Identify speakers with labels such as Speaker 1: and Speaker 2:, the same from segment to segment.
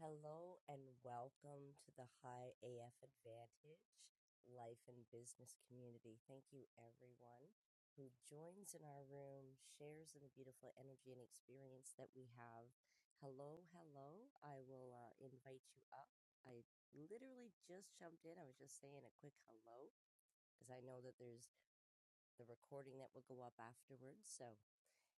Speaker 1: Hello and welcome to the High AF Advantage Life and Business Community. Thank you, everyone who joins in our room, shares in the beautiful energy and experience that we have. Hello, hello. I will uh, invite you up. I literally just jumped in. I was just saying a quick hello because I know that there's the recording that will go up afterwards. So,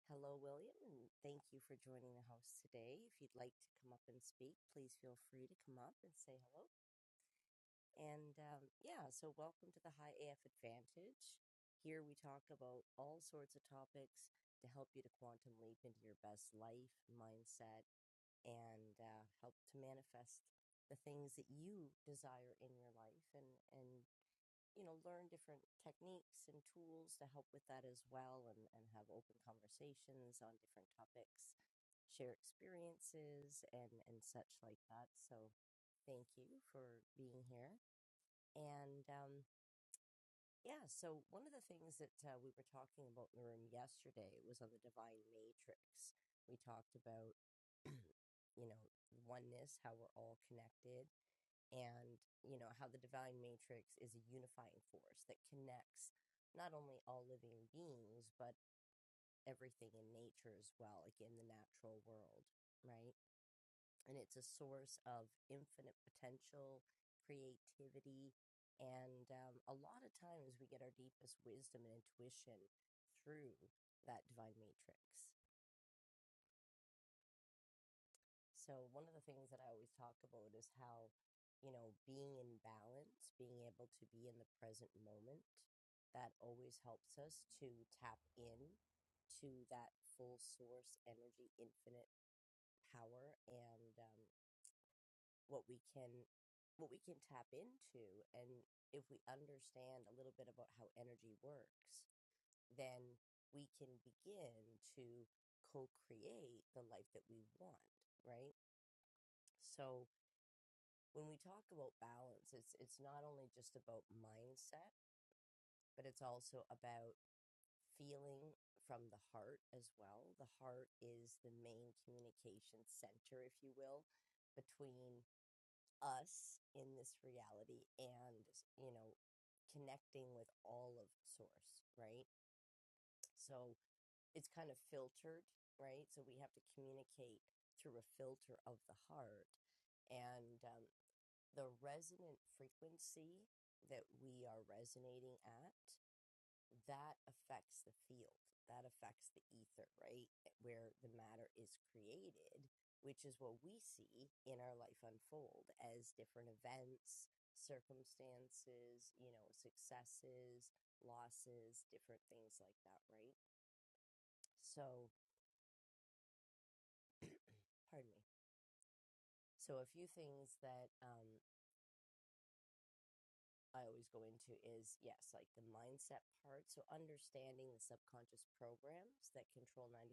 Speaker 1: Hello, William, and thank you for joining the house today. If you'd like to come up and speak, please feel free to come up and say hello. And um, yeah, so welcome to the High AF Advantage. Here we talk about all sorts of topics to help you to quantum leap into your best life, mindset, and uh, help to manifest the things that you desire in your life. And, and you know, learn different techniques and tools to help with that as well and, and have open conversations on different topics, share experiences and, and such like that. So thank you for being here. And um, yeah, so one of the things that uh, we were talking about in the room yesterday was on the divine matrix. We talked about, you know, oneness, how we're all connected and you know how the divine matrix is a unifying force that connects not only all living beings but everything in nature as well like in the natural world right and it's a source of infinite potential creativity and um, a lot of times we get our deepest wisdom and intuition through that divine matrix So one of the things that I always talk about is how, you know, being in balance, being able to be in the present moment, that always helps us to tap in to that full source energy, infinite power, and um, what we can what we can tap into. And if we understand a little bit about how energy works, then we can begin to co-create the life that we want, right? So when we talk about balance, it's it's not only just about mindset, but it's also about feeling from the heart as well. The heart is the main communication center, if you will, between us in this reality and, you know, connecting with all of source, right? So it's kind of filtered, right? So we have to communicate through a filter of the heart and um, the resonant frequency that we are resonating at that affects the field that affects the ether right eh, where the matter is created which is what we see in our life unfold as different events circumstances you know successes losses different things like that right so pardon me so a few things that um I always go into is yes, like the mindset part. So understanding the subconscious programs that control 95%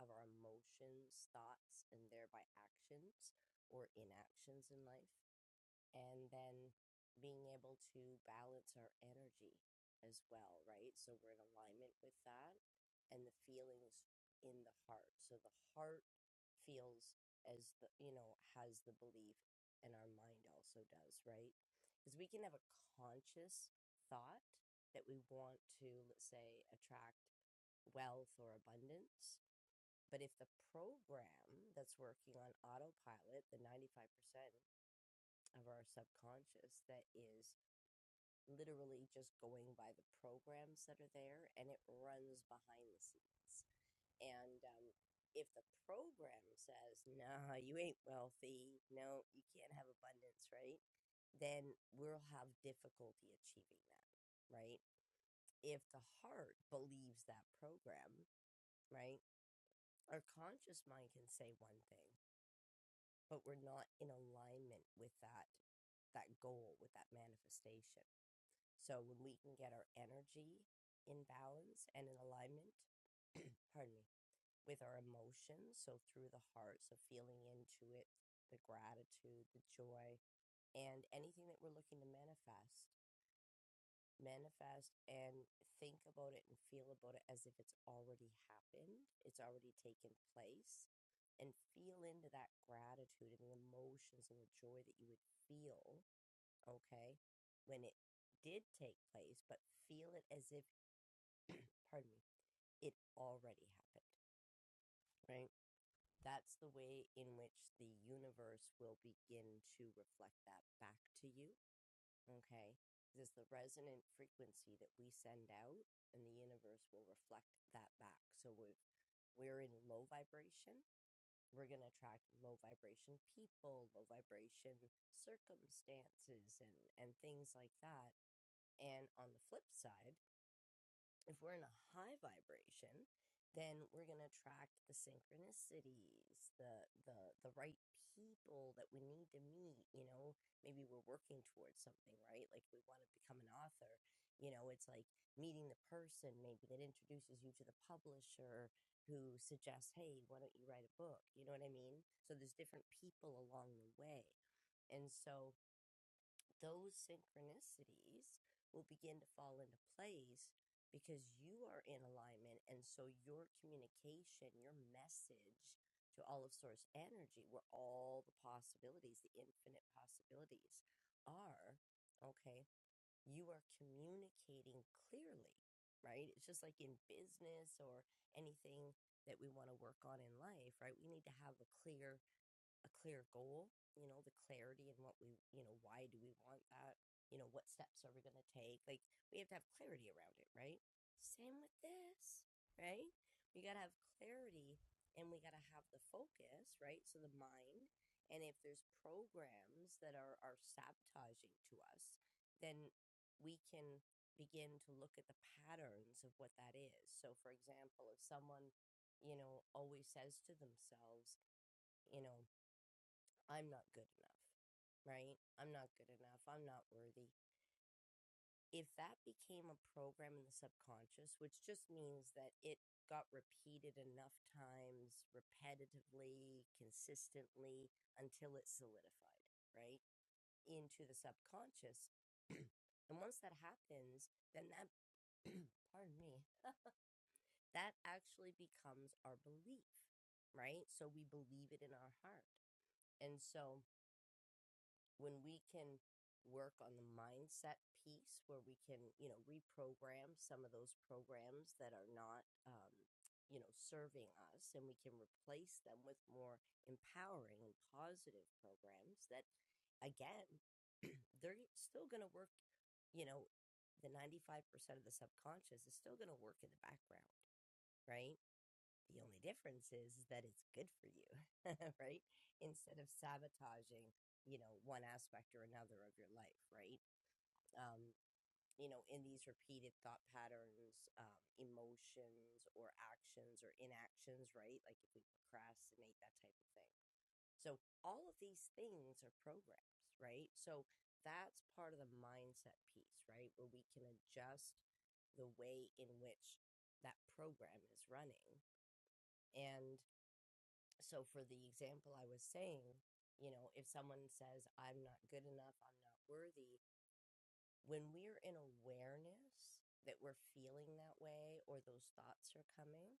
Speaker 1: of our emotions, thoughts, and thereby actions or inactions in life and then being able to balance our energy as well, right? So we're in alignment with that and the feelings in the heart. So the heart feels as the, you know, has the belief and our mind also does, right? Because we can have a conscious thought that we want to, let's say, attract wealth or abundance. But if the program that's working on autopilot, the 95%, of our subconscious that is literally just going by the programs that are there and it runs behind the scenes. And um, if the program says, nah, you ain't wealthy, no, you can't have abundance, right? Then we'll have difficulty achieving that, right? If the heart believes that program, right? Our conscious mind can say one thing, but we're not in alignment with that that goal, with that manifestation So when we can get our energy in balance and in alignment, pardon me, with our emotions, so through the heart, so feeling into it, the gratitude, the joy, and anything that we're looking to manifest, manifest and think about it and feel about it as if it's already happened, it's already taken place, and feel into that gratitude and the emotions and the joy that you would feel, okay, when it did take place, but feel it as if pardon me, it already happened, right? That's the way in which the universe will begin to reflect that back to you, okay? it's the resonant frequency that we send out, and the universe will reflect that back. So if we're in low vibration, we're going to attract low vibration people, low vibration circumstances, and, and things like that. And on the flip side, if we're in a high vibration then we're going to attract the synchronicities the the the right people that we need to meet you know maybe we're working towards something right like we want to become an author you know it's like meeting the person maybe that introduces you to the publisher who suggests hey why don't you write a book you know what i mean so there's different people along the way and so those synchronicities will begin to fall into place because you are in alignment. And so your communication, your message to all of source energy, where all the possibilities, the infinite possibilities are, okay, you are communicating clearly, right? It's just like in business or anything that we want to work on in life, right? We need to have a clear a clear goal, you know, the clarity and what we, you know, why do we want that? You know, what steps are we going to take? Like, we have to have clarity around it, right? Same with this, right? We got to have clarity and we got to have the focus, right? So the mind. And if there's programs that are, are sabotaging to us, then we can begin to look at the patterns of what that is. So, for example, if someone, you know, always says to themselves, you know, I'm not good enough, right? I'm not good enough. I'm not worthy. If that became a program in the subconscious, which just means that it got repeated enough times, repetitively, consistently, until it solidified, right? Into the subconscious. And once that happens, then that, pardon me, that actually becomes our belief, right? So we believe it in our heart. And so, when we can work on the mindset piece where we can you know reprogram some of those programs that are not um, you know serving us and we can replace them with more empowering and positive programs that again they're still going to work you know the 95% of the subconscious is still going to work in the background right the only difference is that it's good for you, right? Instead of sabotaging, you know, one aspect or another of your life, right? Um, you know, in these repeated thought patterns, um, emotions, or actions or inactions, right? Like if we procrastinate, that type of thing. So, all of these things are programs, right? So, that's part of the mindset piece, right? Where we can adjust the way in which that program is running. And so for the example I was saying, you know, if someone says, I'm not good enough, I'm not worthy, when we're in awareness that we're feeling that way or those thoughts are coming,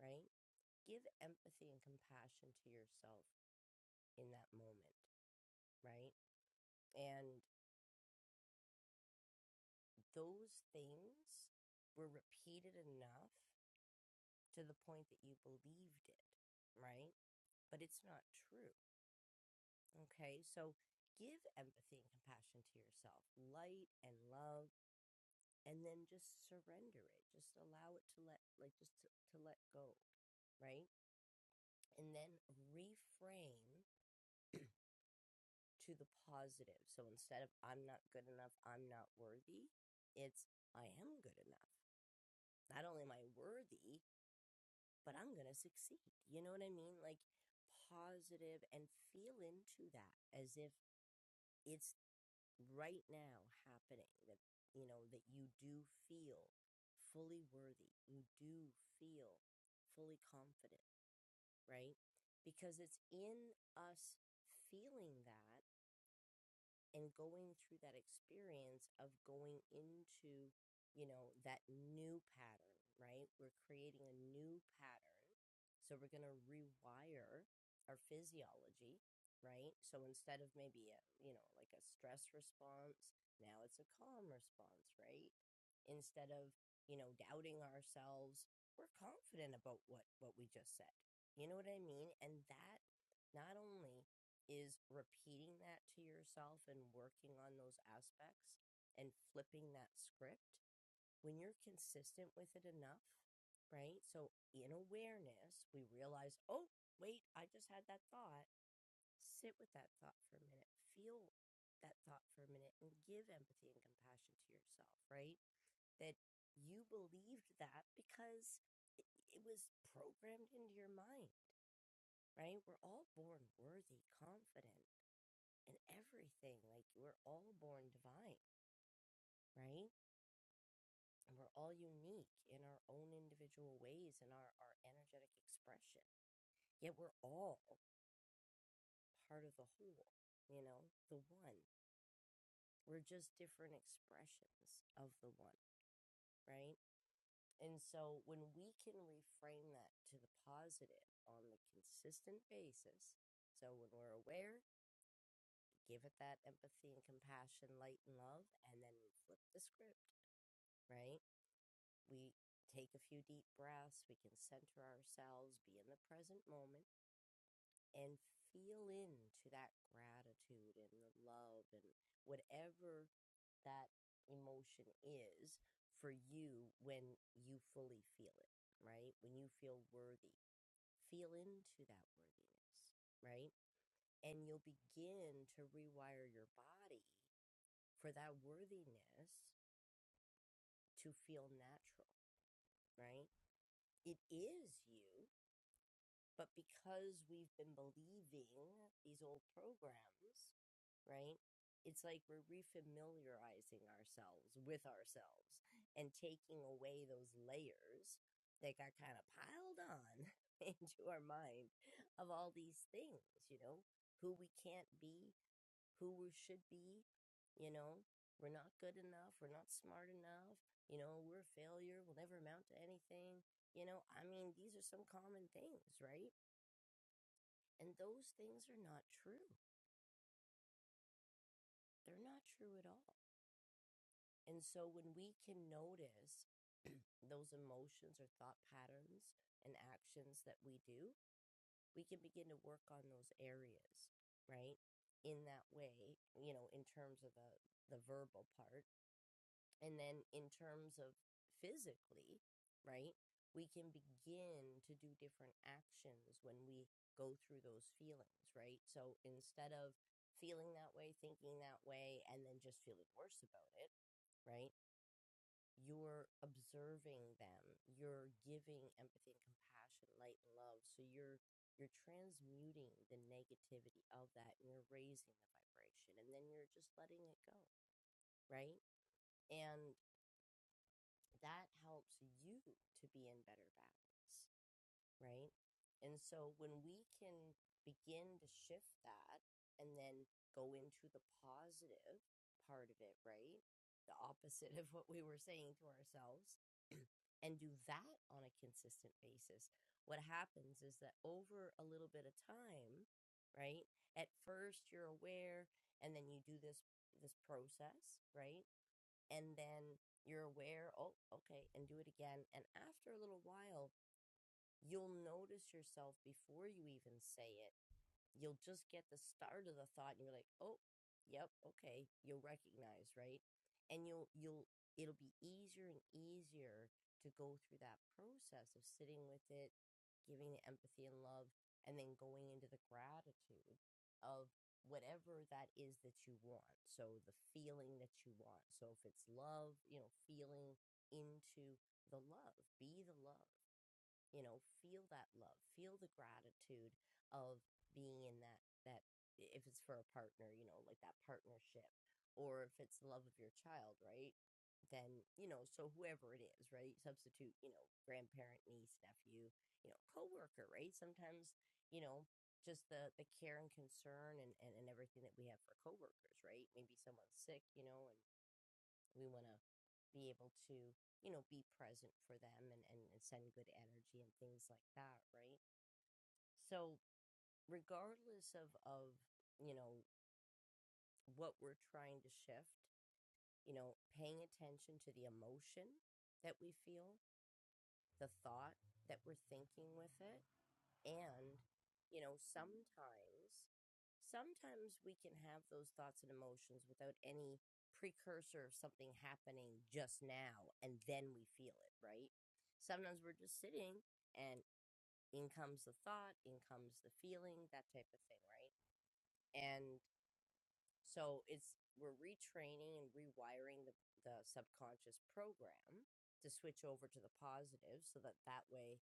Speaker 1: right? Give empathy and compassion to yourself in that moment, right? And those things were repeated enough to the point that you believed it, right? But it's not true Okay, so give empathy and compassion to yourself, light and love, and then just surrender it. Just allow it to let, like, just to, to let go, right? And then reframe to the positive. So instead of I'm not good enough, I'm not worthy, it's I am good enough. Not only am I worthy, but I'm going to succeed. You know what I mean? Like, positive and feel into that as if it's right now happening that you know that you do feel fully worthy you do feel fully confident right because it's in us feeling that and going through that experience of going into you know that new pattern right we're creating a new pattern so we're going to rewire our physiology right so instead of maybe a you know like a stress response now it's a calm response right instead of you know doubting ourselves we're confident about what what we just said you know what i mean and that not only is repeating that to yourself and working on those aspects and flipping that script when you're consistent with it enough, right? So in awareness, we realize, oh, wait, I just had that thought. Sit with that thought for a minute. Feel that thought for a minute and give empathy and compassion to yourself, right? That you believed that because it, it was programmed into your mind, right? We're all born worthy, confident and everything. Like we're all born divine, right? And we're all unique in our own individual ways and our, our energetic expression. Yet we're all part of the whole, you know, the one. We're just different expressions of the one, right? And so when we can reframe that to the positive on the consistent basis, so when we're aware, give it that empathy and compassion, light and love, and then flip the script, right? we take a few deep breaths, we can center ourselves, be in the present moment, and feel into that gratitude and the love and whatever that emotion is for you when you fully feel it, right? When you feel worthy, feel into that worthiness, right? And you'll begin to rewire your body for that worthiness to feel natural, right? It is you But because we've been believing these old programs, right? It's like we're refamiliarizing ourselves with ourselves and taking away those layers that got kind of piled on into our mind of all these things, you know, who we can't be, who we should be, you know, we're not good enough, we're not smart enough, you know, we're a failure, we'll never amount to anything. You know, I mean, these are some common things, right? And those things are not true. They're not true at all. And so when we can notice those emotions or thought patterns and actions that we do, we can begin to work on those areas, right? In that way, you know, in terms of the the verbal part And then in terms of physically, right, we can begin to do different actions when we go through those feelings, right? So instead of feeling that way, thinking that way, and then just feeling worse about it, right? You're observing them, you're giving empathy and compassion, light and love. So you're you're transmuting the negativity of that and you're raising the vibration and then you're just letting it go, right? And that helps you to be in better balance, right? And so when we can begin to shift that and then go into the positive part of it, right? The opposite of what we were saying to ourselves and do that on a consistent basis. What happens is that over a little bit of time, right? At first you're aware and then you do this this process, right? and then you're aware, oh, okay, and do it again. And after a little while, you'll notice yourself before you even say it you'll just get the start of the thought and you're like oh yep okay you'll recognize right and you'll you'll it'll be easier and easier to go through that process of sitting with it giving it empathy and love and then going into the gratitude of whatever that is that you want so the feeling that you want so if it's love you know feeling into the love be the love you know feel that love feel the gratitude of being in that that if it's for a partner you know like that partnership or if it's the love of your child right then you know so whoever it is right substitute you know grandparent niece nephew you know coworker right sometimes you know just the the care and concern and, and and everything that we have for coworkers right maybe someone's sick you know and we want to be able to you know be present for them and, and and send good energy and things like that right so regardless of of you know what we're trying to shift you know paying attention to the emotion that we feel the thought that we're thinking with it And, you know, sometimes, sometimes we can have those thoughts and emotions without any precursor of something happening just now, and then we feel it, right? Sometimes we're just sitting and in comes the thought, in comes the feeling, that type of thing, right? And so it's we're retraining and rewiring the, the subconscious program to switch over to the positive so that that way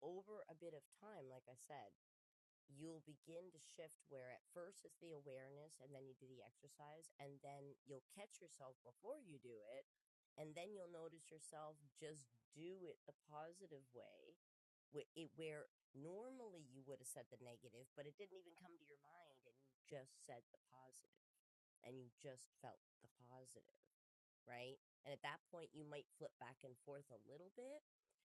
Speaker 1: over a bit of time like i said you'll begin to shift where at first it's the awareness and then you do the exercise and then you'll catch yourself before you do it and then you'll notice yourself just do it the positive way wh- it where normally you would have said the negative but it didn't even come to your mind and you just said the positive and you just felt the positive right? And at that point, you might flip back and forth a little bit,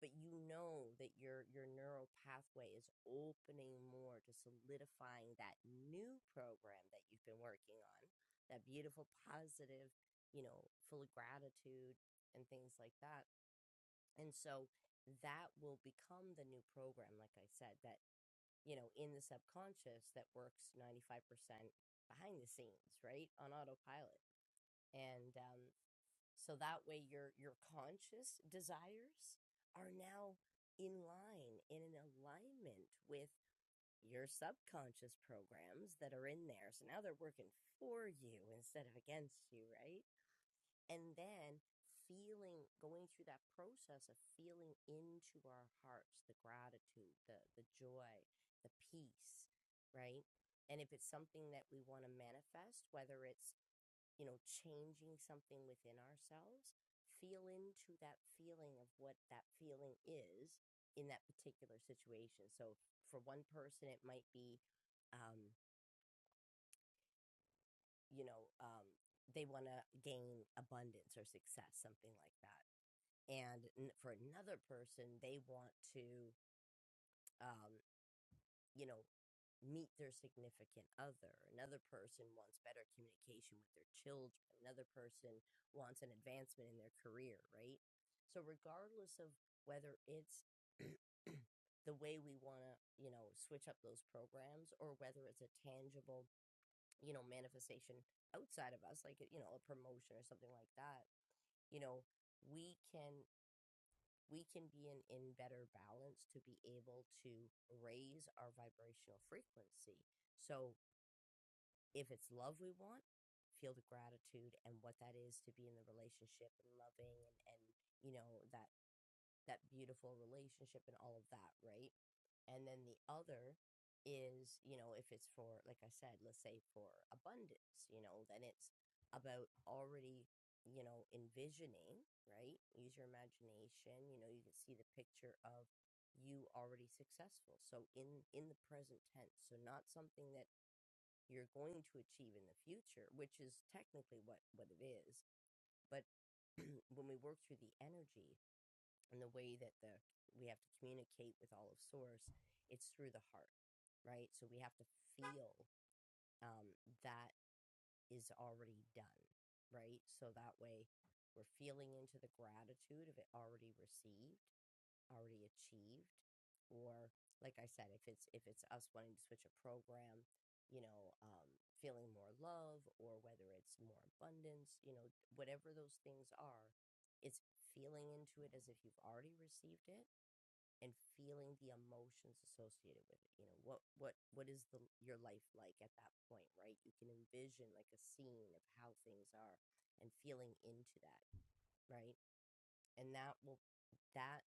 Speaker 1: but you know that your your neural pathway is opening more to solidifying that new program that you've been working on, that beautiful, positive, you know, full of gratitude and things like that. And so that will become the new program, like I said, that you know, in the subconscious that works 95% behind the scenes, right? On autopilot. And um so that way your your conscious desires are now in line in an alignment with your subconscious programs that are in there. So now they're working for you instead of against you, right? And then feeling going through that process of feeling into our hearts the gratitude, the the joy, the peace, right? And if it's something that we want to manifest, whether it's you know, changing something within ourselves, feel into that feeling of what that feeling is in that particular situation. So for one person, it might be, um, you know, um, they want to gain abundance or success, something like that. And n- for another person, they want to, um, you know, meet their significant other. Another person wants better communication with their children. Another person wants an advancement in their career, right? So, regardless of whether it's the way we want to, you know, switch up those programs or whether it's a tangible, you know, manifestation outside of us, like, you know, a promotion or something like that, you know, we can we can be in, in better balance to be able to raise our vibrational frequency so if it's love we want, feel the gratitude and what that is to be in the relationship and loving and, and you know, that that beautiful relationship and all of that, right? And then the other is, you know, if it's for like I said, let's say for abundance, you know, then it's about already, you know, envisioning, right? Use your imagination, you know, you can see the picture of you already successful. So in in the present tense, so not something that you're going to achieve in the future, which is technically what what it is. But when we work through the energy and the way that the we have to communicate with all of source, it's through the heart, right? So we have to feel um, that is already done, right? So that way we're feeling into the gratitude of it already received already achieved or like i said if it's if it's us wanting to switch a program you know um feeling more love or whether it's more abundance you know whatever those things are it's feeling into it as if you've already received it and feeling the emotions associated with it you know what what what is the your life like at that point right you can envision like a scene of how things are and feeling into that right and that will that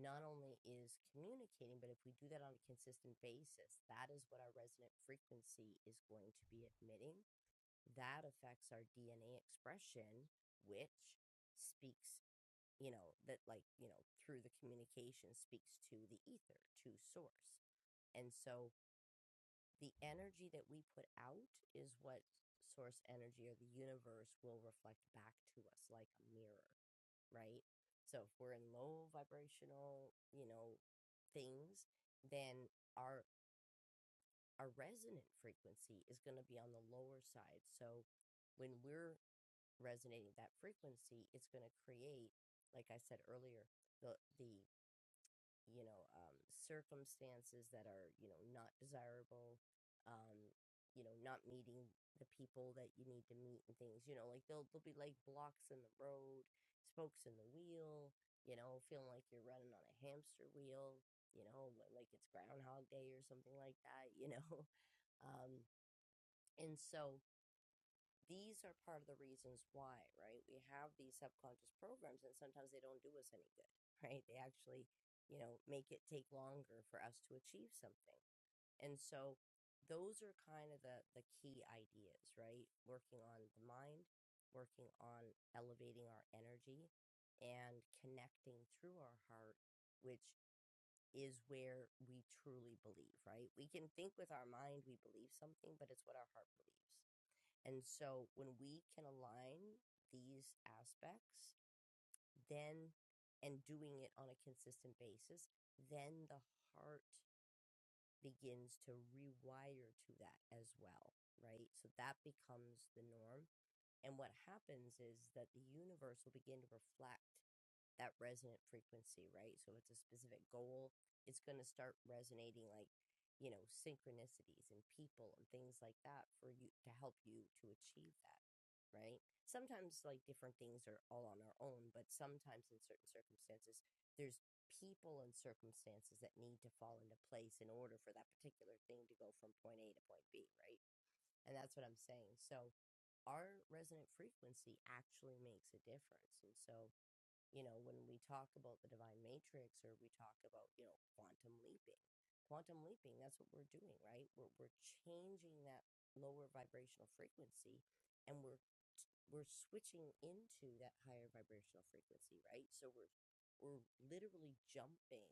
Speaker 1: not only is communicating, but if we do that on a consistent basis, that is what our resonant frequency is going to be emitting. That affects our DNA expression, which speaks, you know, that like, you know, through the communication speaks to the ether, to source. And so the energy that we put out is what source energy or the universe will reflect back to us like a mirror right? So if we're in low vibrational, you know, things, then our our resonant frequency is going to be on the lower side. So when we're resonating that frequency, it's going to create, like I said earlier, the the you know, um, circumstances that are, you know, not desirable, um, you know, not meeting the people that you need to meet and things, you know, like they'll they'll be like blocks in the road, spokes in the wheel, you know, feeling like you're running on a hamster wheel, you know, li- like it's Groundhog Day or something like that, you know. Um, and so these are part of the reasons why, right? We have these subconscious programs and sometimes they don't do us any good, right? They actually, you know, make it take longer for us to achieve something. And so those are kind of the the key ideas, right? Working on the mind, working on elevating our energy and connecting through our heart, which is where we truly believe, right? We can think with our mind we believe something, but it's what our heart believes. And so when we can align these aspects, then and doing it on a consistent basis, then the heart begins to rewire to that as well, right? So that becomes the norm. And what happens is that the universe will begin to reflect that resonant frequency, right? So it's a specific goal. It's going to start resonating like, you know, synchronicities and people and things like that for you to help you to achieve that, right? Sometimes like different things are all on our own, but sometimes in certain circumstances, there's people and circumstances that need to fall into place in order for that particular thing to go from point A to point B, right? And that's what I'm saying. So our resonant frequency actually makes a difference. And so you know, when we talk about the divine matrix or we talk about, you know, quantum leaping, quantum leaping, that's what we're doing, right? We're, we're changing that lower vibrational frequency and we're we're switching into that higher vibrational frequency, right? So we're we're literally jumping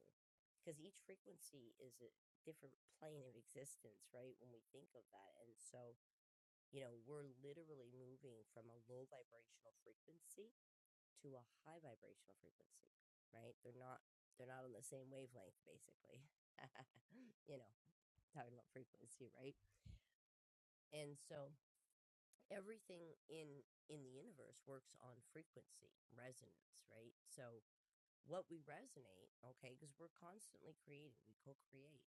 Speaker 1: because each frequency is a different plane of existence, right? When we think of that. And so, you know, we're literally moving from a low vibrational frequency to a high vibrational frequency, right? They're not they're not on the same wavelength basically. you know, talking about frequency, right? And so everything in in the universe works on frequency, resonance, right? So what we resonate, okay, because we're constantly creating, we co-create.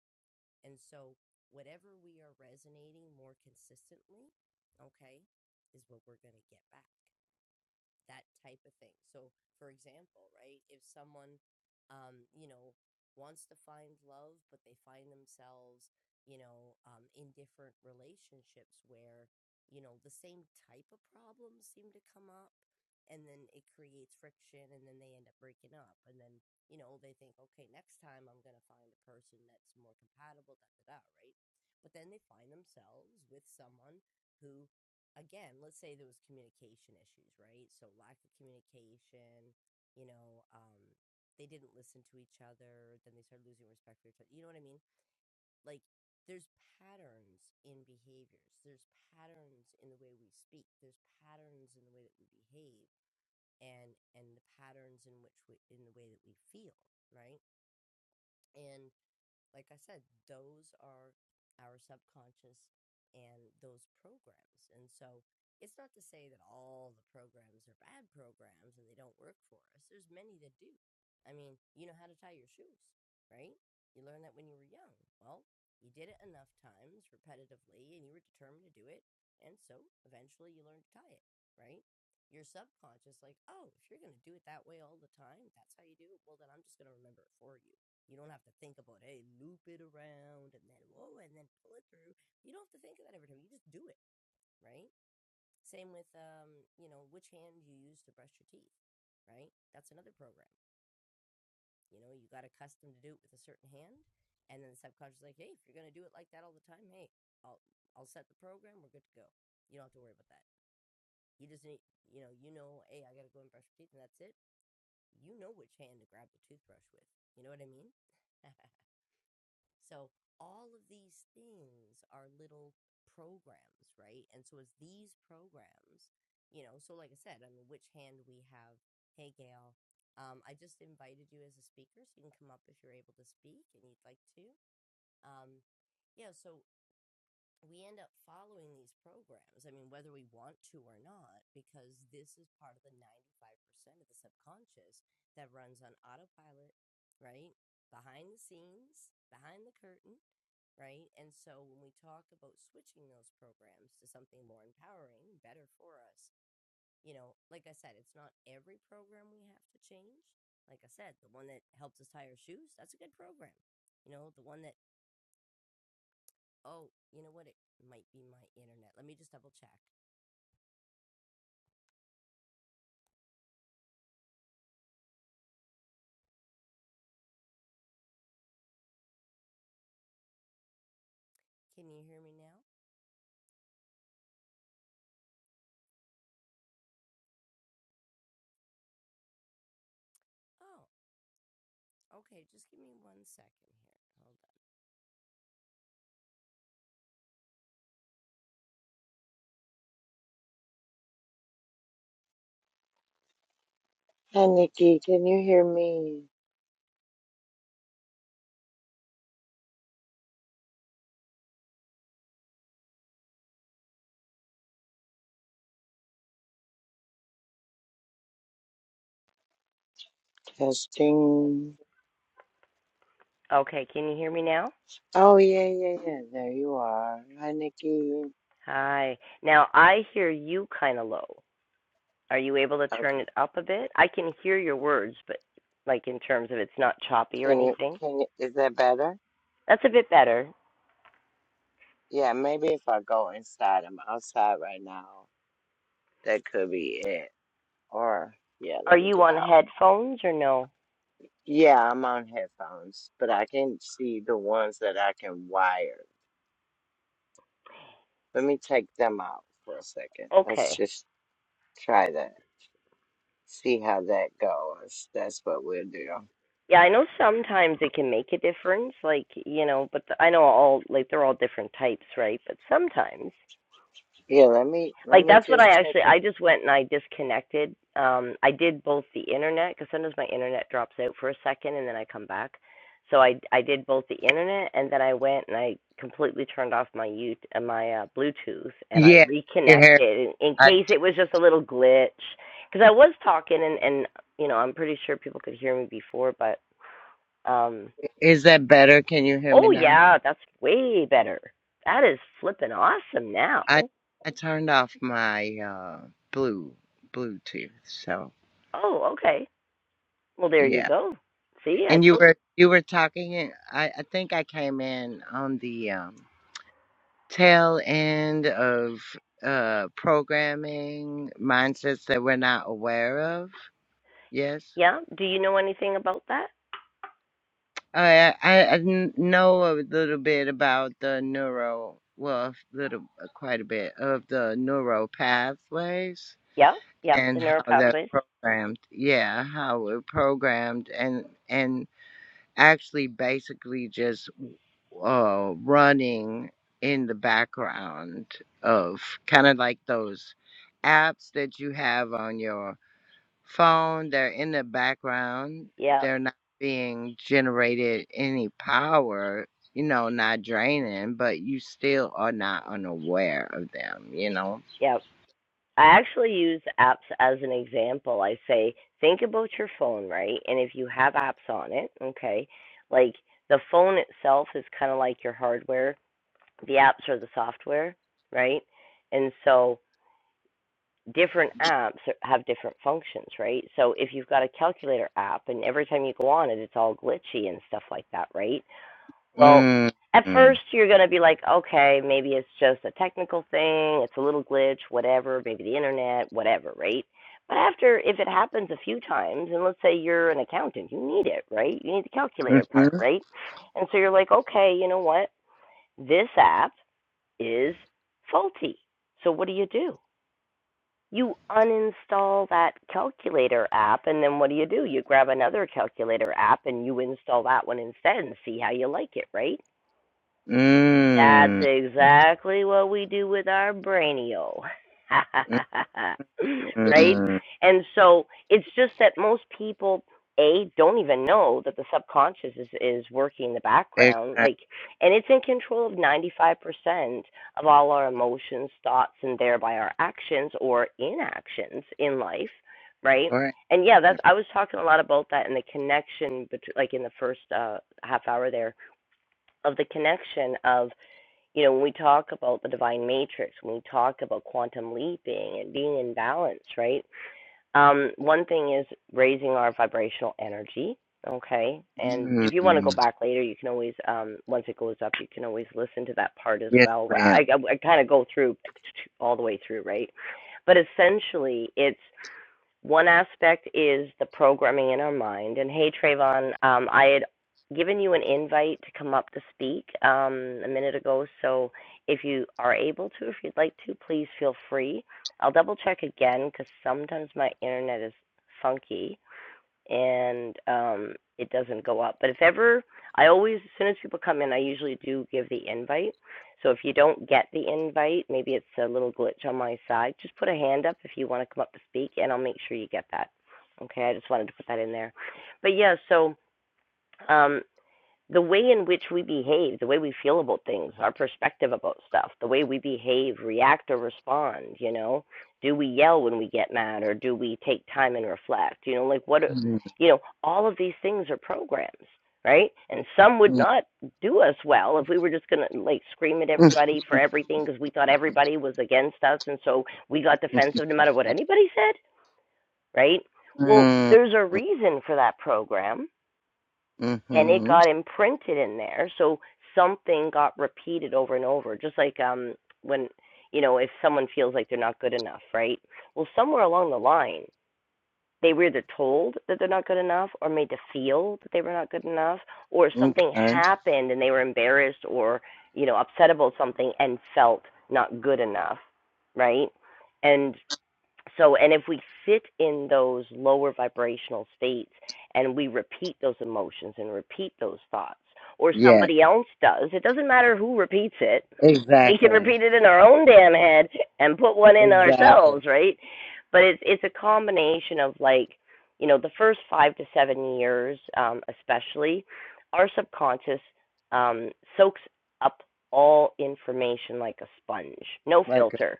Speaker 1: And so whatever we are resonating more consistently, okay, is what we're going to get back. that type of thing. So, for example, right, if someone, um, you know, wants to find love, but they find themselves, you know, um, in different relationships where, you know, the same type of problems seem to come up and then it creates friction and then they end up breaking up. And then, you know, they think, okay, next time I'm going to find a person that's more compatible, da da da, right? But then they find themselves with someone who again, let's say there was communication issues, right? So lack of communication, you know, um, they didn't listen to each other, then they started losing respect for each other. You know what I mean? Like there's patterns in behaviors. There's patterns in the way we speak. There's patterns in the way that we behave and and the patterns in which we in the way that we feel, right? And like I said, those are our subconscious and those programs. And so it's not to say that all the programs are bad programs and they don't work for us. There's many that do. I mean, you know how to tie your shoes, right? You learned that when you were young. Well, you did it enough times repetitively and you were determined to do it. And so eventually you learned to tie it, right? Your subconscious, like, oh, if you're going to do it that way all the time, that's how you do it. Well, then I'm just going to remember it for you you don't have to think about, hey, loop it around and then whoa, and then pull it through. You don't have to think of that every time. You just do it, right? Same with um, you know, which hand you use to brush your teeth, right? That's another program. You know, you got accustomed to do it with a certain hand, and then the subconscious is like, hey, if you're gonna do it like that all the time, hey, I'll I'll set the program. We're good to go. You don't have to worry about that. You just need, you know, you know, hey, I gotta go and brush my teeth, and that's it. You know which hand to grab the toothbrush with. You know what I mean? So all of these things are little programs, right? And so it's these programs, you know, so like I said, on the which hand we have, hey Gail, um, I just invited you as a speaker, so you can come up if you're able to speak and you'd like to. Um, yeah, so we end up following these programs. I mean, whether we want to or not, because this is part of the 95% of the subconscious that runs on autopilot, right? Behind the scenes, behind the curtain right? And so when we talk about switching those programs to something more empowering, better for us, you know, like I said, it's not every program we have to change. Like I said, the one that helps us tie our shoes, that's a good program. You know, the one that, oh, you know what? It might be my internet. Let me just double check. Can you hear me now? Oh, okay. Just give me one second here. Hold on.
Speaker 2: Hi, Nikki. Can you hear me? Testing.
Speaker 1: Okay. Can you hear me now?
Speaker 2: Oh yeah, yeah, yeah. There you are. Hi, Nikki.
Speaker 1: Hi. Now I hear you kind of low. Are you able to turn
Speaker 2: Okay.
Speaker 1: it up a bit? I can hear your words, but like in terms of it's not choppy or
Speaker 2: Can you?
Speaker 1: anything.
Speaker 2: Can you? Is that better?
Speaker 1: That's a bit better.
Speaker 2: Yeah. Maybe if I go inside, I'm outside right now. That could be it. Or yeah,
Speaker 1: Are
Speaker 2: let me
Speaker 1: you
Speaker 2: get
Speaker 1: on
Speaker 2: out.
Speaker 1: headphones or no?
Speaker 2: Yeah, I'm on headphones, but I can see the ones that I can wire. Let me take them out for a second. Let's
Speaker 1: Okay.
Speaker 2: just try that. See how that goes. That's what we'll do.
Speaker 1: Yeah, I know sometimes it can make a difference, like, you know, but the, I know all, like, they're all different types, right? But sometimes
Speaker 2: Yeah, let me let
Speaker 1: like
Speaker 2: me
Speaker 1: that's what I
Speaker 2: just check
Speaker 1: actually
Speaker 2: it.
Speaker 1: I just went and I disconnected. Um, I did both the internet because sometimes my internet drops out for a second and then I come back. So I I did both the internet and then I went and I completely turned off my U uh, my uh, Bluetooth and I
Speaker 2: Yeah, you hear?
Speaker 1: reconnected in, in
Speaker 2: I,
Speaker 1: case it was just a little glitch because I was talking and and you know I'm pretty sure people could hear me before, but um
Speaker 2: is that better? Can you hear me
Speaker 1: oh
Speaker 2: now?
Speaker 1: yeah that's way better. That is flipping awesome
Speaker 2: I
Speaker 1: now.
Speaker 2: I turned off my uh blue Bluetooth, so
Speaker 1: Oh okay. Well, there you
Speaker 2: yeah.
Speaker 1: go. See, I
Speaker 2: And you
Speaker 1: told you.
Speaker 2: were you were talking. and I I think I came in on the um, tail end of uh programming mindsets that we're not aware of. Yes.
Speaker 1: Yeah. Do you know anything about that?
Speaker 2: I, I I n- know a little bit about the neuro, well, a little, quite a bit of the neural pathways
Speaker 1: Yeah. Yeah. The
Speaker 2: and
Speaker 1: neural
Speaker 2: how they're
Speaker 1: pathways.
Speaker 2: programmed. Yeah, how we're programmed and and actually basically just uh, running in the background of kind of like those apps that you have on your phone, they're in the background,
Speaker 1: Yeah.
Speaker 2: they're not being generated any power, you know, not draining, but you still are not unaware of them, you know?
Speaker 1: Yeah. I actually use apps as an example. I say, think about your phone, right? And if you have apps on it, okay, like the phone itself is kind of like your hardware, the apps are the software, right? And so different apps have different functions, right? So if you've got a calculator app and every time you go on it, it's all glitchy and stuff like that, right? Well,
Speaker 2: Mm.
Speaker 1: at
Speaker 2: Mm.
Speaker 1: first you're going to be like, okay, maybe it's just a technical thing, it's a little glitch, whatever, maybe the internet, whatever, right? But after, if it happens a few times, and let's say you're an accountant, you need it, right? You need the calculator part,
Speaker 2: Mhm.
Speaker 1: right? And so you're like, okay, you know what? This app is faulty. So what do you do? You uninstall that calculator app, and then what do you do? You grab another calculator app and you install that one instead and see how you like it, right? That's
Speaker 2: Mm.
Speaker 1: exactly what we do with our brainio. right?
Speaker 2: Mm.
Speaker 1: And so it's just that most people a don't even know that the subconscious is is working in the background
Speaker 2: Exact
Speaker 1: like and it's in control of 95% of all our emotions, thoughts and thereby our actions or inactions in life, right?
Speaker 2: question.
Speaker 1: And yeah, that's I was talking a lot about that and the connection between like in the first uh half hour there of the connection of you know, when we talk about the divine matrix, when we talk about quantum leaping and being in balance, right? Um, one thing is raising our vibrational energy, okay? And if you want to
Speaker 2: Mm.
Speaker 1: go back later, you can always, um, once it goes up, you can always listen to that part as
Speaker 2: Yes,
Speaker 1: well.
Speaker 2: ma'am.
Speaker 1: I, I, I kind of go through all the way through, right? But essentially, it's one aspect is the programming in our mind. And hey, Trayvon, um, I had given you an invite to come up to speak um, a minute ago. So if you are able to, if you'd like to, please feel free. I'll double check again because sometimes my internet is funky and um it doesn't go up. But if ever I always as soon as people come in I usually do give the invite. So if you don't get the invite, maybe it's a little glitch on my side, just put a hand up if you want to come up to speak and I'll make sure you get that. Okay, I just wanted to put that in there. But yeah, so um the way in which we behave, the way we feel about things, our perspective about stuff, the way we behave, react, or respond, you know, do we yell when we get mad or do we take time and reflect, you know, like what, are-
Speaker 2: Mm.
Speaker 1: you know, all of these things are programs, right? And some would not do us well if we were just going to like scream at
Speaker 2: Mm.
Speaker 1: everybody for everything because we thought everybody was against us. And so we got defensive no matter what anybody said, right? Well,
Speaker 2: Mm. mm
Speaker 1: there's a reason for that program and it
Speaker 2: Mhm.
Speaker 1: got imprinted in there so something got repeated over and over just like um when you know if someone feels like they're not good enough right well somewhere along the line they were either told that they're not good enough or made to feel that they were not good enough or something
Speaker 2: Okay.
Speaker 1: happened and they were embarrassed or you know upset about something and felt not good enough right and so, and if we sit in those lower vibrational states and we repeat those emotions and repeat those thoughts, or
Speaker 2: Yes.
Speaker 1: somebody else does, it doesn't matter who repeats it. We can
Speaker 2: Exactly.
Speaker 1: repeat it in our own damn head and put one in
Speaker 2: Exactly.
Speaker 1: ourselves, right? But it's it's a combination of like, you know, the first five to seven years, um, especially, our subconscious um, soaks up all information like a sponge, no
Speaker 2: Like a
Speaker 1: filter.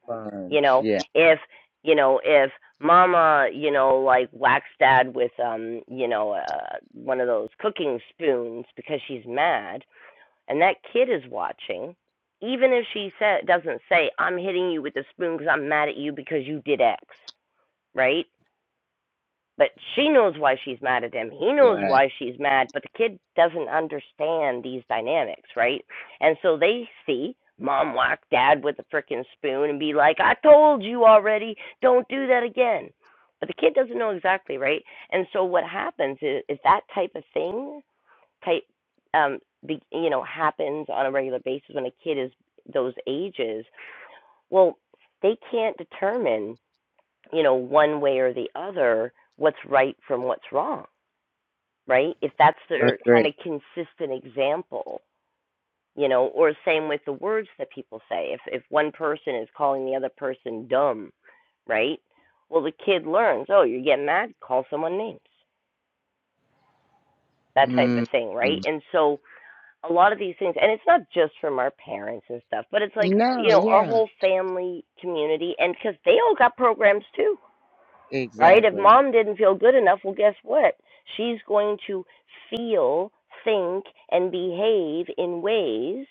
Speaker 1: You
Speaker 2: sponge.
Speaker 1: know,
Speaker 2: Yeah.
Speaker 1: if you know, if mama, you know, like whacks dad with um, you know, uh, one of those cooking spoons because she's mad and that kid is watching, even if she sa doesn't say I'm hitting you with a spoon cuz I'm mad at you because you did X, right? But she knows why she's mad at him. He knows
Speaker 2: Right.
Speaker 1: why she's mad, but the kid doesn't understand these dynamics, right? And so they see mom whack dad with a frickin' spoon and be like, I told you already, don't do that again. But the kid doesn't know exactly, right? And so what happens is, is that type of thing, type, um, be, you know, happens on a regular basis when a kid is those ages well they can't determine you know, one way or the other, what's right from what's wrong, right? If that's their kind
Speaker 2: Agree.
Speaker 1: of consistent example, you know, or same with the words that people say. If if one person is calling the other person dumb, right? Well, the kid learns, oh, you're getting mad, call someone names, that type of
Speaker 2: mm
Speaker 1: thing, right? And so a lot of these things, and it's not just from our parents and stuff, but it's like,
Speaker 2: No,
Speaker 1: you know, our
Speaker 2: yeah.
Speaker 1: whole family community, and because they all got programs too right? If
Speaker 2: Exactly.
Speaker 1: mom didn't feel good enough, well, guess what? She's going to feel, think, and behave in ways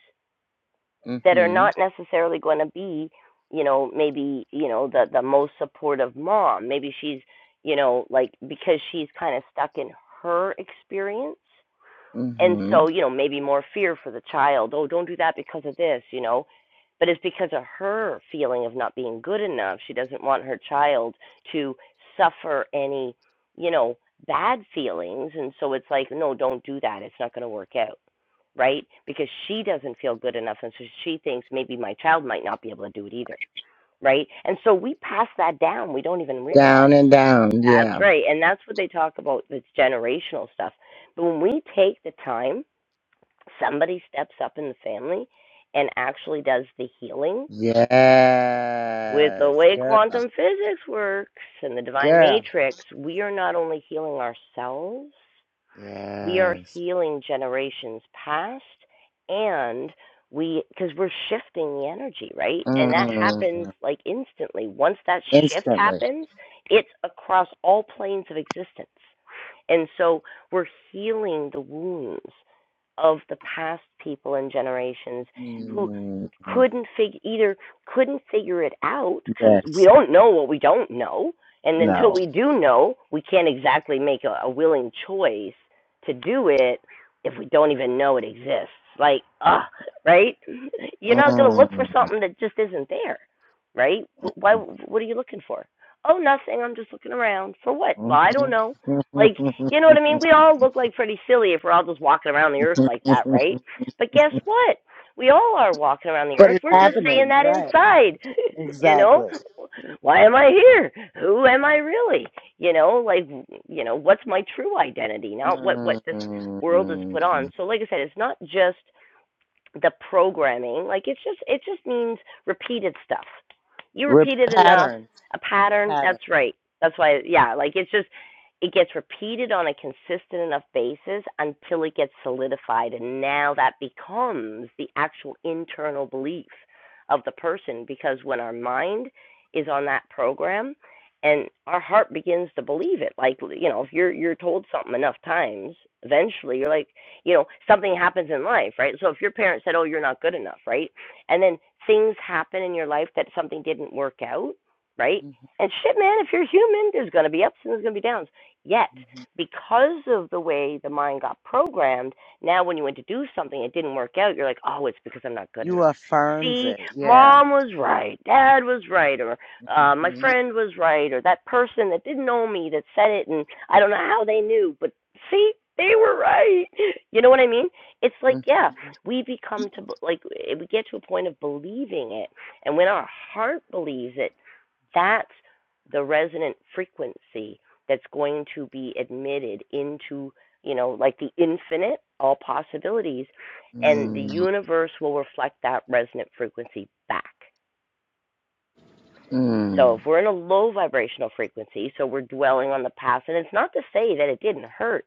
Speaker 1: that are
Speaker 2: Mm-hmm.
Speaker 1: not necessarily going to be, you know, maybe, you know, the, the most supportive mom. Maybe she's, you know, like because she's kind of stuck in her experience and
Speaker 2: Mm-hmm.
Speaker 1: so you know maybe more fear for the child oh don't do that because of this you know but it's because of her feeling of not being good enough she doesn't want her child to suffer any you know bad feelings and so it's like no don't do that it's not going to work out right because she doesn't feel good enough and so she thinks maybe my child might not be able to do it either right and so we pass that down we don't even realize
Speaker 2: Down and down,
Speaker 1: that's
Speaker 2: yeah.
Speaker 1: right and that's what they talk about this generational stuff but when we take the time somebody steps up in the family and actually does the healing. With the
Speaker 2: Yes.
Speaker 1: way
Speaker 2: Girl.
Speaker 1: quantum physics works and the divine
Speaker 2: Girl.
Speaker 1: matrix, we are not only healing ourselves, we are
Speaker 2: Yes.
Speaker 1: healing generations past and we because we're shifting the energy right and that happens
Speaker 2: Mm.
Speaker 1: like instantly once that shift
Speaker 2: Instantly.
Speaker 1: happens it's across all planes of existence and so we're healing the wounds of the past people and generations who
Speaker 2: Mm.
Speaker 1: couldn't figure either couldn't figure it out because we
Speaker 2: Yes.
Speaker 1: don't know what we don't know and until
Speaker 2: No.
Speaker 1: we do know we can't exactly make a, a willing choice to do it if we don't even know it exists. Like, ah, right? You're not going to look for
Speaker 2: Mm.
Speaker 1: something that just isn't there, right? Why? What are you looking for? Oh, nothing. I'm just looking around. For what? Well, I don't
Speaker 2: Mhm.
Speaker 1: know. Like, you know what I mean? We all look like pretty silly if we're all just walking around the earth like that, right? But guess what? We all are walking around the
Speaker 2: but
Speaker 1: earth.
Speaker 2: it's
Speaker 1: We're just saying
Speaker 2: happening,
Speaker 1: that
Speaker 2: right?
Speaker 1: inside. you know,
Speaker 2: Exactly.
Speaker 1: why am I here? Who am I really? you know like you know what's my true identity not what what this world is put on
Speaker 2: Mm.
Speaker 1: so like i said it's not just the programming. Like it's just it just means repeated stuff. You
Speaker 2: Re-
Speaker 1: repeat it enough,
Speaker 2: patterns,
Speaker 1: a pattern,
Speaker 2: patterns.
Speaker 1: that's right. That's why yeah, like it's just it gets repeated on a consistent enough basis until it gets solidified and now that becomes the actual internal belief of the person because when our mind is on that program and our heart begins to believe it like you know if you're you're told something enough times eventually you're like you know something happens in life right so if your parent said oh you're not good enough right and then things happen in your life that something didn't work out right
Speaker 2: hmm
Speaker 1: and shit man if you're human there's going to be ups and there's going to be downs yet
Speaker 2: hmm
Speaker 1: because of the way the mind got programmed now when you went to do something it didn't work out you're like oh it's because i'm not good
Speaker 2: You
Speaker 1: enough
Speaker 2: affirms
Speaker 1: see
Speaker 2: it. Yeah.
Speaker 1: mom was right dad was right or uh, my
Speaker 2: hmm
Speaker 1: friend was right, or that person that didn't know me that said it, and I don't know how they knew, but see, they were right. You know what I mean? It's like,
Speaker 2: hmm
Speaker 1: yeah, we become to like eh, we get to a point of believing it, and when our heart believes it, that's the resonant frequency that's going to be admitted into, you know, like the infinite, all possibilities, and the
Speaker 2: mm
Speaker 1: universe will reflect that resonant frequency back. So
Speaker 2: mm
Speaker 1: if we're in a low vibrational frequency, so we're dwelling on the past, and it's not to say that it didn't hurt,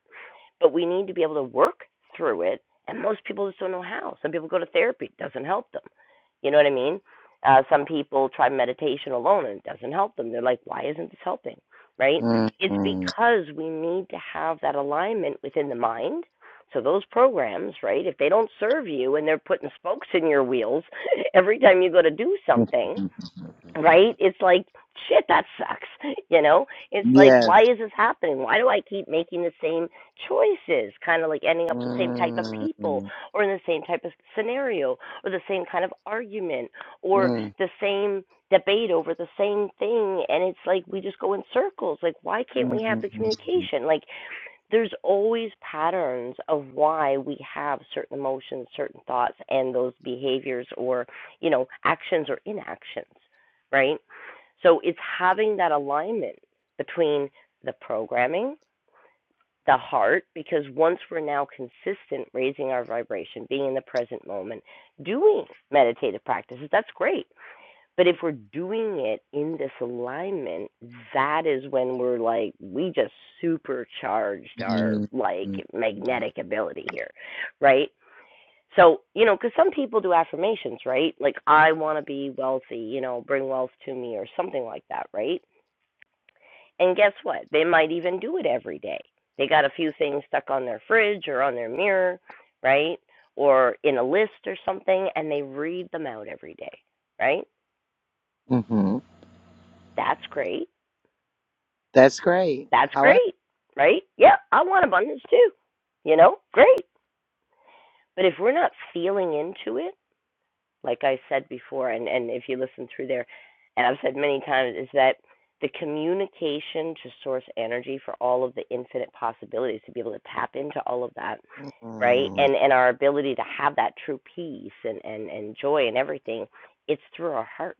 Speaker 1: but we need to be able to work through it. And most people just don't know how. Some people go to therapy, it doesn't help them. You know what I mean? Uh, some people try meditation alone and it doesn't help them. They're like, why isn't this helping? Right? It's
Speaker 2: mm
Speaker 1: because we need to have that alignment within the mind. So those programs, right, if they don't serve you and they're putting spokes in your wheels every time you go to do
Speaker 2: mm
Speaker 1: something, right? It's like, shit, that sucks. You know, it's like,
Speaker 2: Yes.
Speaker 1: why is this happening? Why do I keep making the same choices? Kind of like ending up with the same type of
Speaker 2: mm
Speaker 1: people
Speaker 2: mm
Speaker 1: or in the same type of scenario or the same kind of argument or the same debate over the same thing. And it's like, we just go in circles. Like, why can't
Speaker 2: mm
Speaker 1: we have the
Speaker 2: mm
Speaker 1: communication? Like, there's always patterns of why we have certain emotions, certain thoughts, and those behaviors or, you know, actions or inactions, right? So it's having that alignment between the programming, the heart, because once we're now consistent raising our vibration, being in the present moment, doing meditative practices, that's great. But if we're doing it in this alignment, that is when we're like, we just supercharged our
Speaker 2: mm
Speaker 1: like
Speaker 2: mm
Speaker 1: magnetic ability here, right? So, you know, because some people do affirmations, right? Like, I want to be wealthy, you know, bring wealth to me or something like that, right? And guess what? They might even do it every day. They got a few things stuck on their fridge or on their mirror, right? Or in a list or something, and they read them out every day, right?
Speaker 2: Mm-hmm.
Speaker 1: That's great
Speaker 2: That's great.
Speaker 1: That's
Speaker 2: However,
Speaker 1: great, right? Yeah, I want abundance too. You know, great. But if we're not feeling into it, like I said before, and, and if you listen through there, and I've said many times, is that the communication to source energy for all of the infinite possibilities to be able to tap into all of that, right?
Speaker 2: mm mm
Speaker 1: And and our ability to have that true peace and, and, and joy and everything, it's through our heart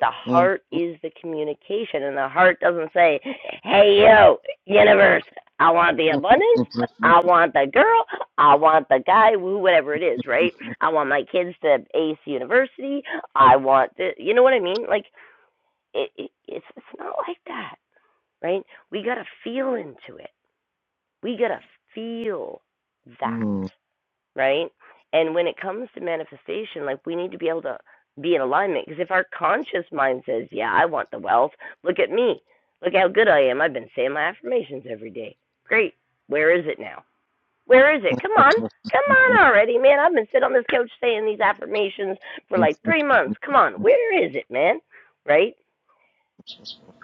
Speaker 1: The
Speaker 2: mm
Speaker 1: heart is the communication, and the heart doesn't say, "Hey, yo, universe, I want the abundance. I want the girl. I want the guy. who- Whatever it is, right? I want my kids to ace university. I want the, you know what I mean? Like, it, it, it's it's not like that, right? We gotta feel into it. We gotta feel that right? And when it comes to manifestation, like we need to be able to be in alignment because if our conscious mind says, "Yeah, I want the wealth. Look at me. Look how good I am. I've been saying my affirmations every day. Great. Where is it now? Where is it? Come on. Come on already, man. I've been sitting on this couch saying these affirmations for like 3 months. Come on. Where is it, man?" Right?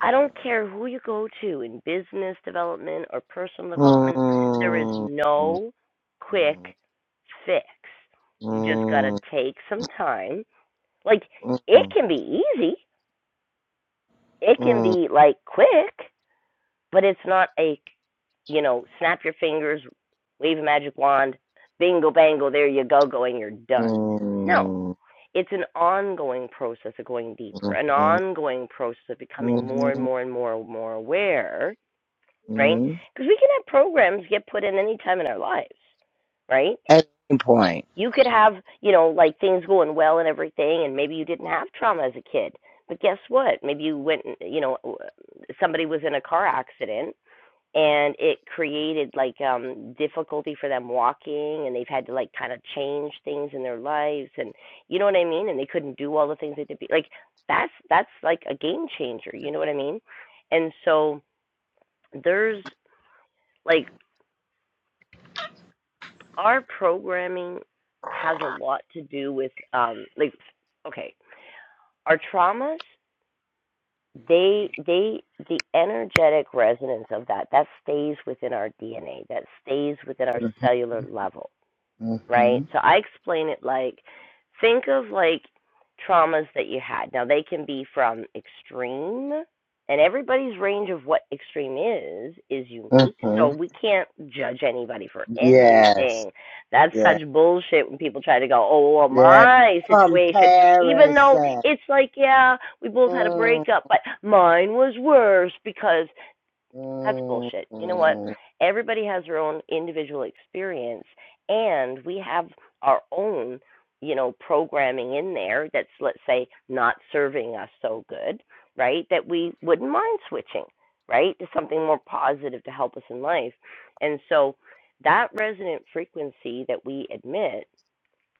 Speaker 1: I don't care who you go to in business development or personal development, there is
Speaker 2: mm
Speaker 1: no quick fix. You just
Speaker 2: mm
Speaker 1: got to take some time. Like, it
Speaker 2: Mm-hmm.
Speaker 1: can be easy, it can be like quick, but it's not a, you know, snap your fingers, wave a magic wand, bingo, bango, there you go, go, and you're done. No. It's an ongoing process of going deeper, an ongoing process of becoming more and more and more and more aware right? Because we can have programs get put in any time in our lives, right?
Speaker 2: At any point.
Speaker 1: You could have, you know, like things going well and everything, and maybe you didn't have trauma as a kid. But guess what? Maybe you went, you know, somebody was in a car accident and it created like um difficulty for them walking and they've had to like kind of change things in their lives and you know what I mean and they couldn't do all the things they did like that's that's like a game changer you know what I mean and so there's like our programming has a lot to do with um like okay our traumas they they the energetic resonance of that that stays within our dna that stays within our cellular level right?
Speaker 2: Mm
Speaker 1: So I explain it like think of like traumas that you had. Now they can be from extreme and everybody's range of what extreme is is unique. So we can't judge anybody for
Speaker 2: Yes.
Speaker 1: anything. That's such
Speaker 2: Yeah.
Speaker 1: bullshit when people try to go, "Oh, well
Speaker 2: Yeah.
Speaker 1: my situation," even though
Speaker 2: Comparison.
Speaker 1: it's like, yeah, we both had a
Speaker 2: Mm
Speaker 1: breakup, but mine was worse because that's
Speaker 2: mm
Speaker 1: bullshit. You know what?
Speaker 2: mm
Speaker 1: Everybody has their own individual experience, and we have our own, you know, programming in there that's, let's say, not serving us so good, right? That we wouldn't mind switching, right, to something more positive to help us in life. And so that resonant frequency that we admit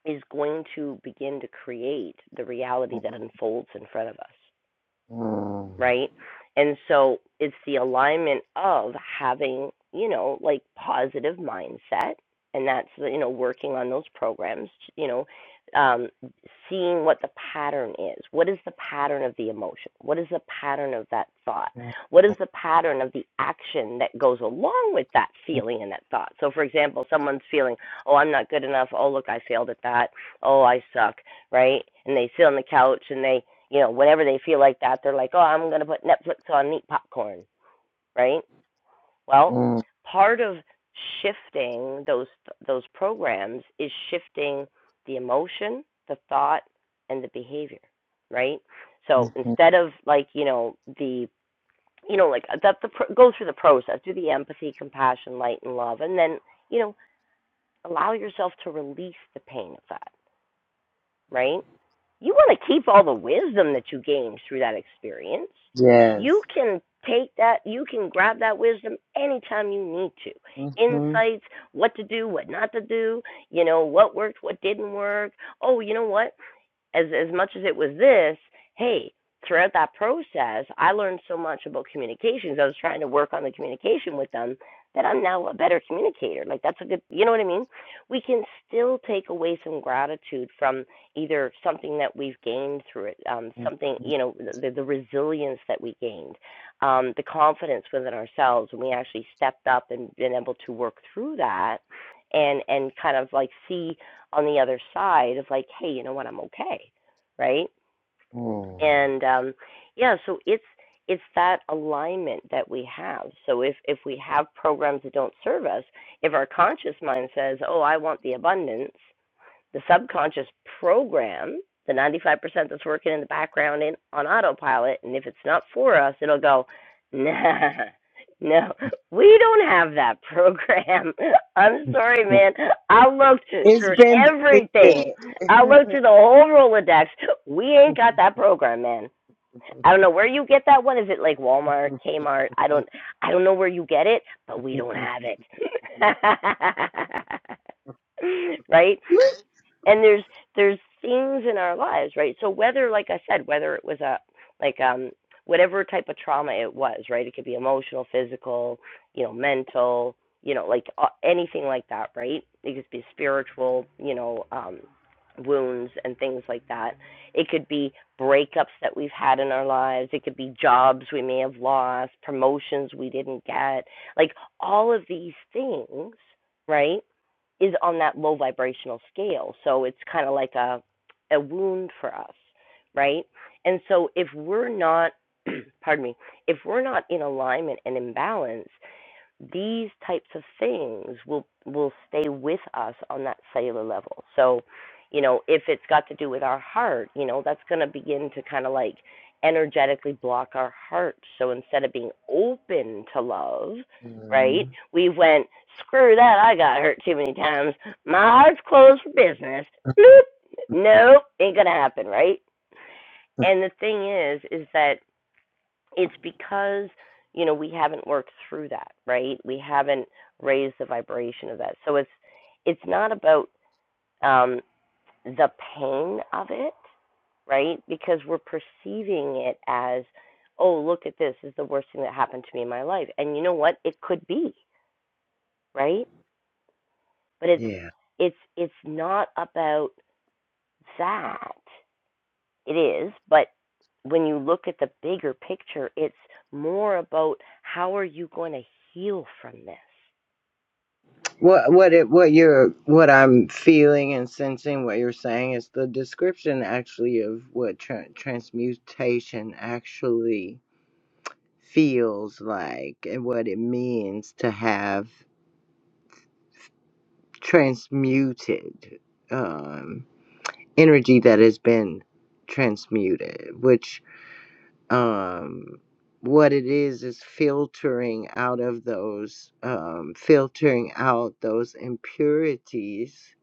Speaker 1: is going to begin to create the reality that unfolds in front of us right? And so it's the alignment of having, you know, like positive mindset, and that's you know working on those programs, you know, um, seeing what the pattern is. What is the pattern of the emotion? What is the pattern of that thought?
Speaker 2: mm
Speaker 1: What is the pattern of the action that goes along with that feeling and that thought? So, for example, someone's feeling, oh, I'm not good enough. Oh, look, I failed at that. Oh, I suck, right? And they sit on the couch and they you know, whenever they feel like that, they're like, oh, I'm going to put Netflix on and eat popcorn, right? Well,
Speaker 2: mm
Speaker 1: part of shifting those those programs is shifting the emotion, the thought, and the behavior, right? So
Speaker 2: mhm.
Speaker 1: instead of like you know the you know like that the go through the process, do the empathy, compassion, light, and love, and then you know allow yourself to release the pain of that, right? you want to keep all the wisdom that you gained through that experience. You
Speaker 2: Yes.
Speaker 1: can take that, you can grab that wisdom anytime you need to.
Speaker 2: Mm
Speaker 1: Insights, what to do, what not to do, you know, what worked, what didn't work. Oh, you know what? as as much as it was this, hey, throughout that process, I learned so much about communications. I was trying to work on the communication with them that I'm now a better communicator. Like that's a good, you know what I mean? We can still take away some gratitude from either something that we've gained through it, um, something you know, the, the resilience that we gained, um, the confidence within ourselves when we actually stepped up and been able to work through that, and and kind of like see on the other side of like, hey, you know what, I'm okay, right? And um, yeah, so it's it's that alignment that we have. So if if we have programs that don't serve us, if our conscious mind says, oh, I want the abundance, the subconscious program, the 95% that's working in the background in, on autopilot, and if it's not for us, it'll go, nah, no, we don't have that program. I'm sorry, man. I looked
Speaker 2: It's
Speaker 1: through
Speaker 2: been
Speaker 1: everything.
Speaker 2: deleted.
Speaker 1: I looked through the whole Rolodex. We ain't got that program, man. I don't know where you get that one. Is it like Walmart, Kmart? I don't I don't know where you get it, but we don't have it. right? and there's there's things in our lives right so whether like i said whether it was a like um whatever type of trauma it was right it could be emotional physical you know mental you know like uh, anything like that right it could be spiritual you know um wounds and things like that it could be breakups that we've had in our lives it could be jobs we may have lost promotions we didn't get like all of these things right is on that low vibrational scale. So it's kind of like a a wound for us, right? And so if we're not pardon me, if we're not in alignment and in balance, these types of things will will stay with us on that cellular level. So, you know, if it's got to do with our heart, you know, that's going to begin to kind of like energetically block our heart. So instead of being open to love, right?
Speaker 2: Mm,
Speaker 1: We went screw that. I got hurt too many times. My heart's closed for business. Nope, ain't gonna happen, right? And the thing is, is that it's because you know we haven't worked through that right we haven't raised the vibration of that so it's it's not about um the pain of it right because we're perceiving it as oh look at this, this is the worst thing that happened to me in my life and you know what it could be right but it's
Speaker 2: Yeah.
Speaker 1: it's it's not about that It is, but when you look at the bigger picture, it's more about how are you going to heal from this?
Speaker 2: What what it what you're what I'm feeling and sensing what you're saying is the description actually of what tra- transmutation actually feels like and what it means to have transmuted um energy that has been transmuted which um, what it is is filtering out of those um, filtering out those impurities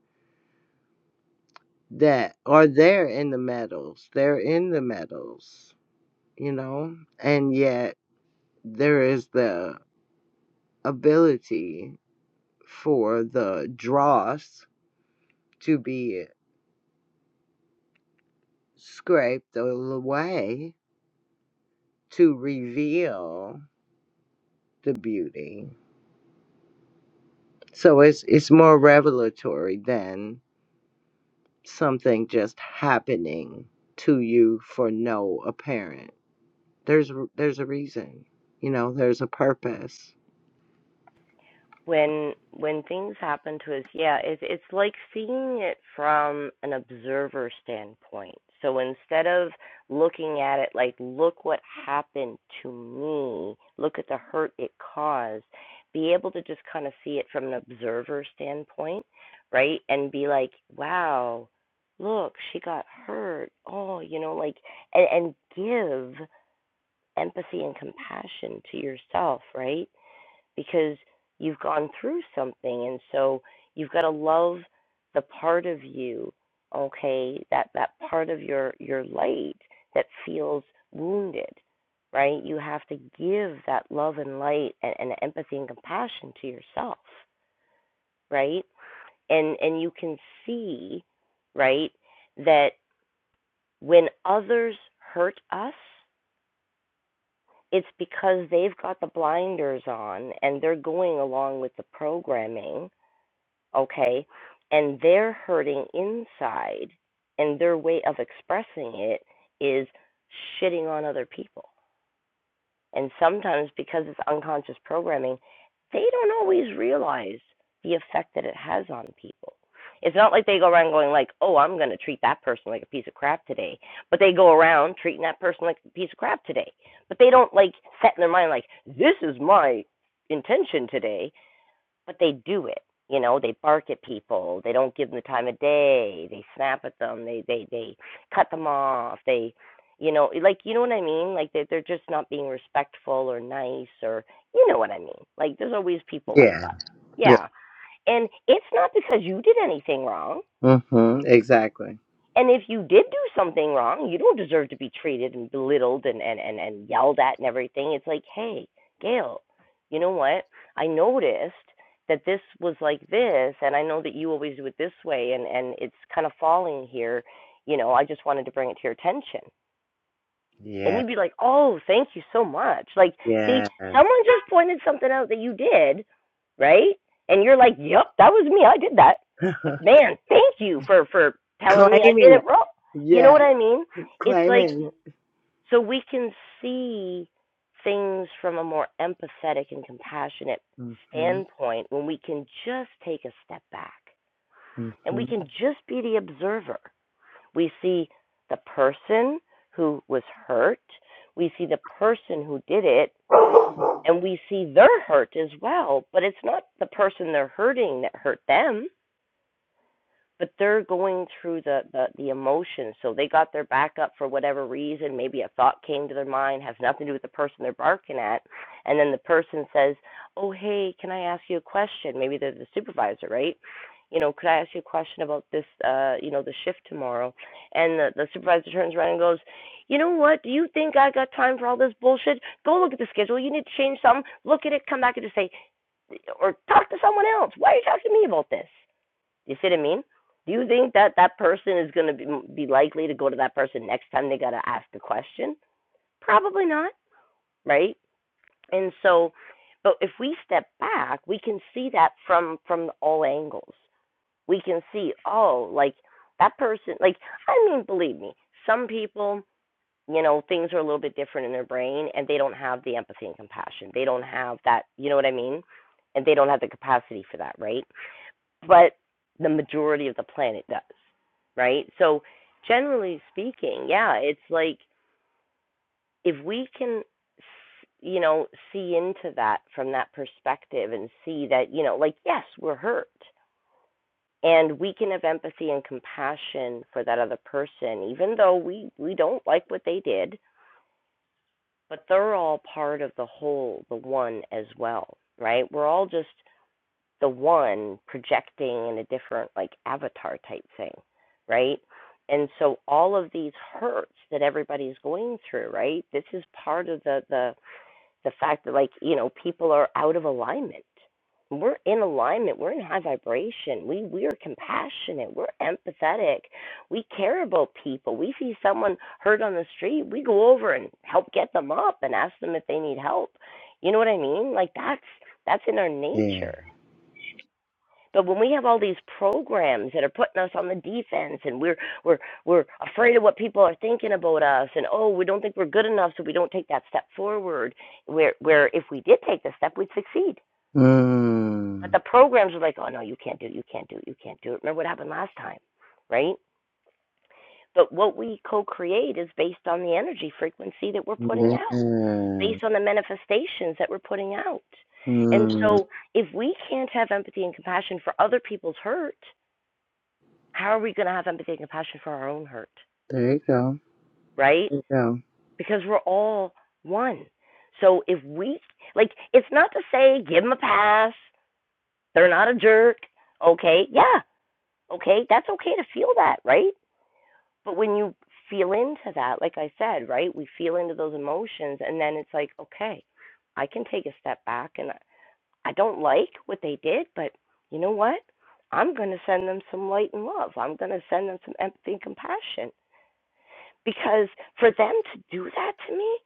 Speaker 2: that are there in the metals they're in the metals you know and yet there is the ability for the dross to be scraped away to reveal the beauty so it's it's more revelatory than something just happening to you for no apparent. There's there's a reason, you know. There's a purpose.
Speaker 1: when when things happen to us yeah it's it's like seeing it from an observer standpoint so instead of looking at it like look what happened to me look at the hurt it caused be able to just kind of see it from an observer standpoint right and be like wow look she got hurt oh you know like and, and give empathy and compassion to yourself right because you've gone through something and so you've got to love the part of you okay that that part of your your light that feels wounded right you have to give that love and light and, and empathy and compassion to yourself right and and you can see right that when others hurt us it's because they've got the blinders on and they're going along with the programming okay? And they're hurting inside, and their way of expressing it is shitting on other people. And sometimes, because it's unconscious programming, they don't always realize the effect that it has on people. It's not like they go around going like, "Oh, I'm going to treat that person like a piece of crap today," but they go around treating that person like a piece of crap today. But they don't like set in their mind like, "This is my intention today," but they do it. You know, they bark at people. They don't give them the time of day. They snap at them. They they they cut them off. They, you know, like you know what I mean. Like they they're just not being respectful or nice or you know what I mean. Like there's always people like
Speaker 2: Yeah.
Speaker 1: that. Yeah, and it's not because you did anything wrong.
Speaker 2: Yeah. hmm Exactly.
Speaker 1: And if you did do something wrong, you don't deserve to be treated and belittled and, and, and, and yelled at and everything. It's like, hey, Gail, you know what? I noticed that this was like this, and I know that you always do it this way, and, and it's kind of falling here. You know, I just wanted to bring it to your attention and
Speaker 2: Yeah.
Speaker 1: you'd be like, "Oh, thank you so much." Like, see,
Speaker 2: Yes.
Speaker 1: someone just pointed something out that you did, right? And you're like, "Yep, that was me. I did that." But man, thank you for for telling me I did
Speaker 2: claiming
Speaker 1: it
Speaker 2: it.
Speaker 1: wrong. You know
Speaker 2: Yeah.
Speaker 1: what I mean? It's like
Speaker 2: Claiming it.
Speaker 1: so we can see things from a more empathetic and compassionate
Speaker 2: hmm
Speaker 1: standpoint when we can just take a step back and
Speaker 2: hmm
Speaker 1: we can just be the observer we see the person who was hurt. We see the person who did it, and we see their hurt as well. But it's not the person they're hurting that hurt them but they're going through the, the the emotions so they got their back up for whatever reason maybe a thought came to their mind has nothing to do with the person they're barking at and then the person says oh hey can i ask you a question maybe they're the supervisor right you know could i ask you a question about this uh you know the shift tomorrow and the, the supervisor turns around and goes you know what do you think i got time for all this bullshit go look at the schedule you need to change something look at it come back and just say or talk to someone else why are you talking to me about this you see what I mean? Do you think that that person is going to be, be likely to go to that person next time they got to ask a question? Probably not, right? And so, but if we step back, we can see that from from all angles. We can see, oh, like that person, like I mean, believe me, some people, you know, things are a little bit different in their brain, and they don't have the empathy and compassion. They don't have that, you know what I mean? And they don't have the capacity for that, right? but the majority of the planet does, right? So, generally speaking, yeah, it's like if we can, you know, see into that from that perspective and see that, you know, like, yes, we're hurt. And we can have empathy and compassion for that other person, even though we, we don't like what they did, but they're all part of the whole, the one as well, right? We're all just the one projecting in a different like avatar type thing, right? And so all of these hurts that everybody's going through, right? This is part of the the the fact that like, you know, people are out of alignment. We're in alignment, we're in high vibration. We we are compassionate, we're empathetic. We care about people. We see someone hurt on the street, we go over and help get them up and ask them if they need help. You know what I mean? Like that's that's in our
Speaker 2: Yeah.
Speaker 1: nature. But when we have all these programs that are putting us on the defense and we're we're we're afraid of what people are thinking about us and oh we don't think we're good enough so we don't take that step forward where where if we did take the step we'd succeed. But
Speaker 2: Mm.
Speaker 1: the programs are like, oh no, you can't do it, you can't do it, you can't do it. Remember what happened last time, right? But what we co create is based on the energy frequency that we're putting out,
Speaker 2: Yeah.
Speaker 1: based on the manifestations that we're putting out. And
Speaker 2: Mm.
Speaker 1: so if we can't have empathy and compassion for other people's hurt how are we going to have empathy and compassion for our own hurt,
Speaker 2: There you go.
Speaker 1: right?
Speaker 2: There you
Speaker 1: Because we're all one. So if we, like, it's not to say give them a pass, they're not a jerk, okay? Yeah, okay, that's okay to feel that, right? But when you feel into that, like I said, right, we feel into those emotions, and then it's like, okay, I can take a step back and I don't like what they did, but you know what? I'm going to send them some light and love. I'm going to send them some empathy and compassion because for them to do that to me,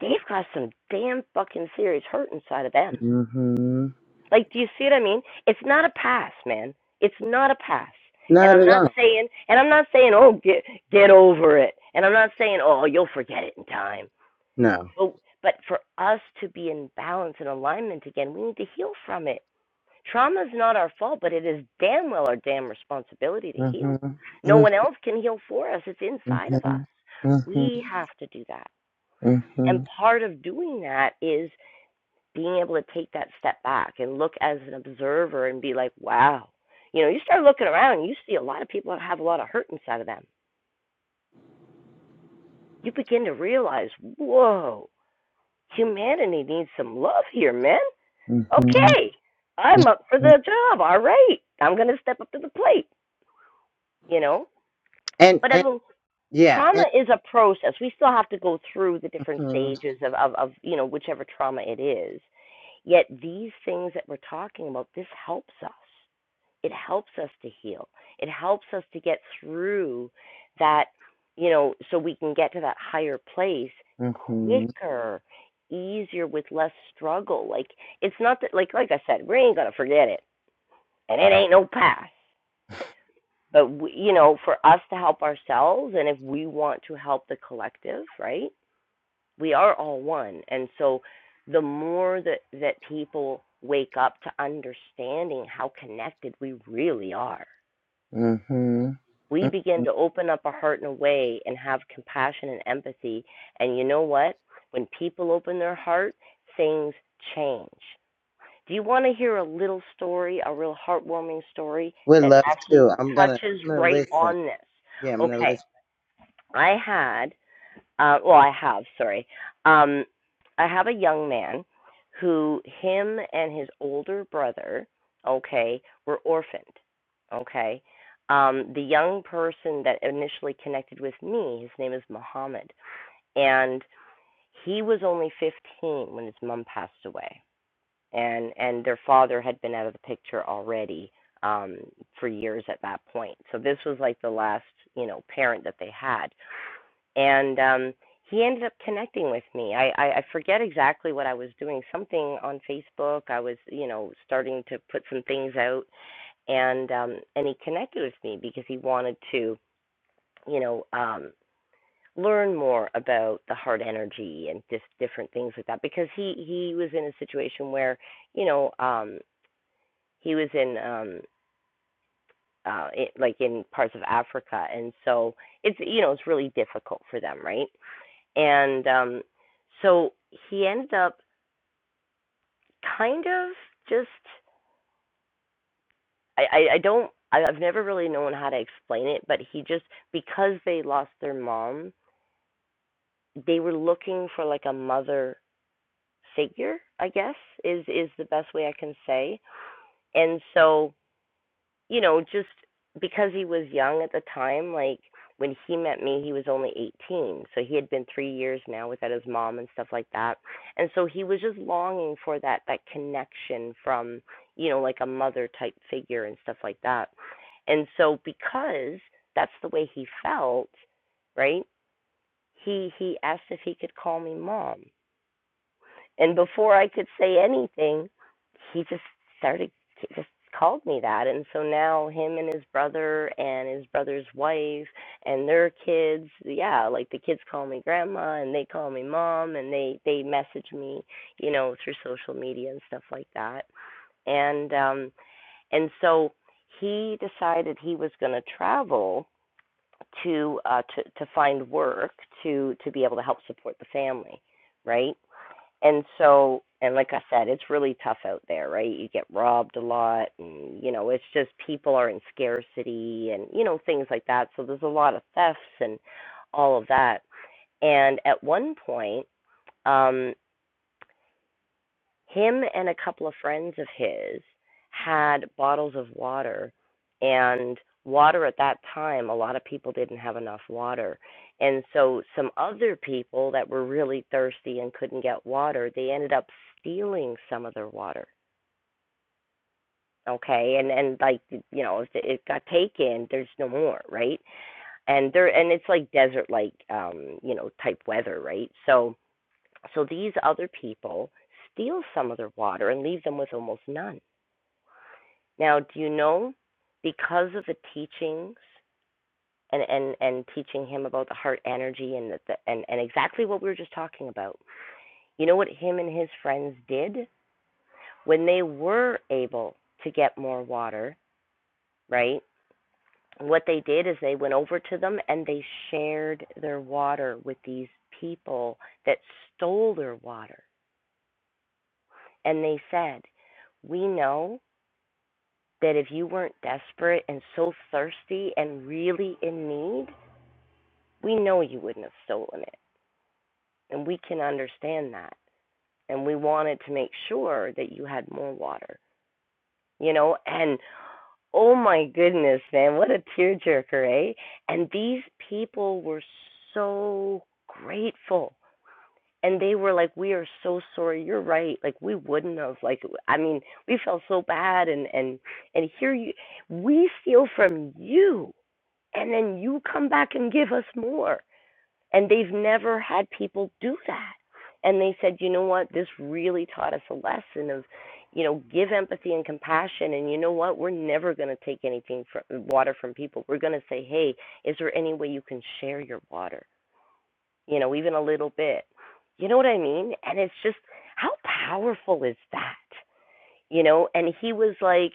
Speaker 1: they've got some damn fucking serious hurt inside of them.
Speaker 2: go. hmm
Speaker 1: Like, do you see what I mean? It's not a pass, man. It's not a pass. And
Speaker 2: Not
Speaker 1: I'm
Speaker 2: at
Speaker 1: not
Speaker 2: all.
Speaker 1: saying, and I'm not saying, oh, get get over it. And I'm not saying, oh, you'll forget it in time.
Speaker 2: No.
Speaker 1: But, but for us to be in balance and alignment again, we need to heal from it. Trauma is not our fault, but it is damn well our damn responsibility to heal.
Speaker 2: hmm
Speaker 1: No one else can heal for us. It's inside of us.
Speaker 2: Mhm. Mhm.
Speaker 1: We have to do that. And
Speaker 2: Mhm.
Speaker 1: part of doing that is being able to take that step back and look as an observer and be like, wow. You know, you start looking around and you see a lot of people that have a lot of hurt inside of them. You begin to realize, whoa, humanity needs some love here, man.
Speaker 2: Mhm.
Speaker 1: Okay, I'm up for
Speaker 2: Mhm.
Speaker 1: the job. All right, I'm going to step up to the plate, you know?
Speaker 2: And
Speaker 1: But I
Speaker 2: and
Speaker 1: mean,
Speaker 2: yeah,
Speaker 1: trauma
Speaker 2: and
Speaker 1: is a process. We still have to go through the different
Speaker 2: Mhm.
Speaker 1: stages of, of, of you know, whichever trauma it is. Yet, these things that we're talking about, this helps us. It helps us to heal. It helps us to get through that, you know, so we can get to that higher place
Speaker 2: Mhm.
Speaker 1: quicker, easier, with less struggle. Like, it's not that, like, like I said, we ain't going to forget it, and it ain't no pass. But, we, you know, for us to help ourselves, and if we want to help the collective, right? we are all one and so the more that that people wake up to understanding how connected we really are
Speaker 2: Mhm.
Speaker 1: we begin
Speaker 2: Mhm.
Speaker 1: to open up our heart in a way and have compassion and empathy and you know what when people open their heart things change do you want to hear a little story a real heartwarming story
Speaker 2: would
Speaker 1: that
Speaker 2: love
Speaker 1: actually
Speaker 2: to. I'm gonna
Speaker 1: touches
Speaker 2: I'm gonna
Speaker 1: right
Speaker 2: listen.
Speaker 1: on this
Speaker 2: Yeah, I'm gonna
Speaker 1: okay
Speaker 2: listen.
Speaker 1: i had Uh, well, I have, sorry. Um, I have a young man who, him and his older brother, okay, were orphaned, okay. Um, the young person that initially connected with me, his name is Muhammad, and he was only 15 when his mom passed away, and and their father had been out of the picture already um, for years at that point. So this was like the last, you know, parent that they had and um, he ended up connecting with me. I, I, I forget exactly what I was doing, something on Facebook. I was, you know, starting to put some things out, and um, and he connected with me because he wanted to, you know, um, learn more about the heart energy and just different things like that. Because he he was in a situation where, you know, um, he was in um, uh, it, like in parts of Africa, and so it's you know it's really difficult for them, right? and um, so he ended up kind of just I, I, I don't I, I've never really known how to explain it, but he just because they lost their mom, they were looking for like a mother figure, I guess is is the best way I can say, and so you know, just because he was young at the time, like when he met me, he was only 18. So he had been 3 years now without his mom and stuff like that. And so he was just longing for that that connection from, you know, like a mother type figure and stuff like that. And so because that's the way he felt, right? He he asked if he could call me mom. And before I could say anything, he just started just called me that. And so now him and his brother and his brother's wife and their kids, yeah, like the kids call me grandma and they call me mom and they they message me, you know, through social media and stuff like that. And um and so he decided he was going to travel to uh to to find work to to be able to help support the family, right? and so and like i said it's really tough out there right you get robbed a lot and you know it's just people are in scarcity and you know things like that so there's a lot of thefts and all of that and at one point um him and a couple of friends of his had bottles of water and water at that time a lot of people didn't have enough water and so some other people that were really thirsty and couldn't get water they ended up stealing some of their water okay and and like you know if it got taken there's no more right and there and it's like desert like um you know type weather right so so these other people steal some of their water and leave them with almost none Now, do you know because of the teachings and and and teaching him about the heart energy and the, the and and exactly what we were just talking about. You know what him and his friends did when they were able to get more water, right? What they did is they went over to them and they shared their water with these people that stole their water. And they said, "We know that if you weren't desperate and so thirsty and really in need, We know you wouldn't have stolen it, and we can understand that. And we wanted to make sure that you had more water, you know? And oh my goodness, man, what a tearjerker, eh? And these people were so grateful. And they were like, "We are so sorry. You're right. Like we wouldn't have. Like I mean, we felt so bad. And and and here you, we steal from you, and then you come back and give us more. and they've never had people do that and they said you know what this really taught us a lesson of you know give empathy and compassion and you know what we're never going to take anything from water from people we're going to say hey is there any way you can share your water you know even a little bit you know what i mean and it's just how powerful is that you know and he was like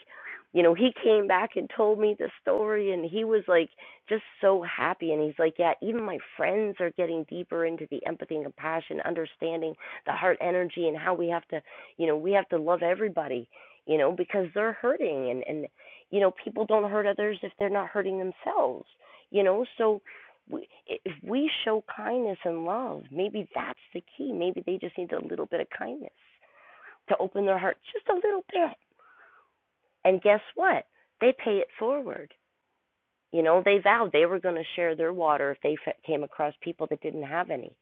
Speaker 1: you know he came back and told me the story and he was like just so happy and he's like yeah even my friends are getting deeper into the empathy and compassion understanding the heart energy and how we have to you know we have to love everybody you know because they're hurting and and you know people don't hurt others if they're not hurting themselves you know so we, if we show kindness and love maybe that's the key maybe they just need a little bit of kindness to open their heart just a little bit and guess what? They pay it forward. You know, they vowed they were going to share their water if they f- came across people that didn't have any.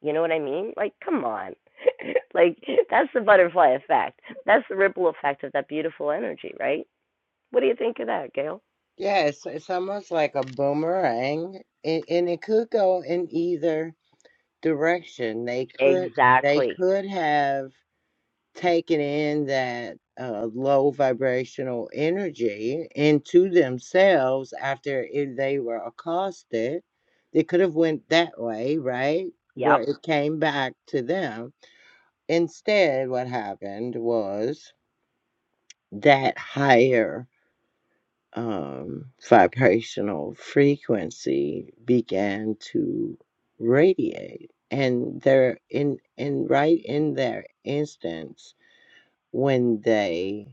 Speaker 1: You know what I mean? Like, come on. like, that's the butterfly effect. That's the ripple effect of that beautiful energy, right? What do you think of that, Gail?
Speaker 2: Yeah, it's it's almost like a boomerang, and, and it could go in either direction. They could they
Speaker 1: Exactly.
Speaker 2: could have. taking in that uh, low vibrational energy into themselves after if they were accosted they could have went that way right where
Speaker 1: Yep,
Speaker 2: it came back to them instead what happened was that higher um, vibrational frequency began to radiate and they're in and right in their instance when they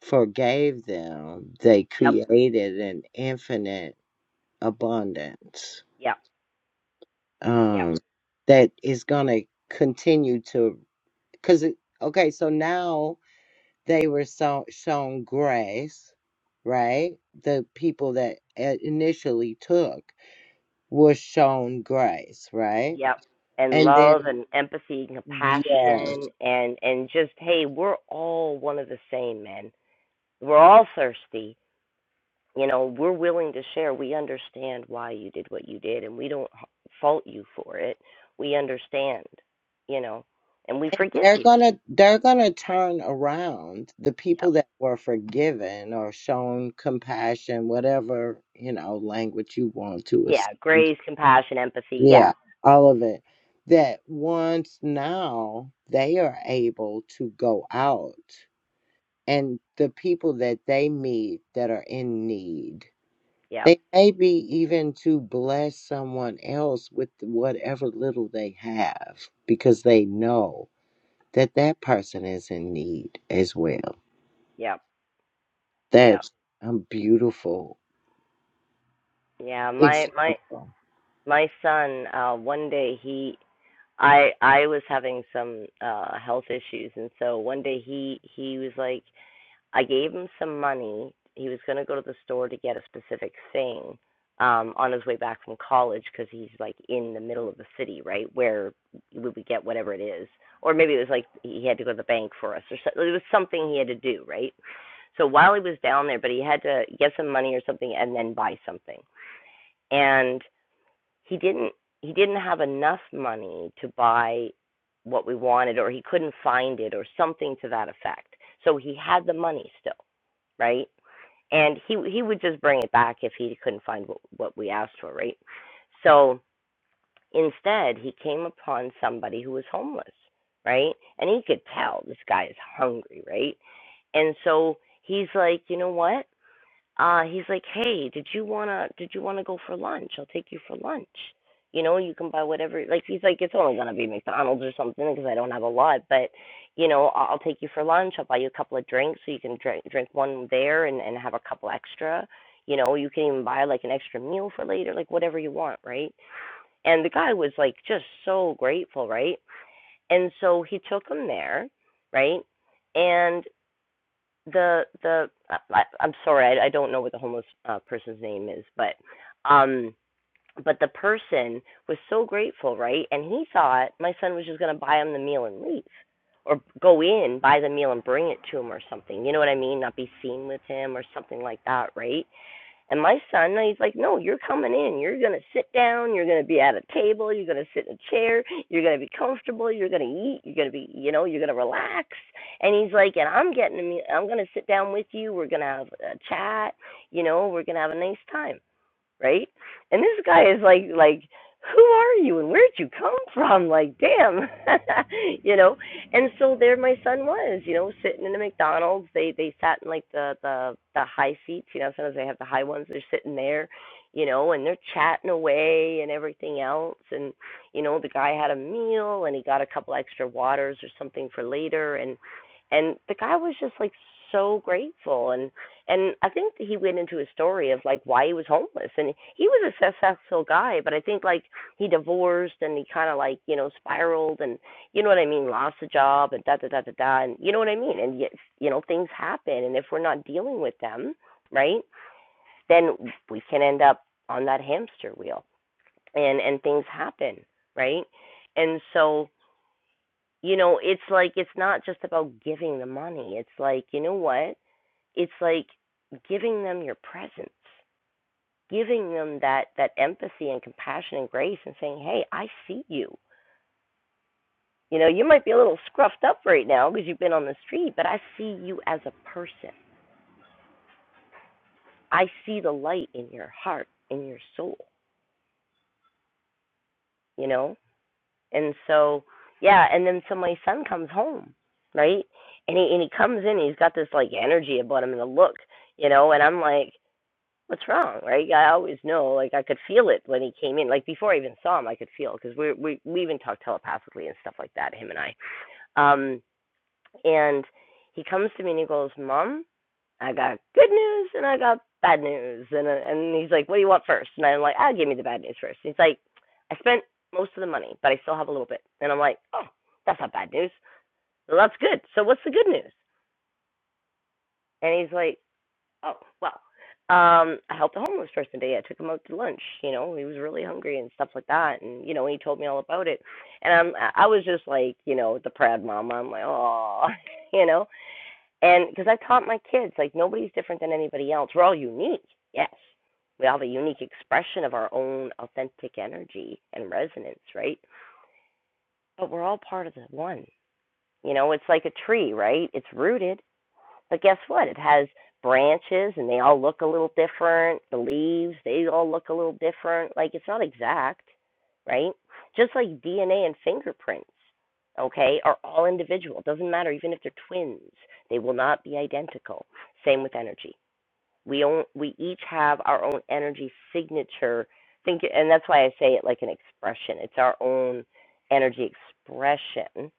Speaker 2: forgave them, they
Speaker 1: yep,
Speaker 2: created an infinite abundance
Speaker 1: yep, yep,
Speaker 2: um, that is going to continue to. Because, okay, so now they were so, shown grace, right? The people that i- initially took were shown grace, right?
Speaker 1: yep. And
Speaker 2: And
Speaker 1: love
Speaker 2: then,
Speaker 1: and empathy and
Speaker 2: yes,
Speaker 1: compassion and and just hey, we're all one of the same, man. We're all thirsty you know we're willing to share we understand why you did what you did and we don't fault you for it we understand you know and we
Speaker 2: and
Speaker 1: forgive
Speaker 2: they're
Speaker 1: you
Speaker 2: gonna they're gonna turn around the
Speaker 1: yep
Speaker 2: people that were forgiven or shown compassion whatever you know language you want to
Speaker 1: yeah
Speaker 2: assign
Speaker 1: grace compassion empathy yeah
Speaker 2: yeah all of it that once now they are able to go out and the people that they meet that are in need
Speaker 1: yep
Speaker 2: they may be even to bless someone else with whatever little they have because they know that that person is in need as well.
Speaker 1: yep yep
Speaker 2: That's a beautiful
Speaker 1: yeah my my
Speaker 2: example.
Speaker 1: my son uh one day he i i was having some uh health issues and so one day he he was like I gave him some money. He was going to go to the store to get a specific thing um, on his way back from college because he's like in the middle of the city, right? Where we would get whatever it is. Or maybe it was like he had to go to the bank for us or so, it was something he had to do, right? So while he was down there, but he had to get some money or something and then buy something. And he didn't he didn't have enough money to buy what we wanted or he couldn't find it or something to that effect. So he had the money still right? And he he would just bring it back if he couldn't find what, what we asked for, right? So instead, he came upon somebody who was homeless, right? And he could tell this guy is hungry, right? And so he's like, you know what? uh he's like hey did you want to did you want to go for lunch i'll take you for lunch you know you can buy whatever like he's like it's only going to be mcdonald's or something because i don't have a lot but you know i'll, I'll take you for lunch i'll buy you a couple of drinks so you can drink drink one there and and have a couple extra you know you can even buy like an extra meal for later like whatever you want right and the guy was like just so grateful right and so he took him there right And the the I, I- am sorry, I, I don't know what the homeless uh, person's name is, but um, but the person was so grateful, right? And he thought my son was just gonna buy him the meal and leave, or go in, buy the meal and bring it to him or something. You know what I mean? Not be seen with him or something like that, right? And my son, he's like, no, you're coming in. You're going to sit down. You're going to be at a table. You're going to sit in a chair. You're going to be comfortable. You're going to eat. You're going to be, you know, you're going to relax. And he's like, and I'm getting, I'm going to sit down with you. We're going to have a chat. You know, we're going to have a nice time right? And this guy is like like who are you and where'd you come from? Like, damn, you know. And so there, my son was, you know, sitting in the McDonald's. They they sat in like the the the high seats, you know. Sometimes they have the high ones. They're sitting there, you know, and they're chatting away and everything else. And you know, the guy had a meal and he got a couple extra waters or something for later. And and the guy was just like so grateful. And and I think he went into a story of like why he was homeless. And he was a successful guy, but I think like he divorced and he kind of like, you know, spiraled and, you know what I mean, lost a job and da da da da da. And you know what I mean? And yet, you know, things happen. And if we're not dealing with them, right, then we can end up on that hamster wheel and, and things happen, right? And so, you know, it's like, it's not just about giving the money. It's like, you know what? it's like giving them your presence, giving them that that empathy and compassion and grace, and saying, "Hey, I see you. You know, you might be a little scruffed up right now because you've been on the street, but I see you as a person. I see the light in your heart, in your soul. You know, and so yeah. And then so my son comes home, right? And he and he comes in, he's got this like energy about him and a look, you know, and I'm like, what's wrong, right? I always know, like I could feel it when he came in, like before I even saw him, I could feel because we we we even talked telepathically and stuff like that, him and I. Um, and he comes to me and he goes, "Mom, I got good news and I got bad news," and uh, and he's like, "What do you want first? And I'm like, "Ah, give me the bad news first. And He's like, "I spent most of the money, but I still have a little bit," and I'm like, "Oh, that's not bad news. Well, that's good. So what's the good news?" And he's like, Oh, well. Um, I helped a homeless person today. I took him out to lunch. You know, he was really hungry and stuff like that. And you know, he told me all about it. And I'm, I was just like, you know, the proud mama. I'm like, oh, you know, and because I taught my kids, like nobody's different than anybody else. We're all unique. Yes, we all have a unique expression of our own authentic energy and resonance, right? But we're all part of the one. You know, it's like a tree, right? It's rooted but guess what? It has branches and they all look a little different. The leaves, they all look a little different. Like it's not exact, right? Just like DNA and fingerprints, okay, are all individual. It doesn't matter even if they're twins. They will not be identical. Same with energy. We own, we each have our own energy signature. Think and that's why I say it like an expression. It's our own energy expression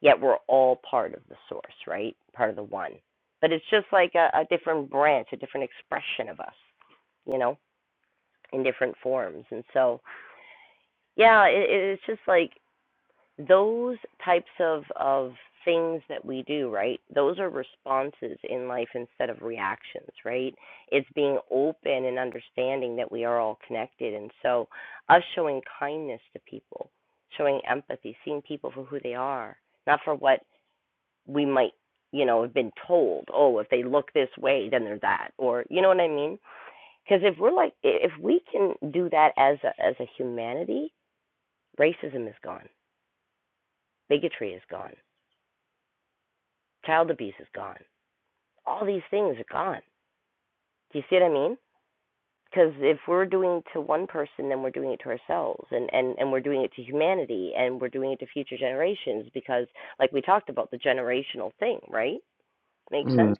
Speaker 1: yet we're all part of the source, right? Part of the one. But it's just like a, a different branch, a different expression of us, you know, in different forms. And so, yeah, it, it's just like those types of of things that we do, right? Those are responses in life instead of reactions, right? It's being open and understanding that we are all connected. And so, us showing kindness to people, showing empathy, seeing people for who they are, not for what we might, you know, have been told, oh, if they look this way, then they're that, or you know what I mean? Because if we're like, if we can do that as a as a humanity, racism is gone, bigotry is gone, child abuse is gone, all these things are gone. Do you see what I mean? Because if we're doing it to one person, then we're doing it to ourselves, and, and, and we're doing it to humanity, and we're doing it to future generations. Because, like we talked about, the generational thing, right? Makes sense.
Speaker 2: Mm,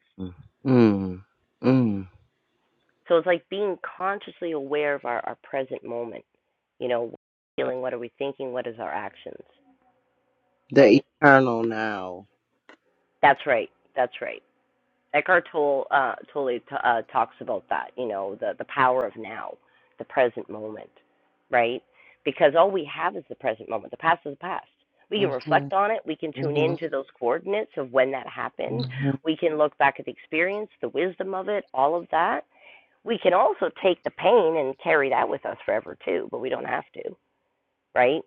Speaker 2: mm, mm.
Speaker 1: So it's like being consciously aware of our, our present moment. You know, what are we feeling, what are we thinking, what is our actions,
Speaker 2: The
Speaker 1: right?
Speaker 2: eternal now.
Speaker 1: That's right. That's right. Eckhart Tolle, uh, Tolle t- uh, talks about that, you know, the, the power of now, the present moment, right? Because all we have is the present moment. The past is the past. We can
Speaker 2: Mhm,
Speaker 1: reflect on it. We can tune
Speaker 2: mhm,
Speaker 1: into those coordinates of when that happened.
Speaker 2: mhm, mhm,
Speaker 1: We can look back at the experience, the wisdom of it, all of that We can also take the pain and carry that with us forever too, but we don't have to, right?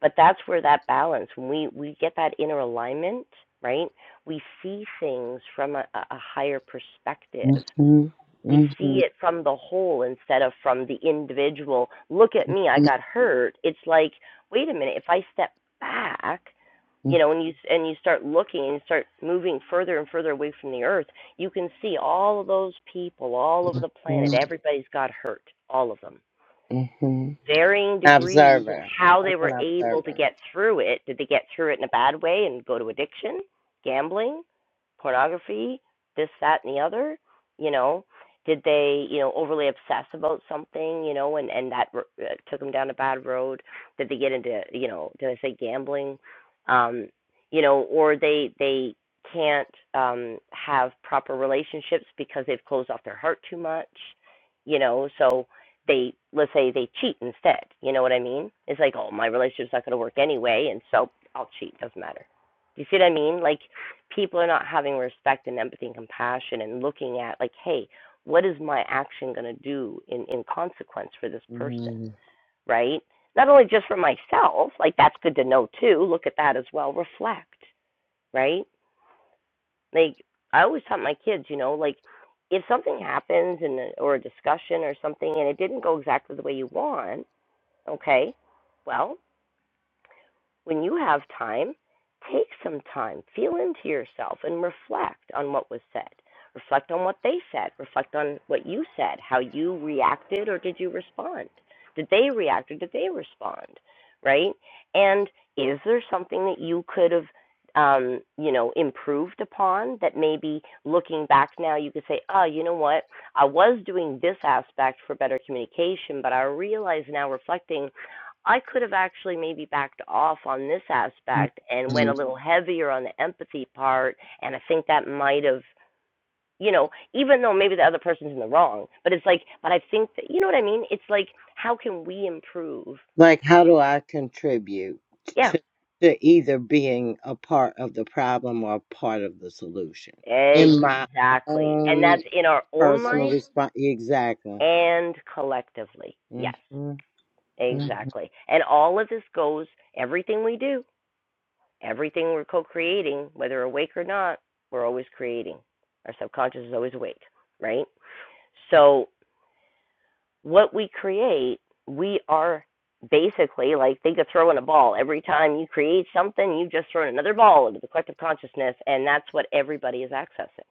Speaker 1: But that's where that balance, when we, we get that inner alignment, right? We see things from a, a higher perspective we see
Speaker 2: mhm,
Speaker 1: it from the whole instead of from the individual. Look at me, I got hurt. It's like, wait a minute, if I step back, you
Speaker 2: mhm,
Speaker 1: know, and you and you start looking and start moving further and further away from the earth, you can see all of those people all over the planet.
Speaker 2: mhm,
Speaker 1: Everybody's got hurt, all of them
Speaker 2: mhm.
Speaker 1: varying
Speaker 2: As an
Speaker 1: degrees of
Speaker 2: observer.
Speaker 1: how
Speaker 2: As
Speaker 1: they
Speaker 2: an
Speaker 1: were able to
Speaker 2: observer.
Speaker 1: get through it. Did they get through it in a bad way and go to addiction, gambling, pornography, this, that, and the other? You know, did they, you know, overly obsess about something, you know, and and that uh, took them down a bad road? Did they get into, you know, did I say gambling? Um, you know, or they they can't um have proper relationships because they've closed off their heart too much, you know, so they let's say they cheat instead. You know what I mean? It's like, oh, my relationship's not going to work anyway, and so I'll cheat. Doesn't matter. Do you see what I mean? Like people are not having respect and empathy and compassion and looking at like, hey, what is my action going to do in in consequence for this person, right? Not only just for myself, like that's good to know too. Look at that as well. Reflect, right? Like I always taught my kids, you know, like if something happens and or a discussion or something and it didn't go exactly the way you want Okay? Well, when you have time, take some time, feel into yourself, and reflect on what was said. Reflect on what they said. Reflect on what you said, how you reacted, or did you respond? Did they react, or did they respond? Right? And is there something that you could have, um, you know, improved upon that maybe looking back now you could say, oh, you know what? I was doing this aspect for better communication, but I realize now reflecting I could have actually maybe backed off on this aspect and
Speaker 2: Mhm,
Speaker 1: went a little heavier on the empathy part. And I think that might have, you know, even though maybe the other person's in the wrong, but it's like, but I think that, you know what I mean? It's like, how can we improve?
Speaker 2: Like, how do I contribute
Speaker 1: Yeah,
Speaker 2: to, to either being a part of the problem or a part of the solution in my
Speaker 1: exactly. And that's
Speaker 2: own
Speaker 1: in our own
Speaker 2: personal
Speaker 1: life
Speaker 2: response? Exactly.
Speaker 1: and collectively.
Speaker 2: Mhm,
Speaker 1: Yes,
Speaker 2: mhm,
Speaker 1: exactly. And all of this goes, everything we do everything we're co creating, whether awake or not, we're always creating. Our subconscious is always awake, right? So, what we create, we are basically like think of throwing a ball. Every time you create something, you just throw another ball into the collective consciousness, and that's what everybody is accessing,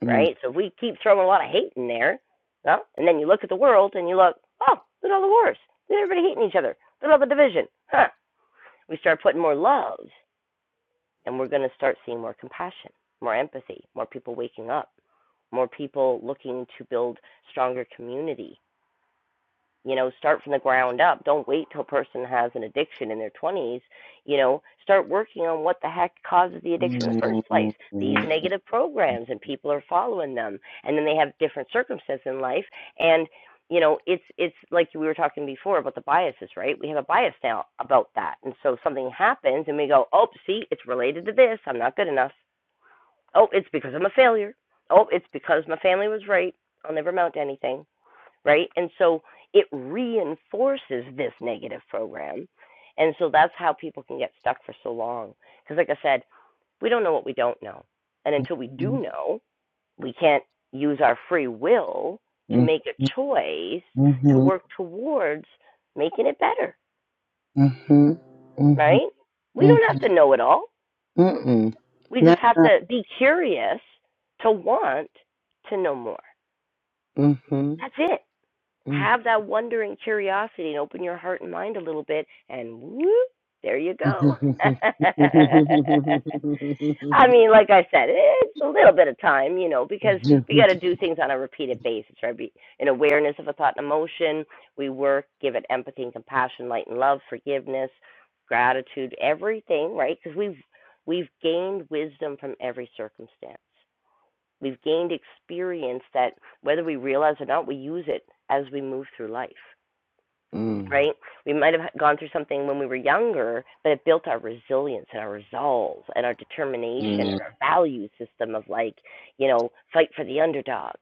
Speaker 2: mhm,
Speaker 1: right? So, if we keep throwing a lot of hate in there, well, and then you look at the world and you look, oh, look at all the wars. Look at everybody hating each other. Look at all the division. Huh. We start putting more love And we're going to start seeing more compassion, more empathy, more people waking up, more people looking to build stronger community you know start from the ground up don't wait till a person has an addiction in their 20s you know start working on what the heck causes the
Speaker 2: mhm,
Speaker 1: addiction in the first
Speaker 2: mhm,
Speaker 1: place these
Speaker 2: mhm,
Speaker 1: negative programs and people are following them and then they have different circumstances in life and you know it's it's like we were talking before about the biases right we have a bias now about that and so something happens and we go oh see it's related to this i'm not good enough oh it's because i'm a failure oh it's because my family was right i'll never amount to anything right? And so it reinforces this negative program. And so that's how people can get stuck for so long. Because, like I said, we don't know what we don't know. And until we do know, we can't use our free will to make a choice to
Speaker 2: mhm,
Speaker 1: work towards making it better,
Speaker 2: mhm,
Speaker 1: right? We don't
Speaker 2: mhm,
Speaker 1: have
Speaker 2: mhm,
Speaker 1: to know it all.
Speaker 2: mhm.
Speaker 1: We just
Speaker 2: Not
Speaker 1: have
Speaker 2: that.
Speaker 1: to be curious to want to know more.
Speaker 2: Mhm,
Speaker 1: That's it.
Speaker 2: mhm.
Speaker 1: have that wondering curiosity and open your heart and mind a little bit and whoop, there you go. I mean, like I said, it's a little bit of time, you know, because we got to do things on a repeated basis, right? Be in awareness of a thought and emotion. We work, give it empathy and compassion, light and love, forgiveness, gratitude, everything, right? Because we've we've gained wisdom from every circumstance. We've gained experience that whether we realize or not, we use it as we move through life,
Speaker 2: Mm.
Speaker 1: right? We might have gone through something when we were younger, but it built our resilience and our resolve and our
Speaker 2: mm,
Speaker 1: determination and our value system of like, you know, fight for the underdog.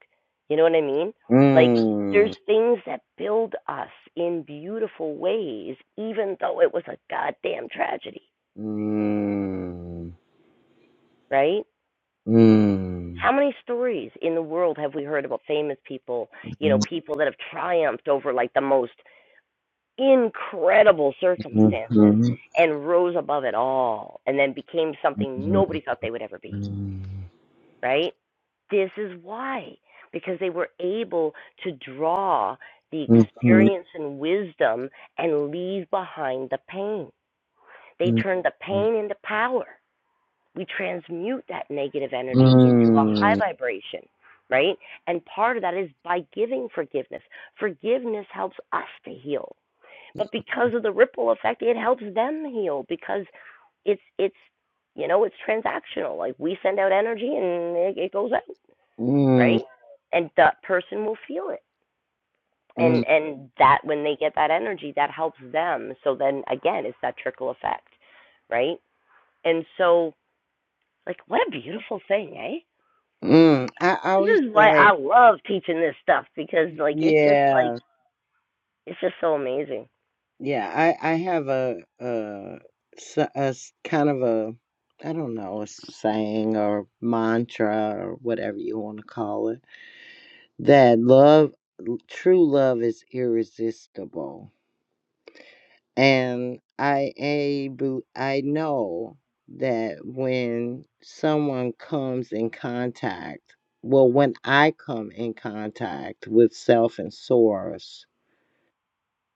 Speaker 1: You know what I mean? Like there's
Speaker 2: Mm,
Speaker 1: things that build us in beautiful ways, even though it was a goddamn tragedy,
Speaker 2: mm,
Speaker 1: right?
Speaker 2: mm.
Speaker 1: How many stories in the world have we heard about famous people, you know, people that have triumphed over like the most incredible
Speaker 2: Mhm,
Speaker 1: circumstances
Speaker 2: mhm,
Speaker 1: and rose above it all and then became something nobody thought they would ever be,
Speaker 2: mhm,
Speaker 1: right? This is why, because they were able to draw the experience and wisdom and leave behind the pain. They turned the pain into power we transmute that negative energy into a high
Speaker 2: Hmm.
Speaker 1: vibration, right? And part of that is by giving forgiveness. Forgiveness helps us to heal. But because of the ripple effect, it helps them heal because it's it's you know, it's transactional. Like we send out energy and it, it goes out, right?
Speaker 2: mm,
Speaker 1: And that person will feel it. And
Speaker 2: mm,
Speaker 1: and that when they get that energy, that helps them. So then again, it's that trickle effect, right? And so like what a beautiful thing, eh?
Speaker 2: mm. I
Speaker 1: This
Speaker 2: always
Speaker 1: is why
Speaker 2: say,
Speaker 1: I love teaching this stuff because like it's just like
Speaker 2: yeah,
Speaker 1: it's just so amazing.
Speaker 2: yeah. I I have a a, s- a s- kind of a I don't know a saying or mantra or whatever you want to call it that love, true love, is irresistible And I a- bel- I know that when someone comes in contact, well, when I come in contact with self and source,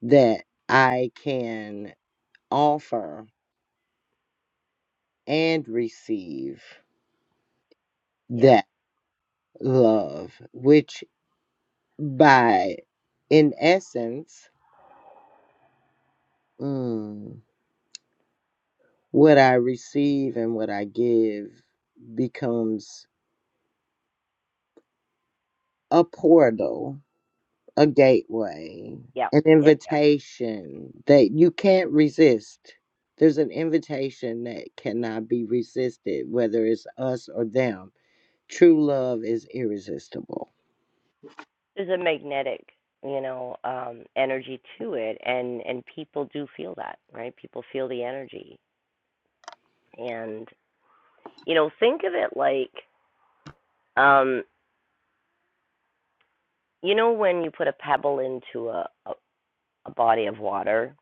Speaker 2: that I can offer and receive
Speaker 1: Yep,
Speaker 2: that love, which by in essence, mm, what I receive and what I give becomes a portal a gateway,
Speaker 1: yep,
Speaker 2: an
Speaker 1: yep, yep.
Speaker 2: invitation that you can't resist. There's an invitation that cannot be resisted, whether it's us or them. True love is irresistible
Speaker 1: There's a magnetic, you know, um, energy to it, and and people do feel that, right? People feel the energy, and you know, think of it like, um, you know, when you put a pebble into a a, a body of water,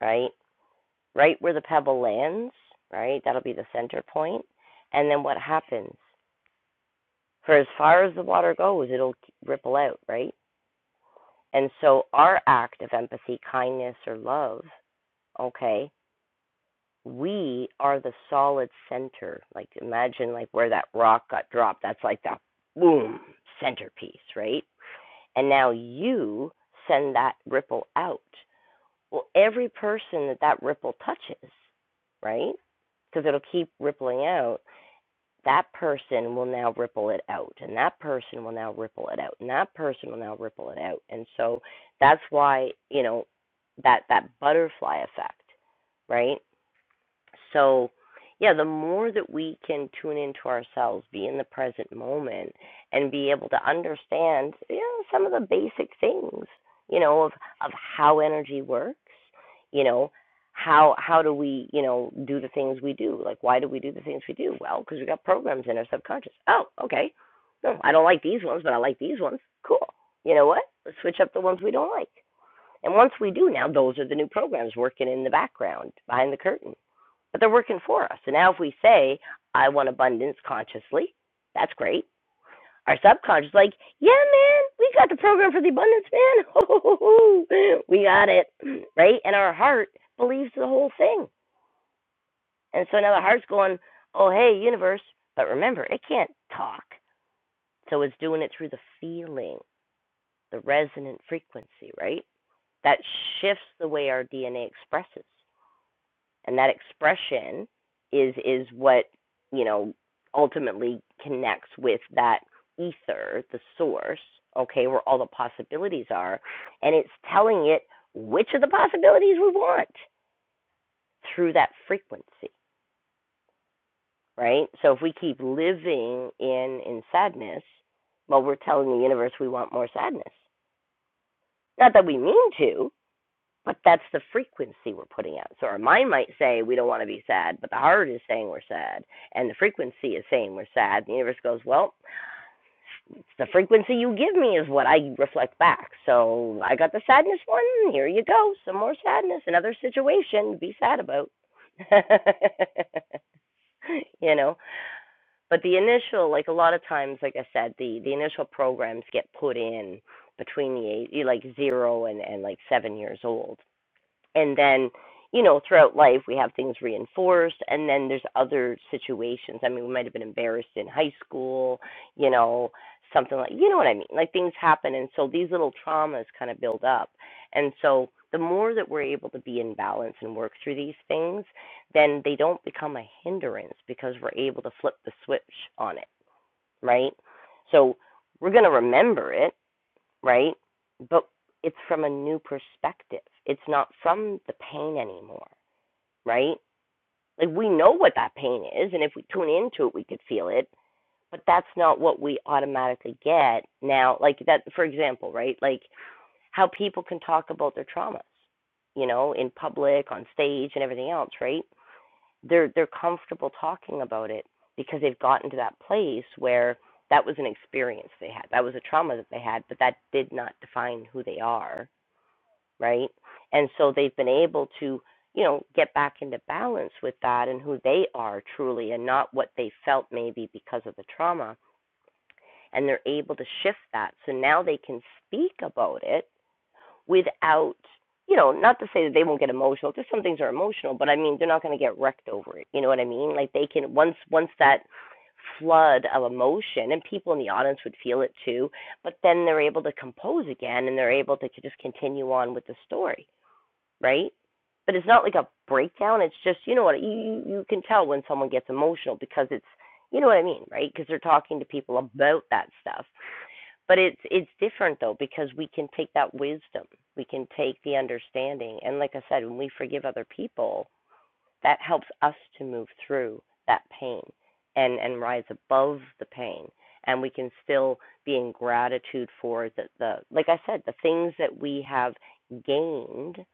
Speaker 1: right? Right where the pebble lands, right? That'll be the center point, and then what happens? For as far as the water goes, it'll ripple out, right? And so our act of empathy, kindness, or love, okay, we are the solid center. Like imagine like where that rock got dropped. That's like the boom centerpiece, right? And now you send that ripple out. Well, every person that that ripple touches, right? Because it'll keep rippling out that person will now ripple it out and that person will now ripple it out and that person will now ripple it out and so that's why you know that that butterfly effect right so, yeah, the more that we can tune into ourselves, be in the present moment, and be able to understand you know, some of the basic things, you know, of of how energy works, you know, how how do we, you know, do the things we do? Like, why do we do the things we do? Well, because we got programs in our subconscious. Oh, okay. No, I don't like these ones, but I like these ones. Cool. You know what? Let's switch up the ones we don't like. And once we do, now those are the new programs working in the background, behind the curtain but they're working for us. And now if we say, I want abundance consciously, that's great. Our subconscious, is like, yeah, man, we got the program for the abundance, man. Ho-ho-ho-ho. we got it, right? And our heart believes the whole thing. And so now the heart's going, oh, hey, universe. But remember, it can't talk. So it's doing it through the feeling, the resonant frequency, right? That shifts the way our DNA expresses. and that expression is is what you know ultimately connects with that ether, the source, okay, where all the possibilities are, and it's telling it which of the possibilities we want through that frequency, right? So if we keep living in in sadness, well, we're telling the universe we want more sadness. Not that we mean to, but that's the frequency we're putting out. So our mind might say we don't want to be sad, but the heart is saying we're sad, and the frequency is saying we're sad. The universe goes, well, it's the frequency you give me is what I reflect back. So I got the sadness one. Here you go, some more sadness, another situation to be sad about. you know, but the initial, like a lot of times, like I said, the the initial programs get put in between the age, like zero and and like seven years old and then you know throughout life we have things reinforced and then there's other situations i mean we might have been embarrassed in high school you know something like you know what i mean like things happen and so these little traumas kind of build up and so the more that we're able to be in balance and work through these things then they don't become a hindrance because we're able to flip the switch on it right so we're going to remember it right? But it's from a new perspective. It's not from the pain anymore, right? Like we know what that pain is, and if we tune into it, we could feel it. But that's not what we automatically get now. Like that, for example, right? Like how people can talk about their traumas, you know, in public, on stage, and everything else, right? They're they're comfortable talking about it because they've gotten to that place where that was an experience they had, that was a trauma that they had, but that did not define who they are right? And so they've been able to, you know, get back into balance with that and who they are truly and not what they felt maybe because of the trauma. And they're able to shift that. So now they can speak about it without, you know, not to say that they won't get emotional, because some things are emotional, but I mean, they're not going to get wrecked over it. You know what I mean? Like they can, once, once that, flood of emotion and people in the audience would feel it too but then they're able to compose again and they're able to just continue on with the story right? But it's not like a breakdown. It's just you know what you you can tell when someone gets emotional because it's you know what I mean, right? Because they're talking to people about that stuff. But it's it's different though because we can take that wisdom, we can take the understanding, and like I said, when we forgive other people, that helps us to move through that pain and and rise above the pain, and we can still be in gratitude for the the like I said, the things that we have gained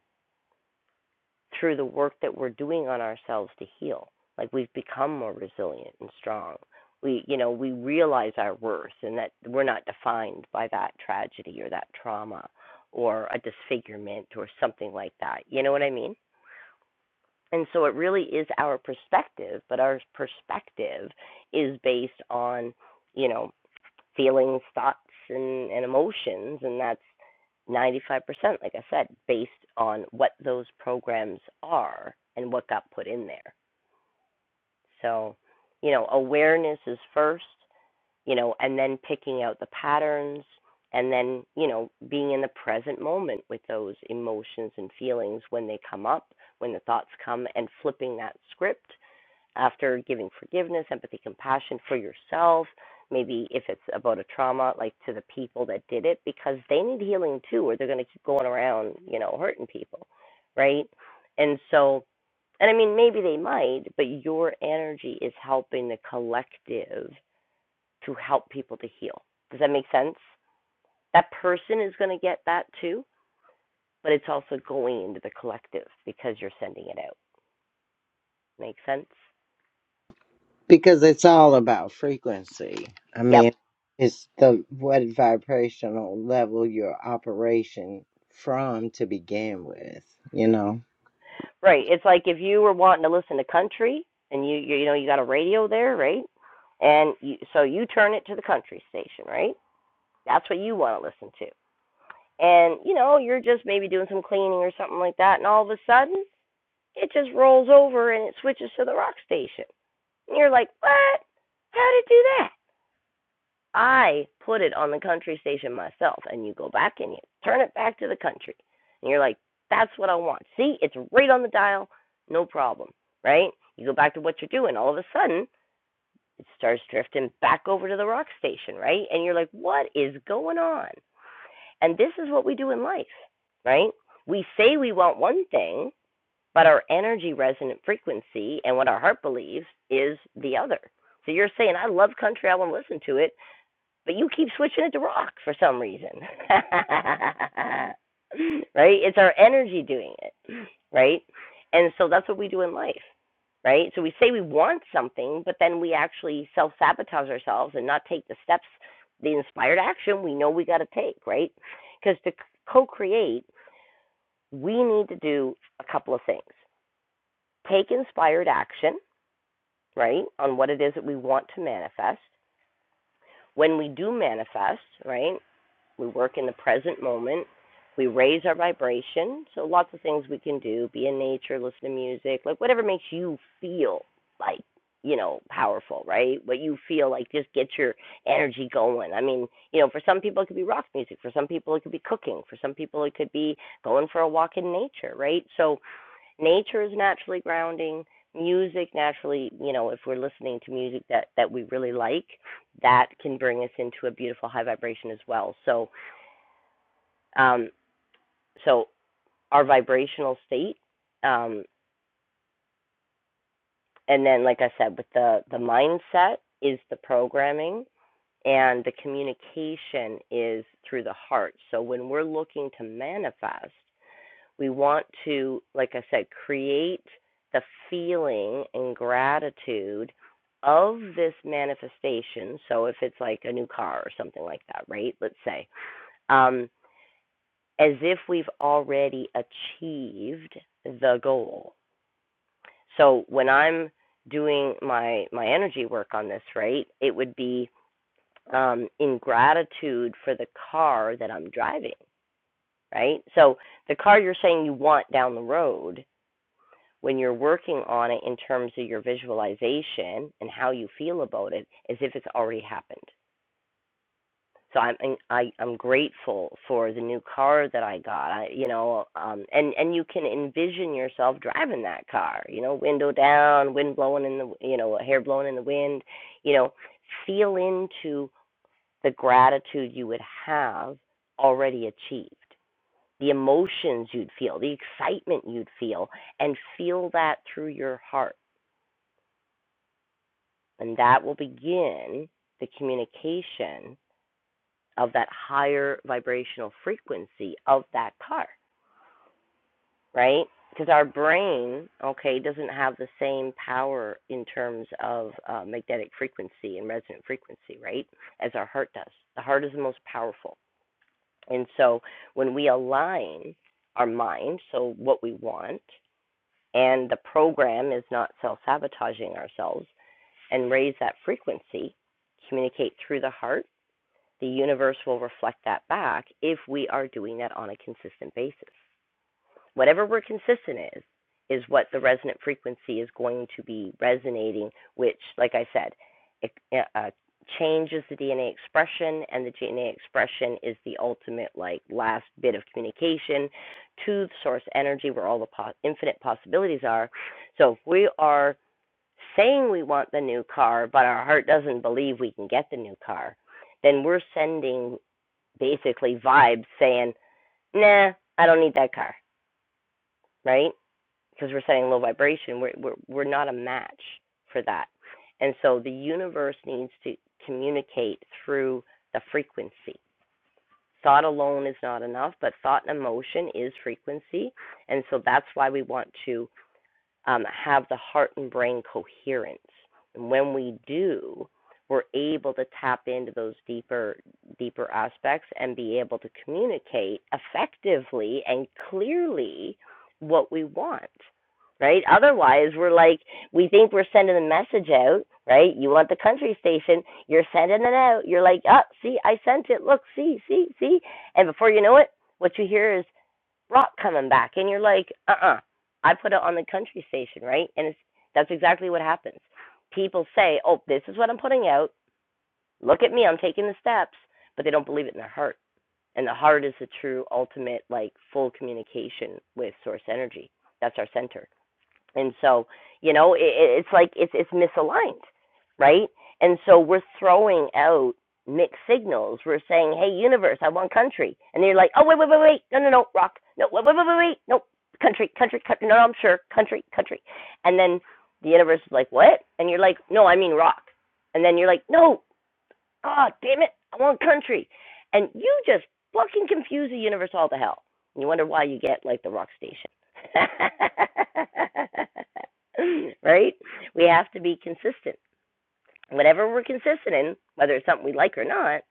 Speaker 1: through the work that we're doing on ourselves to heal. Like we've become more resilient and strong. We, you know, we realize our worth and that we're not defined by that tragedy or that trauma or a disfigurement or something like that. You know what I mean? And so it really is our perspective, but our perspective is based on, you know, feelings, thoughts, and, and emotions, and that's 95%, like I said, based on what those programs are and what got put in there. So, you know, awareness is first, you know, and then picking out the patterns and then, you know, being in the present moment with those emotions and feelings when they come up, when the thoughts come, and flipping that script after giving forgiveness, empathy, compassion for yourself, maybe if it's about a trauma, like to the people that did it, because they need healing too, or they're going to keep going around, you know, hurting people, right? And so, and I mean, maybe they might, but your energy is helping the collective to help people to heal. Does that make sense? That person is going to get that too, but it's also going into the collective because you're sending it out. Make sense?
Speaker 2: because it's all about frequency. I
Speaker 1: Yep.
Speaker 2: mean, it's the what vibrational level your operation from to begin with, you know?
Speaker 1: Right. It's like if you were wanting to listen to country and you you, you know you got a radio there, right? And you, so you turn it to the country station, right? That's what you want to listen to. And you know, you're just maybe doing some cleaning or something like that and all of a sudden it just rolls over and it switches to the rock station. And you're like, "What? How did it do that?" I put it on the country station myself, and you go back and you turn it back to the country, and you're like, that's what I want. See, it's right on the dial, no problem, right? You go back to what you're doing, all of a sudden it starts drifting back over to the rock station, right? And you're like, what is going on? And this is what we do in life, right? We say we want one thing, but our energy resonant frequency and what our heart believes is the other. So you're saying, I love country, I want to listen to it, but you keep switching it to rock for some reason. right? It's our energy doing it. Right? And so that's what we do in life. Right? So we say we want something, but then we actually self sabotage ourselves and not take the steps, the inspired action we know we got to take. Right? Because to co create, we need to do a couple of things take inspired action, right, on what it is that we want to manifest. When we do manifest, right, We work in the present moment. We raise our vibration. So lots of things we can do. Be in nature, listen to music, like whatever makes you feel like, you know, powerful, right? What you feel like just get your energy going. I mean, you know, for some people it could be rock music, for some people it could be cooking, for some people it could be going for a walk in nature, right? So nature is naturally grounding music naturally you know if we're listening to music that that we really like that can bring us into a beautiful high vibration as well so um, so our vibrational state um, and then like i said with the the mindset is the programming and the communication is through the heart so when we're looking to manifest we want to like i said create the feeling and gratitude of this manifestation so if it's like a new car or something like that right let's say um, as if we've already achieved the goal So when I'm doing my my energy work on this, right, it would be um, in gratitude for the car that I'm driving, right? So the car you're saying you want down the road, when you're working on it in terms of your visualization and how you feel about it, as if it's already happened. so I'm I, I'm grateful for the new car that I got. I, you know, um, and and you can envision yourself driving that car. You know, window down, wind blowing in the you know hair blowing in the wind. You know, feel into the gratitude you would have already achieved, the emotions you'd feel, the excitement you'd feel, and feel that through your heart, and that will begin the communication of that higher vibrational frequency of that car, right? Because our brain, okay, doesn't have the same power in terms of uh, magnetic frequency and resonant frequency, right, as our heart does. The heart is the most powerful. And so when we align our mind, so what we want, and the program is not self sabotaging ourselves, and raise that frequency, communicate through the heart the universe will reflect that back if we are doing that on a consistent basis. Whatever we're consistent is, is what the resonant frequency is going to be resonating, which, like I said, it, uh, uh, changes the DNA expression, and the DNA expression is the ultimate, like, last bit of communication to the source energy where all the po- infinite possibilities are. So if we are saying we want the new car, but our heart doesn't believe we can get the new car, then we're sending basically vibes saying, "Nah, I don't need that car," right? Because we're setting low vibration. We're we're we're not a match for that. And so the universe needs to communicate through the frequency. Thought alone is not enough, but thought and emotion is frequency. And so that's why we want to um, have the heart and brain coherence. And when we do, we're able to tap into those deeper deeper aspects and be able to communicate effectively and clearly what we want. Right? Otherwise, we're like we think we're sending a message out, right? You want the country station, you're sending it out. You're like, "Oh, see, I sent it. Look, see, see, see." And before you know it, what you hear is rock coming back and you're like uh-uh i put it on the country station right and it's that's exactly what happens people say oh this is what i'm putting out look at me i'm taking the steps but they don't believe it in their heart and the heart is the true ultimate like full communication with source energy that's our center and so you know it, it's like it's it's misaligned right and so we're throwing out mixed signals we're saying hey universe i want country and they're like oh wait wait wait wait no no no rock no wait wait wait wait, wait. no country country country no, no i'm sure country country and then the universe is like what and you're like no i mean rock and then you're like no Oh, damn it. I want country. And you just fucking confuse the universe all to hell. And you wonder why you get like the rock station. right? We have to be consistent. Whatever we're consistent in, whether it's something we like or not,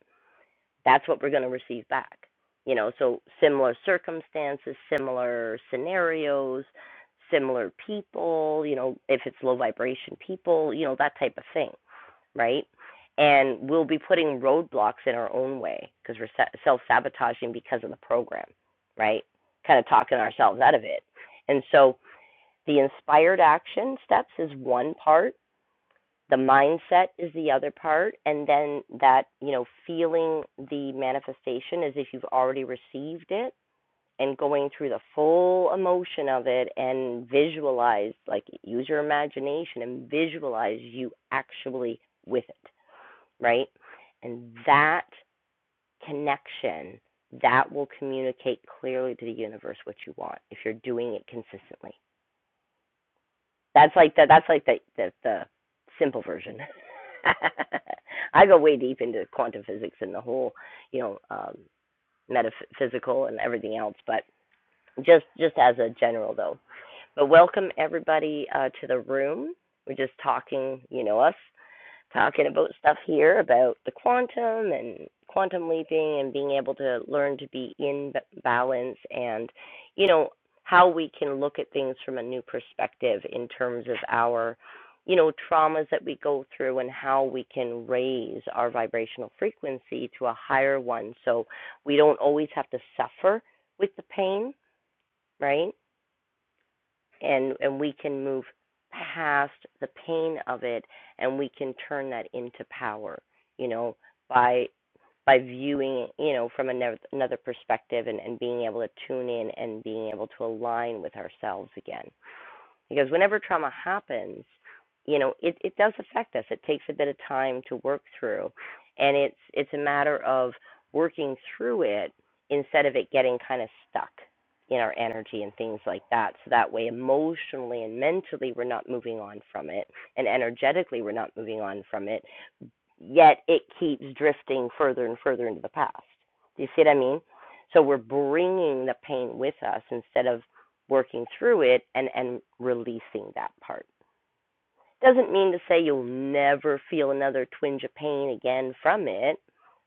Speaker 1: that's what we're going to receive back. You know, so similar circumstances, similar scenarios, similar people, you know, if it's low vibration people, you know, that type of thing right? And we'll be putting roadblocks in our own way because we're self sabotaging because of the program, right? Kind of talking ourselves out of it. And so the inspired action steps is one part, the mindset is the other part, and then that, you know, feeling the manifestation as if you've already received it and going through the full emotion of it and visualize, like use your imagination and visualize you actually with right? And that connection that will communicate clearly to the universe what you want if you're doing it consistently. That's like the that's like the the, the simple version. I go way deep into quantum physics and the whole, you know, um, metaphysical and everything else, but just just as a general though. But welcome everybody uh, to the room. We're just talking, you know, us talking about stuff here about the quantum and quantum leaping and being able to learn to be in balance and you know how we can look at things from a new perspective in terms of our you know traumas that we go through and how we can raise our vibrational frequency to a higher one so we don't always have to suffer with the pain right and and we can move past the pain of it and we can turn that into power you know by by viewing you know from another another perspective and and being able to tune in and being able to align with ourselves again because whenever trauma happens, you know, it, it does affect us. It takes a bit of time to work through. And it's it's a matter of working through it instead of it getting kind of stuck in our energy and things like that. So that way, emotionally and mentally, we're not moving on from it, and energetically, we're not moving on from it yet it keeps drifting further and further into the past. Do you see what I mean? So we're bringing the pain with us instead of working through it and, and releasing that part. Doesn't mean to say you'll never feel another twinge of pain again from it,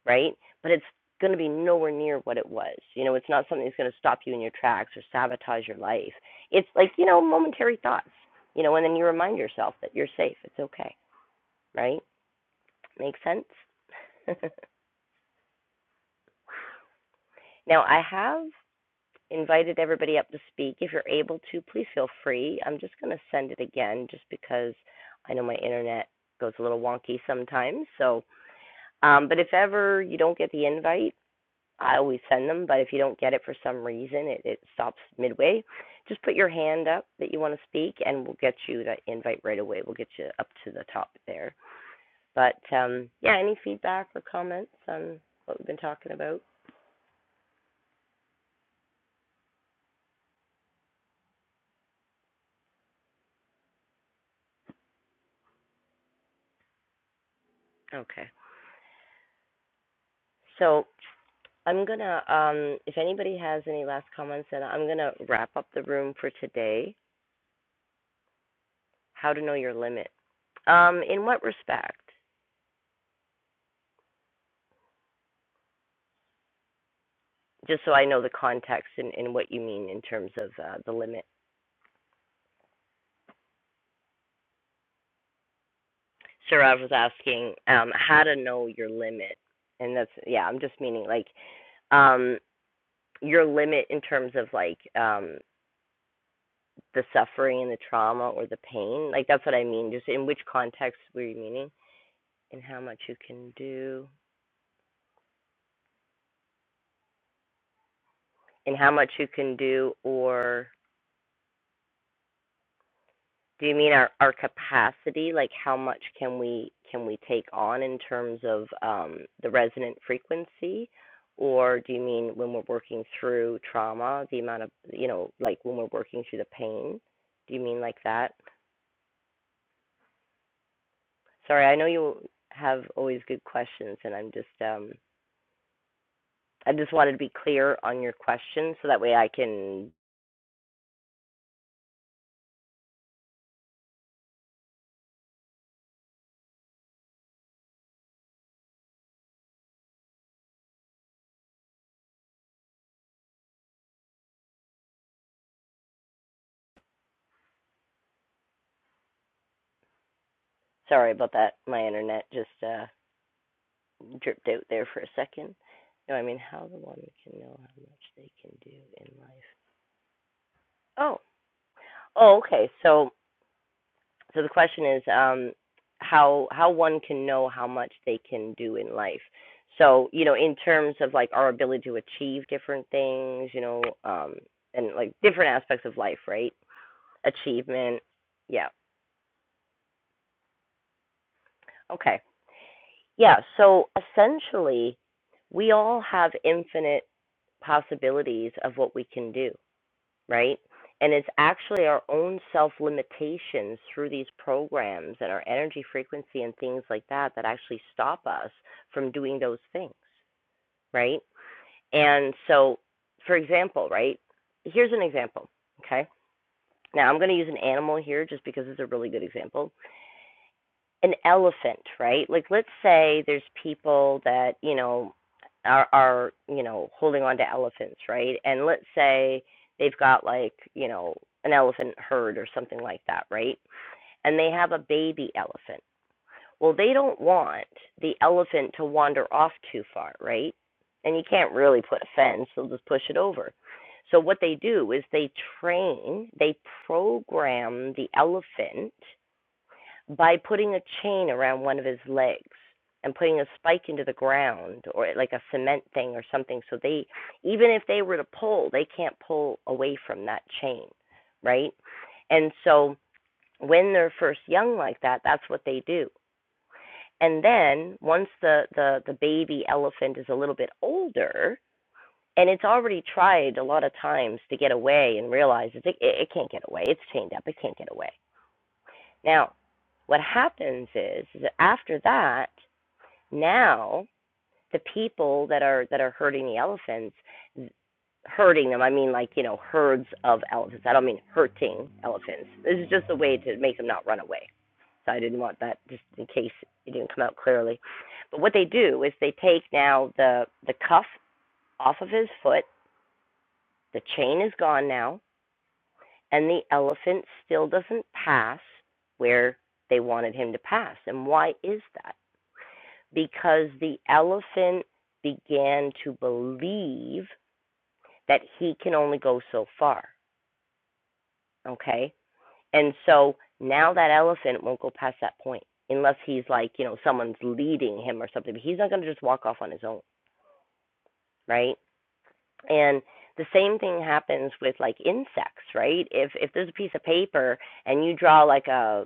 Speaker 1: right? But it's going to be nowhere near what it was. You know, it's not something that's going to stop you in your tracks or sabotage your life. It's like, you know, momentary thoughts, you know, and then you remind yourself that you're safe. It's okay, right? Makes sense? Now, I have invited everybody up to speak. If you're able to, please feel free. I'm just going to send it again just because I know my internet goes a little wonky sometimes. So, um, but if ever you don't get the invite, I always send them. But if you don't get it for some reason, it, it stops midway. Just put your hand up that you want to speak, and we'll get you that invite right away. We'll get you up to the top there. But um, yeah, any feedback or comments on what we've been talking about? Okay. So I'm gonna, um, if anybody has any last comments, then I'm gonna wrap up the room for today. How to know your limit. Um, in what respect? Just so I know the context and, and what you mean in terms of uh, the limit. Sarav was asking um, how to know your limit, and that's yeah. I'm just meaning like um, your limit in terms of like um, the suffering and the trauma or the pain. Like that's what I mean. Just in which context were you meaning, and how much you can do. and how much you can do or do you mean our, our capacity like how much can we can we take on in terms of um, the resonant frequency or do you mean when we're working through trauma the amount of you know like when we're working through the pain do you mean like that sorry i know you have always good questions and i'm just um i just wanted to be clear on your question so that way i can sorry about that my internet just uh dripped out there for a second. No, I mean how the woman can know how much they can do in life. Oh, oh, okay. So, so the question is, um, how how one can know how much they can do in life. So, you know, in terms of like our ability to achieve different things, you know, um, and like different aspects of life, right? Achievement. Yeah. Okay. Yeah. So essentially, we all have infinite possibilities of what we can do right? And it's actually our own self limitations through these programs and our energy frequency and things like that that actually stop us from doing those things, right? And so, for example, right? Here's an example, okay? Now, I'm going to use an animal here just because it's a really good example an elephant, right? Like let's say there's people that, you know, are are, you know, holding on to elephants, right? And let's say they've got like, you know, an elephant herd or something like that, right? And they have a baby elephant. Well, they don't want the elephant to wander off too far, right? And you can't really put a fence, they'll just push it over. So what they do is they train, they program the elephant by putting a chain around one of his legs and putting a spike into the ground or like a cement thing or something so they even if they were to pull they can't pull away from that chain right and so when they're first young like that that's what they do and then once the the the baby elephant is a little bit older and it's already tried a lot of times to get away and realizes it, it, it can't get away it's chained up it can't get away now what happens is, is that after that, now the people that are that are hurting the elephants, hurting them. I mean, like you know, herds of elephants. I don't mean hurting elephants. This is just a way to make them not run away. So I didn't want that just in case it didn't come out clearly. But what they do is they take now the the cuff off of his foot. The chain is gone now, and the elephant still doesn't pass where they wanted him to pass. And why is that? because the elephant began to believe that he can only go so far. Okay. And so now that elephant won't go past that point unless he's like, you know, someone's leading him or something. But he's not going to just walk off on his own. Right. And the same thing happens with like insects, right? If if there's a piece of paper and you draw like a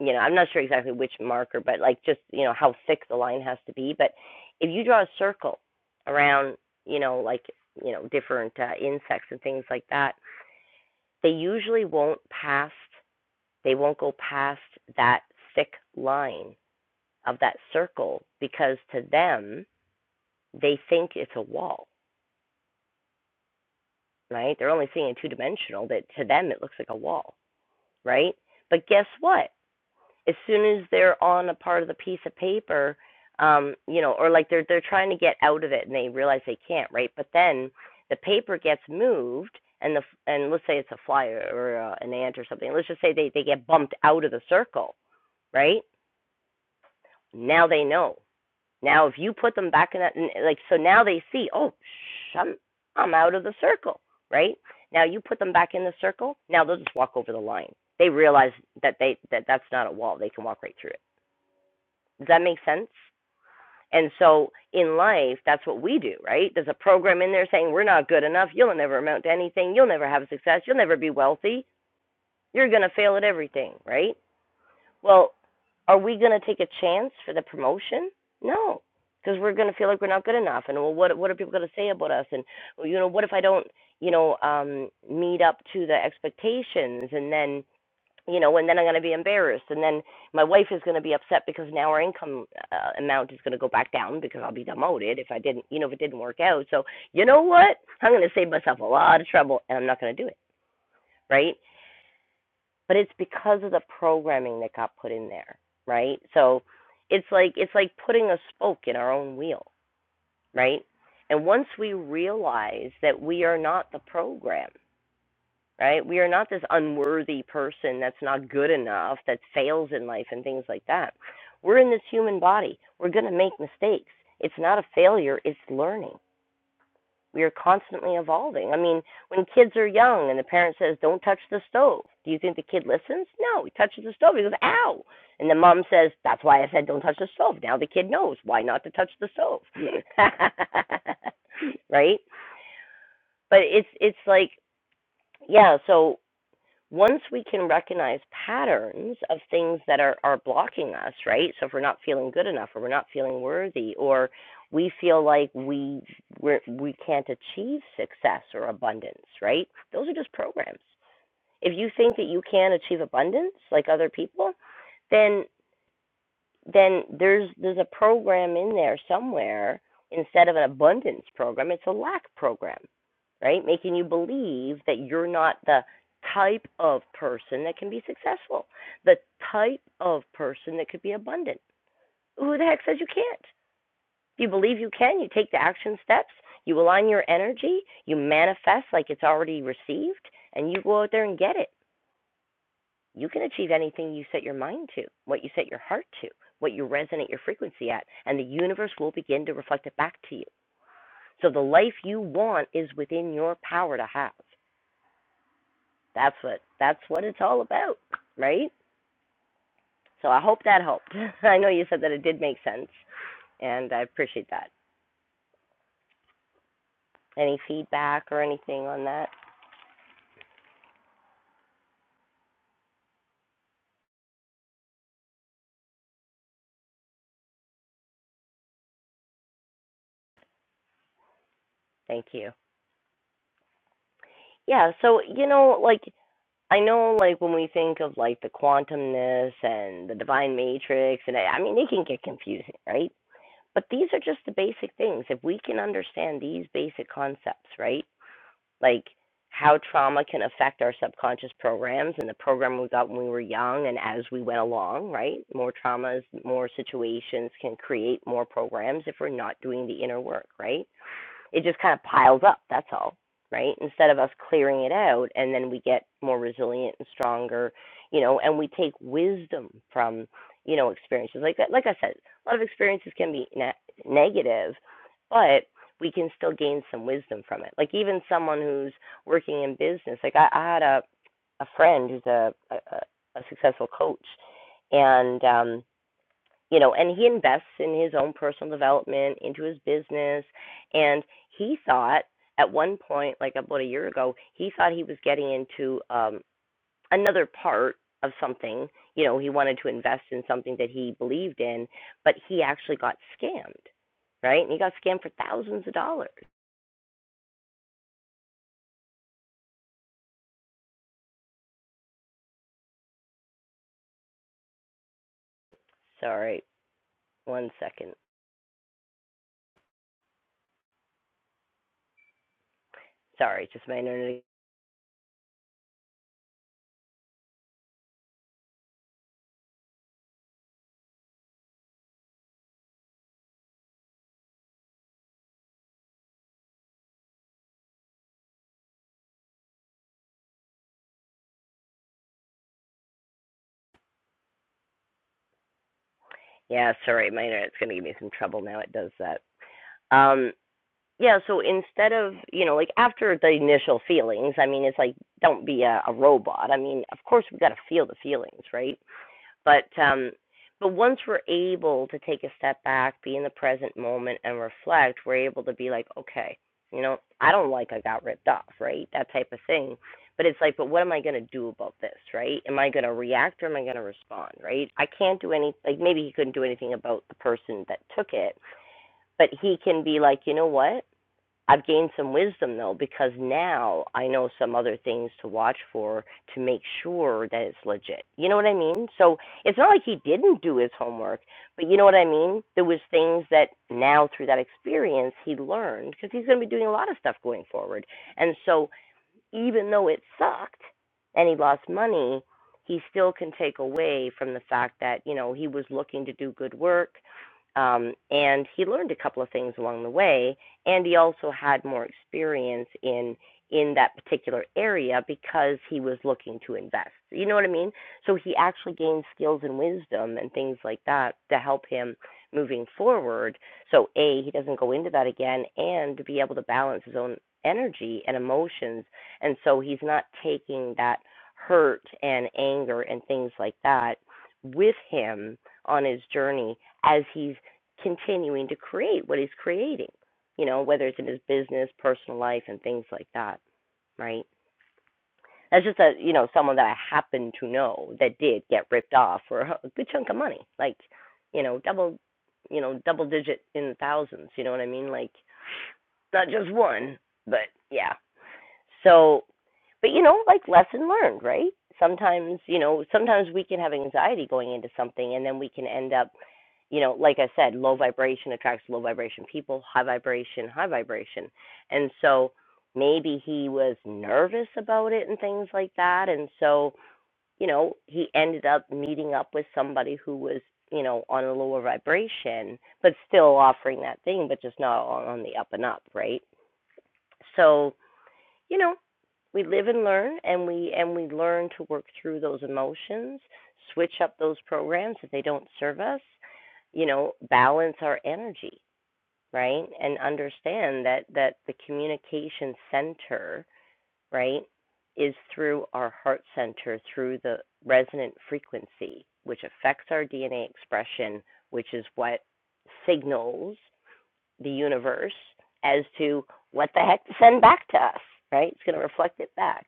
Speaker 1: you know, I'm not sure exactly which marker, but like just, you know, how thick the line has to be. But if you draw a circle around, you know, like, you know, different uh, insects and things like that, they usually won't past, they won't go past that thick line of that circle because to them, they think it's a wall, right? They're only seeing it two dimensional, but to them, it looks like a wall, right? But guess what? as soon as they're on a part of the piece of paper, um, you know, or like they're they're trying to get out of it and they realize they can't, right? But then the paper gets moved and the and let's say it's a fly or uh, an ant or something. Let's just say they they get bumped out of the circle, right? Now they know. Now if you put them back in that like so now they see, oh, sh- I'm I'm out of the circle, right? Now you put them back in the circle. Now they'll just walk over the line. They realize that they that that's not a wall. They can walk right through does that make sense? And so in life, that's what we do, right? There's a program in there saying we're not good enough. You'll never amount to anything. You'll never have success. You'll never be wealthy. You're going to fail at everything, right? Well, are we going to take a chance for the promotion? No, because we're going to feel like we're not good enough. And well, what what are people going to say about us? And well, you know, what if I don't, you know, um, meet up to the expectations? And then you know, and then I'm going to be embarrassed, and then my wife is going to be upset because now our income uh, amount is going to go back down because I'll be demoted if I didn't, you know, if it didn't work out. So you know what? I'm going to save myself a lot of trouble, and I'm not going to do it, right? But it's because of the programming that got put in there, right? So it's like it's like putting a spoke in our own wheel, right? And once we realize that we are not the program, right? We are not this unworthy person that's not good enough, that fails in life and things like that. We're in this human body. We're going to make mistakes. It's not a failure, it's learning. We are constantly evolving. I mean, when kids are young and the parent says, Don't touch the stove, do you think the kid listens? No, he touches the stove. He goes, Ow. And the mom says, That's why I said don't touch the stove. Now the kid knows why not to touch the stove. right? But it's it's like yeah, so once we can recognize patterns of things that are, are blocking us, right? So if we're not feeling good enough or we're not feeling worthy or we feel like we we're, we can't achieve success or abundance, right? Those are just programs. If you think that you can achieve abundance like other people, then then there's there's a program in there somewhere instead of an abundance program it's a lack program right making you believe that you're not the type of person that can be successful the type of person that could be abundant who the heck says you can't if you believe you can you take the action steps you align your energy you manifest like it's already received and you go out there and get it you can achieve anything you set your mind to, what you set your heart to, what you resonate your frequency at, and the universe will begin to reflect it back to you. So the life you want is within your power to have. That's what that's what it's all about, right? So I hope that helped. I know you said that it did make sense, and I appreciate that. Any feedback or anything on that? Thank you. Yeah, so you know, like I know, like when we think of like the quantumness and the divine matrix, and I, I mean, it can get confusing, right? But these are just the basic things. If we can understand these basic concepts, right? Like how trauma can affect our subconscious programs and the program we got when we were young and as we went along, right? More traumas, more situations can create more programs if we're not doing the inner work, right? it just kind of piles up. That's all, right? Instead of us clearing it out, and then we get more resilient and stronger, you know, and we take wisdom from, you know, experiences. Like like I said, a lot of experiences can be ne- negative, but we can still gain some wisdom from it. Like even someone who's working in business, like I, I had a a friend who's a, a a successful coach, and um, you know, and he invests in his own personal development, into his business, and he thought at one point, like about a year ago, he thought he was getting into um, another part of something. You know, he wanted to invest in something that he believed in, but he actually got scammed, right? And he got scammed for thousands of dollars. Sorry, one second. Sorry, just my internet. Yeah, sorry, my internet's gonna give me some trouble now. It does that. Um, Yeah, so instead of, you know, like after the initial feelings, I mean, it's like don't be a, a robot. I mean, of course we have got to feel the feelings, right? But um but once we're able to take a step back, be in the present moment and reflect, we're able to be like, okay, you know, I don't like I got ripped off, right? That type of thing. But it's like, but what am I going to do about this, right? Am I going to react or am I going to respond, right? I can't do any like maybe he couldn't do anything about the person that took it, but he can be like, you know what? I've gained some wisdom though because now I know some other things to watch for to make sure that it's legit. You know what I mean? So it's not like he didn't do his homework, but you know what I mean? There was things that now through that experience he learned because he's going to be doing a lot of stuff going forward. And so even though it sucked and he lost money, he still can take away from the fact that, you know, he was looking to do good work. Um, and he learned a couple of things along the way, and he also had more experience in in that particular area because he was looking to invest. You know what I mean? So he actually gained skills and wisdom and things like that to help him moving forward. So a he doesn't go into that again, and to be able to balance his own energy and emotions and so he's not taking that hurt and anger and things like that with him on his journey as he's continuing to create what he's creating, you know, whether it's in his business, personal life, and things like that, right? That's just a, you know, someone that I happen to know that did get ripped off for a good chunk of money, like, you know, double, you know, double digit in the thousands, you know what I mean? Like, not just one, but yeah, so, but you know, like lesson learned, right? Sometimes, you know, sometimes we can have anxiety going into something and then we can end up, you know, like I said, low vibration attracts low vibration people, high vibration, high vibration. And so maybe he was nervous about it and things like that. And so, you know, he ended up meeting up with somebody who was, you know, on a lower vibration, but still offering that thing, but just not on on the up and up, right? So, you know, we live and learn and we and we learn to work through those emotions, switch up those programs if they don't serve us, you know, balance our energy, right? And understand that that the communication center, right, is through our heart center, through the resonant frequency, which affects our DNA expression, which is what signals the universe as to what the heck to send back to us, right? It's going to reflect it back,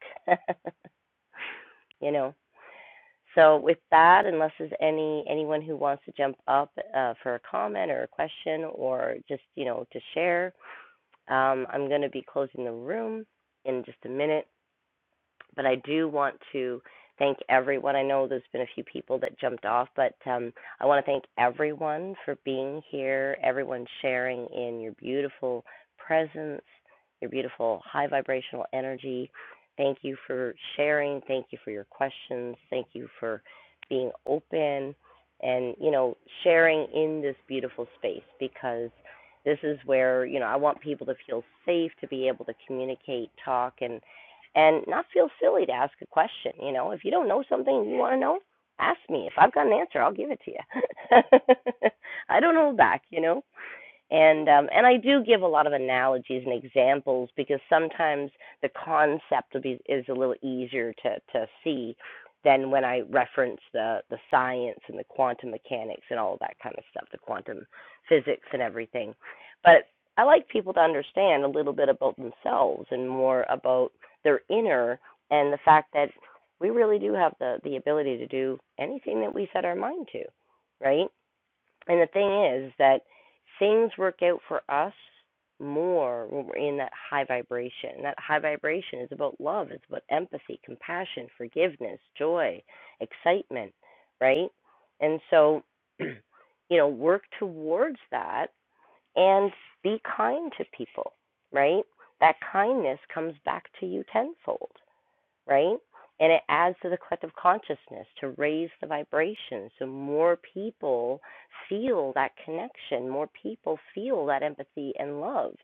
Speaker 1: you know. So with that, unless there's any anyone who wants to jump up uh, for a comment or a question or just you know to share, um, I'm going to be closing the room in just a minute but I do want to thank everyone. I know there's been a few people that jumped off, but um, I want to thank everyone for being here, everyone sharing in your beautiful presence, your beautiful high vibrational energy. Thank you for sharing. Thank you for your questions. Thank you for being open and, you know, sharing in this beautiful space because this is where, you know, I want people to feel safe to be able to communicate, talk, and and not feel silly to ask a question. You know, if you don't know something you want to know, ask me. If I've got an answer, I'll give it to you. I don't hold back, you know and um, and I do give a lot of analogies and examples because sometimes the concept be, is a little easier to to see than when I reference the the science and the quantum mechanics and all that kind of stuff, the quantum physics and everything. But I like people to understand a little bit about themselves and more about their inner and the fact that we really do have the the ability to do anything that we set our mind to, right? And the thing is that things work out for us more when we're in that high vibration. And that high vibration is about love, it's about empathy, compassion, forgiveness, joy, excitement, right? And so, you know, work towards that and be kind to people, right? That kindness comes back to you tenfold right? And it adds to the collective consciousness to raise the vibration so more people feel that connection, more people feel that empathy and love.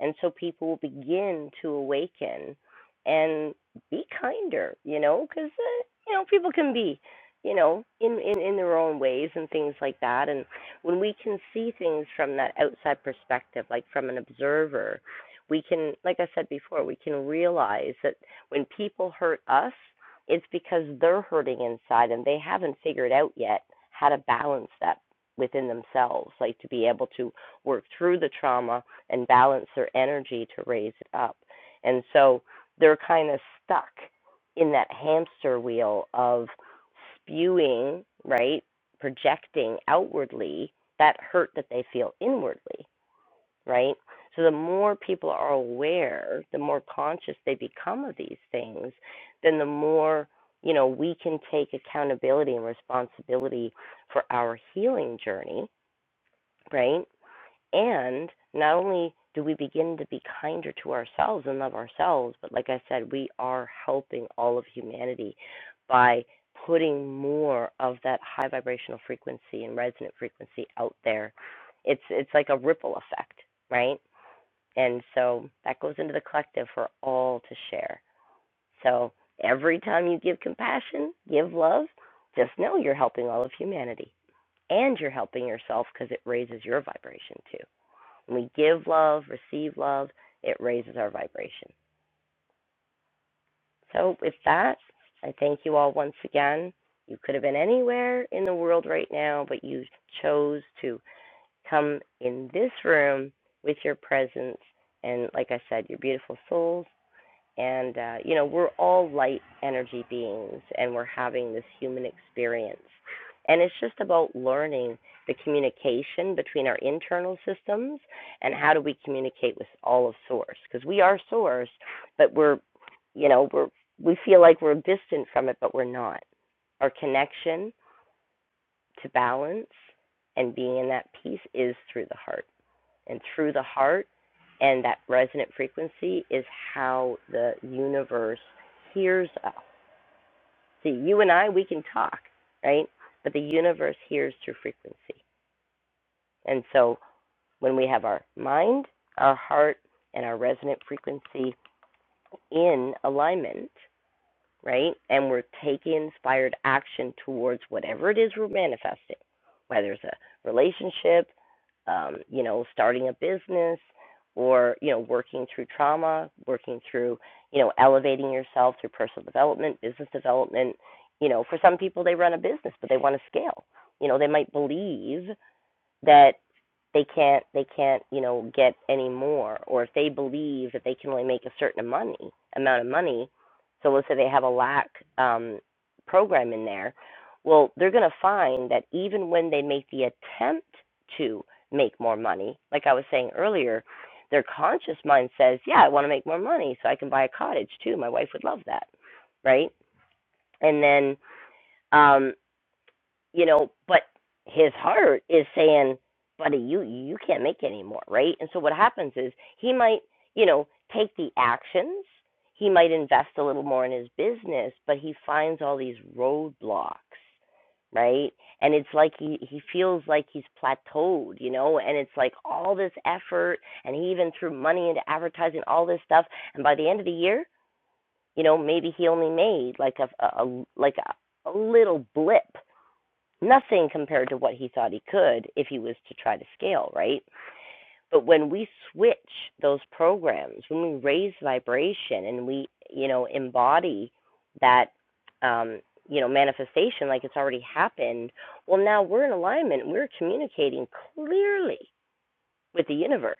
Speaker 1: And so people will begin to awaken and be kinder, you know, because, uh, you know, people can be, you know, in, in, in their own ways and things like that. And when we can see things from that outside perspective, like from an observer, we can, like I said before, we can realize that when people hurt us, it's because they're hurting inside and they haven't figured out yet how to balance that within themselves, like to be able to work through the trauma and balance their energy to raise it up. And so they're kind of stuck in that hamster wheel of spewing, right? Projecting outwardly that hurt that they feel inwardly right? So the more people are aware, the more conscious they become of these things, then the more, you know, we can take accountability and responsibility for our healing journey, right? And not only do we begin to be kinder to ourselves and love ourselves, but like I said, we are helping all of humanity by putting more of that high vibrational frequency and resonant frequency out there. It's it's like a ripple effect, right? And so that goes into the collective for all to share. So every time you give compassion, give love, just know you're helping all of humanity and you're helping yourself because it raises your vibration too. When we give love, receive love, it raises our vibration. So with that, I thank you all once again. You could have been anywhere in the world right now, but you chose to come in this room with your presence. And like I said, your beautiful souls and uh, you know we're all light energy beings and we're having this human experience and it's just about learning the communication between our internal systems and how do we communicate with all of source because we are source but we're you know we're we feel like we're distant from it but we're not our connection to balance and being in that peace is through the heart and through the heart and that resonant frequency is how the universe hears us. See, you and I, we can talk, right? But the universe hears through frequency. And so when we have our mind, our heart, and our resonant frequency in alignment, right? And we're taking inspired action towards whatever it is we're manifesting, whether it's a relationship, um, you know, starting a business, or you know, working through trauma, working through you know, elevating yourself through personal development, business development. You know, for some people they run a business, but they want to scale. You know, they might believe that they can't they can't you know get any more or if they believe that they can only make a certain money amount of money so let's say they have a lack um, program in there well they're going to find that even when they make the attempt to make more money like i was saying earlier their conscious mind says yeah i want to make more money so i can buy a cottage too my wife would love that right and then um you know, but his heart is saying, buddy, you you can't make it anymore, right? And so what happens is he might, you know, take the actions, he might invest a little more in his business, but he finds all these roadblocks, right? And it's like he he feels like he's plateaued, you know, and it's like all this effort and he even threw money into advertising, all this stuff, and by the end of the year, you know, maybe he only made like a, a, a like a, a little blip nothing compared to what he thought he could if he was to try to scale, right? But when we switch those programs, when we raise vibration and we, you know, embody that, um, you know, manifestation like it's already happened, well, now we're in alignment. We're communicating clearly with the universe.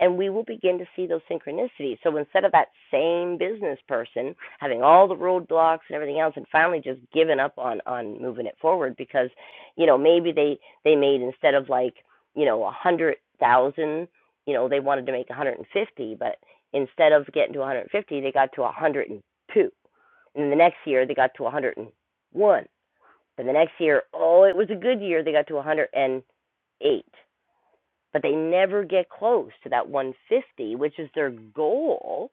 Speaker 1: And we will begin to see those synchronicities. So instead of that same business person having all the roadblocks and everything else and finally just giving up on, on moving it forward because, you know, maybe they, they made instead of like, you know, a hundred thousand, you know, they wanted to make a hundred and fifty, but instead of getting to a hundred and fifty, they got to a hundred and two. And the next year they got to a hundred and one. and the next year, oh, it was a good year, they got to a hundred and eight but they never get close to that 150, which is their goal.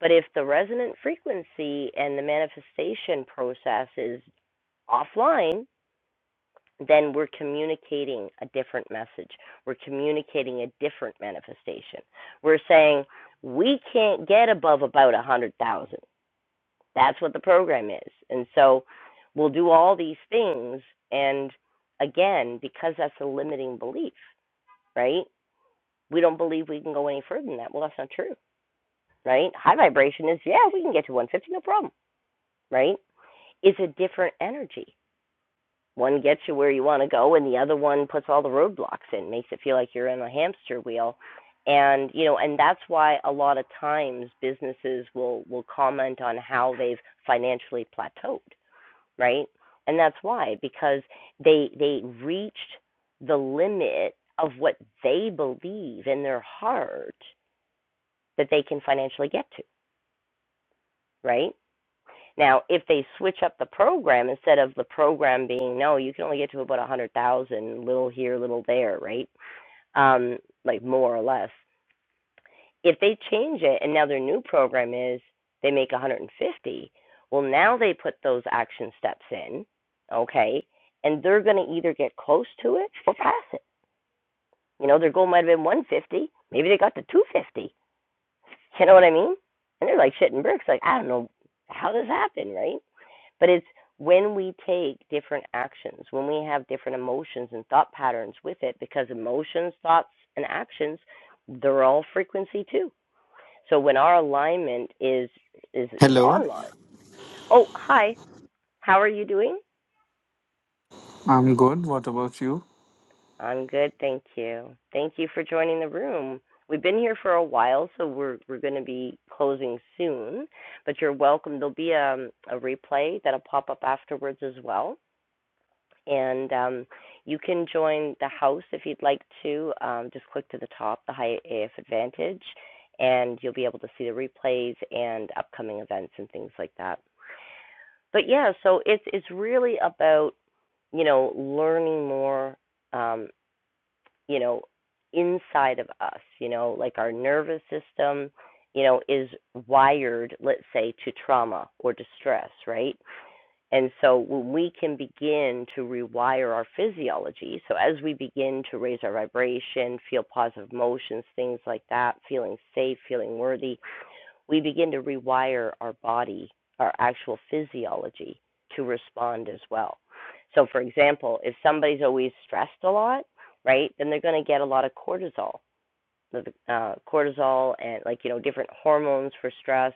Speaker 1: But if the resonant frequency and the manifestation process is offline, then we're communicating a different message. We're communicating a different manifestation. We're saying we can't get above about 100,000. That's what the program is. And so we'll do all these things. And again, because that's a limiting belief, right? we don't believe we can go any further than that. Well, that's not true, right? High vibration is, yeah, we can get to 150, no problem, right? It's a different energy. One gets you where you want to go, and the other one puts all the roadblocks in, makes it feel like you're in a hamster wheel. And you know, and that's why a lot of times businesses will will comment on how they've financially plateaued, right? And that's why because they they reached the limit of what they believe in their heart that they can financially get to, right? Now, if they switch up the program instead of the program being no, you can only get to about a hundred thousand, little here, little there, right? Um, like more or less. If they change it and now their new program is they make 150, well now they put those action steps in, okay, and they're going to either get close to it or pass it. You know, their goal might have been 150, maybe they got to 250. You know what I mean? And they're like shitting bricks, like I don't know how this happened, right? But it's when we take different actions, when we have different emotions and thought patterns with it, because emotions, thoughts, and actions, they're all frequency too. So when our alignment is is is
Speaker 3: Hello,
Speaker 1: online. Oh, hi. How are you doing?
Speaker 3: I'm good. What about you?
Speaker 1: I'm good, thank you. Thank you for joining the room. We've been here for a while, so we're we're going to be closing soon. But you're welcome. There'll be a a replay that'll pop up afterwards as well. And um, you can join the house if you'd like to. Um, just click to the top, the High AF Advantage, and you'll be able to see the replays and upcoming events and things like that. But yeah, so it's it's really about you know learning more, um, you know, inside of us. You know, like our nervous system, you know, is wired, let's say, to trauma or distress, right? And so when we can begin to rewire our physiology, so as we begin to raise our vibration, feel positive emotions, things like that, feeling safe, feeling worthy, we begin to rewire our body, our actual physiology to respond as well. So for example, if somebody's always stressed a lot, right, then they're going to get a lot of cortisol the uh, cortisol and like you know different hormones for stress,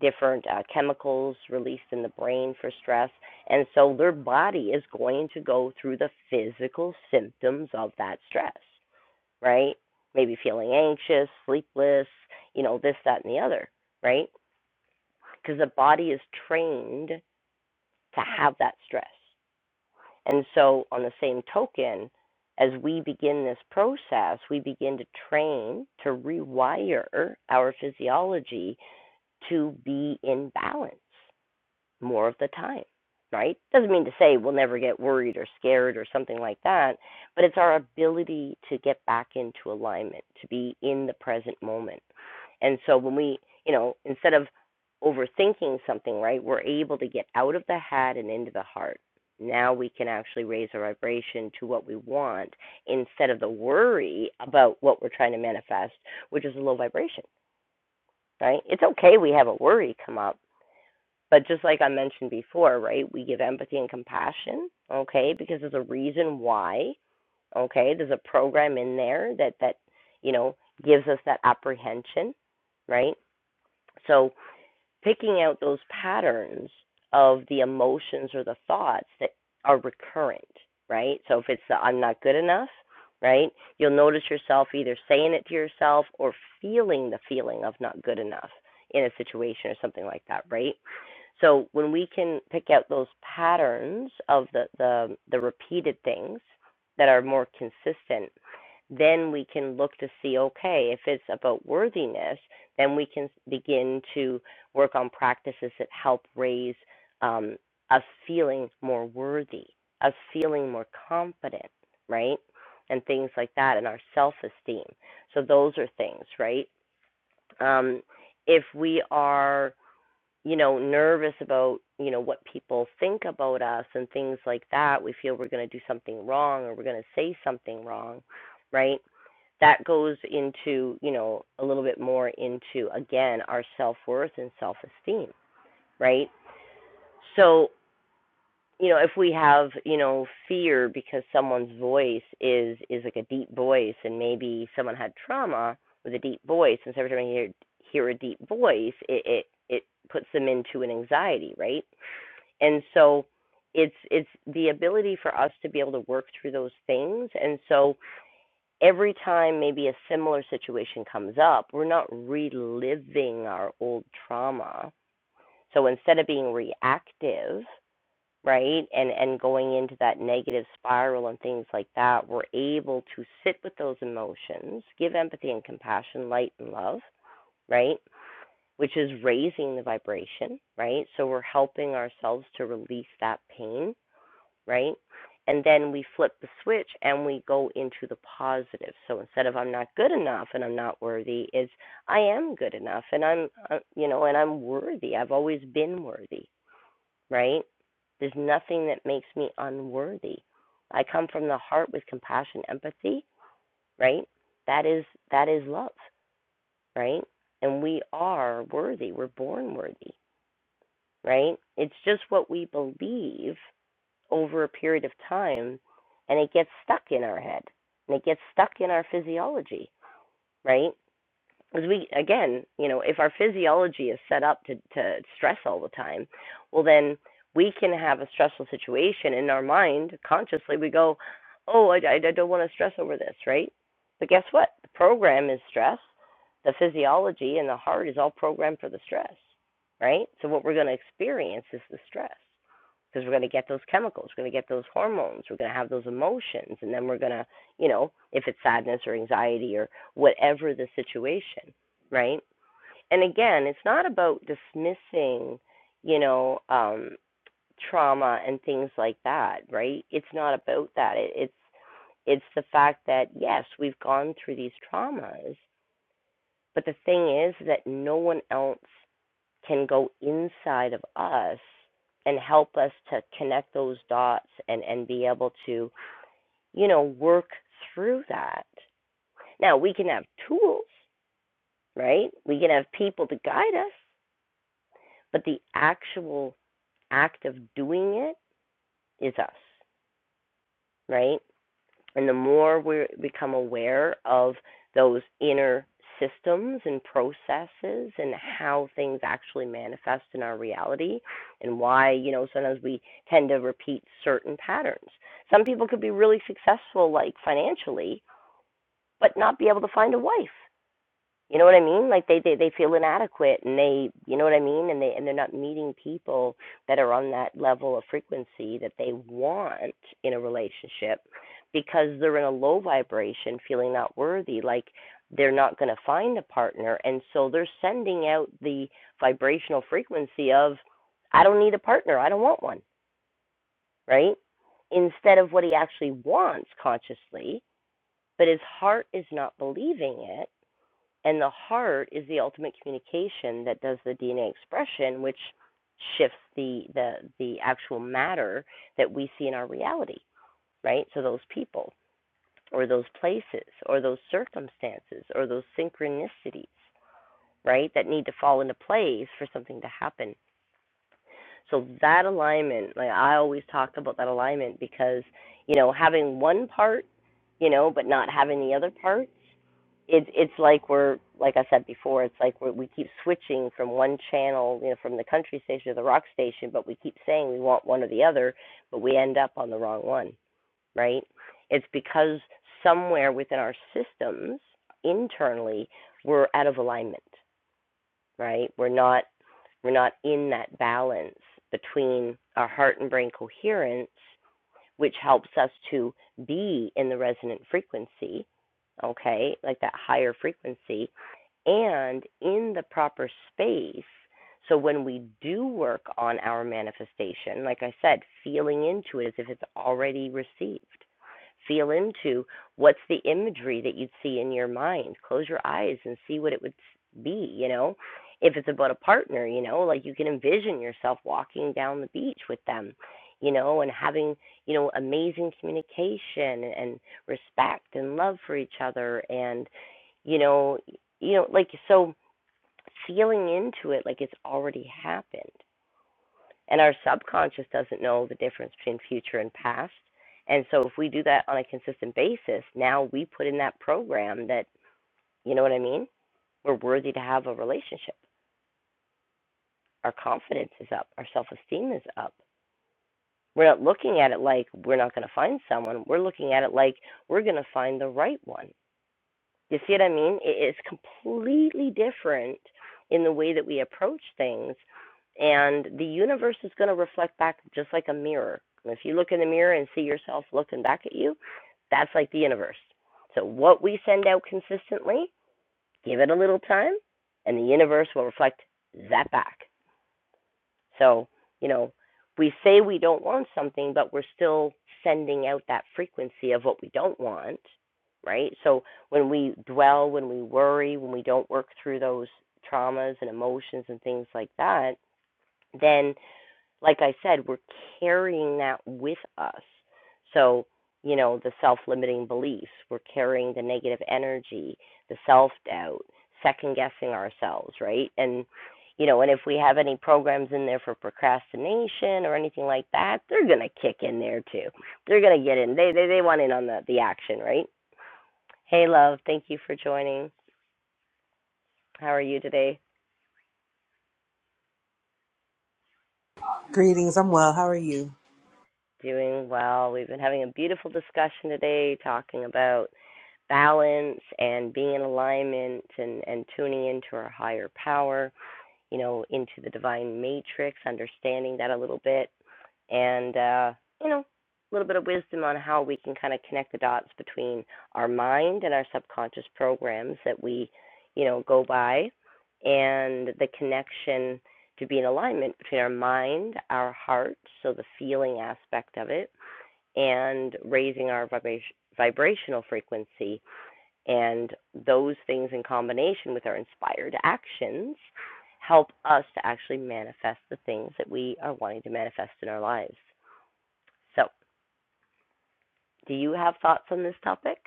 Speaker 1: different uh, chemicals released in the brain for stress, and so their body is going to go through the physical symptoms of that stress, right? Maybe feeling anxious, sleepless, you know this, that, and the other, right? Because the body is trained to have that stress. And so, on the same token, as we begin this process, we begin to train to rewire our physiology to be in balance more of the time, right? Doesn't mean to say we'll never get worried or scared or something like that, but it's our ability to get back into alignment, to be in the present moment. And so when we, you know, instead of overthinking something, right, we're able to get out of the head and into the heart. Now we can actually raise our vibration to what we want instead of the worry about what we're trying to manifest, which is a low vibration, right? It's okay we have a worry come up, but just like I mentioned before, right, we give empathy and compassion, okay, because there's a reason why, okay, there's a program in there that that you know gives us that apprehension, right? So picking out those patterns of the emotions or the thoughts that are recurrent, right? So if it's the I'm not good enough, right? You'll notice yourself either saying it to yourself or feeling the feeling of not good enough in a situation or something like that, right? So when we can pick out those patterns of the the, the repeated things that are more consistent, then we can look to see okay, if it's about worthiness, then we can begin to work on practices that help raise um, us feeling more worthy, us feeling more confident, right? And things like that, and our self esteem. So, those are things, right? Um, if we are, you know, nervous about, you know, what people think about us and things like that, we feel we're going to do something wrong or we're going to say something wrong, right? That goes into, you know, a little bit more into, again, our self worth and self esteem right? So, you know, if we have, you know, fear because someone's voice is is like a deep voice and maybe someone had trauma with a deep voice and so every time you hear hear a deep voice, it it, it puts them into an anxiety, right? And so it's it's the ability for us to be able to work through those things and so every time maybe a similar situation comes up we're not reliving our old trauma so instead of being reactive right and and going into that negative spiral and things like that we're able to sit with those emotions give empathy and compassion light and love right which is raising the vibration right so we're helping ourselves to release that pain right and then we flip the switch and we go into the positive so instead of i'm not good enough and i'm not worthy is i am good enough and i'm uh, you know and i'm worthy i've always been worthy right? There's nothing that makes me unworthy. I come from the heart with compassion, empathy, right? That is that is love, right? And we are worthy. We're born worthy, right? It's just what we believe over a period of time and it gets stuck in our head and it gets stuck in our physiology, right? because we again you know if our physiology is set up to to stress all the time well then we can have a stressful situation in our mind consciously we go oh i, I don't want to stress over this right but guess what the program is stress the physiology and the heart is all programmed for the stress right so what we're going to experience is the stress because we're going to get those chemicals, we're going to get those hormones, we're going to have those emotions, and then we're going to, you know, if it's sadness or anxiety or whatever the situation, right? And again, it's not about dismissing, you know, um, trauma and things like that, right? It's not about that. It, it's it's the fact that yes, we've gone through these traumas, but the thing is that no one else can go inside of us and help us to connect those dots and, and be able to, you know, work through that. Now, we can have tools, right? We can have people to guide us, but the actual act of doing it is us, right? And the more we become aware of those inner systems and processes and how things actually manifest in our reality and why, you know, sometimes we tend to repeat certain patterns. Some people could be really successful, like financially, but not be able to find a wife you know what I mean? Like they, they they feel inadequate and they you know what I mean and they and they're not meeting people that are on that level of frequency that they want in a relationship because they're in a low vibration feeling not worthy like they're not going to find a partner and so they're sending out the vibrational frequency of I don't need a partner, I don't want one, right? Instead of what he actually wants consciously, but his heart is not believing it and the heart is the ultimate communication that does the DNA expression, which shifts the, the, the actual matter that we see in our reality, right? So those people or those places or those circumstances or those synchronicities, right, that need to fall into place for something to happen. So that alignment, like I always talk about that alignment because, you know, having one part, you know, but not having the other parts, it's it's like we're like I said before, it's like we we keep switching from one channel, you know, from the country station to the rock station, but we keep saying we want one or the other, but we end up on the wrong one, right? It's because somewhere within our systems internally we're out of alignment right? We're not we're not in that balance between our heart and brain coherence, which helps us to be in the resonant frequency, okay, like that higher frequency, and in the proper space. So when we do work on our manifestation, like I said, feeling into it as if it's already received. Feel into what's the imagery that you'd see in your mind. Close your eyes and see what it would be, you know. If it's about a partner, you know, like you can envision yourself walking down the beach with them, you know, and having, you know, amazing communication and respect and love for each other and you know you know like so feeling into it like it's already happened and our subconscious doesn't know the difference between future and past and so if we do that on a consistent basis now we put in that program that you know what i mean we're worthy to have a relationship our confidence is up our self-esteem is up we're not looking at it like we're not going to find someone we're looking at it like we're going to find the right one You see what I mean? It is completely different in the way that we approach things. And the universe is going to reflect back just like a mirror. if you look in the mirror and see yourself looking back at you, that's like the universe. So, what we send out consistently, give it a little time, and the universe will reflect that back. So, you know, we say we don't want something, but we're still sending out that frequency of what we don't want, right? So when we dwell, when we worry, when we don't work through those traumas and emotions and things like that, then like I said, we're carrying that with us. So, you know, the self limiting beliefs, we're carrying the negative energy, the self doubt, second guessing ourselves, right? And, you know, and if we have any programs in there for procrastination or anything like that, they're going to kick in there too. They're going to get in. They, they, they want in on the, the action, right? Hey, love, thank you for joining. How are you today?
Speaker 4: Greetings. I'm well. How are you?
Speaker 1: Doing well. We've been having a beautiful discussion today talking about balance and being in alignment and, and tuning into our higher power, you know, into the divine matrix, understanding that a little bit, and, uh, you know, a little bit of wisdom on how we can kind of connect the dots between our mind and our subconscious programs that we, you know, go by, and the connection to be in alignment between our mind, our heart, so the feeling aspect of it, and raising our vibration, vibrational frequency and those things in combination with our inspired actions help us to actually manifest the things that we are wanting to manifest in our lives. So do you have thoughts on this topic?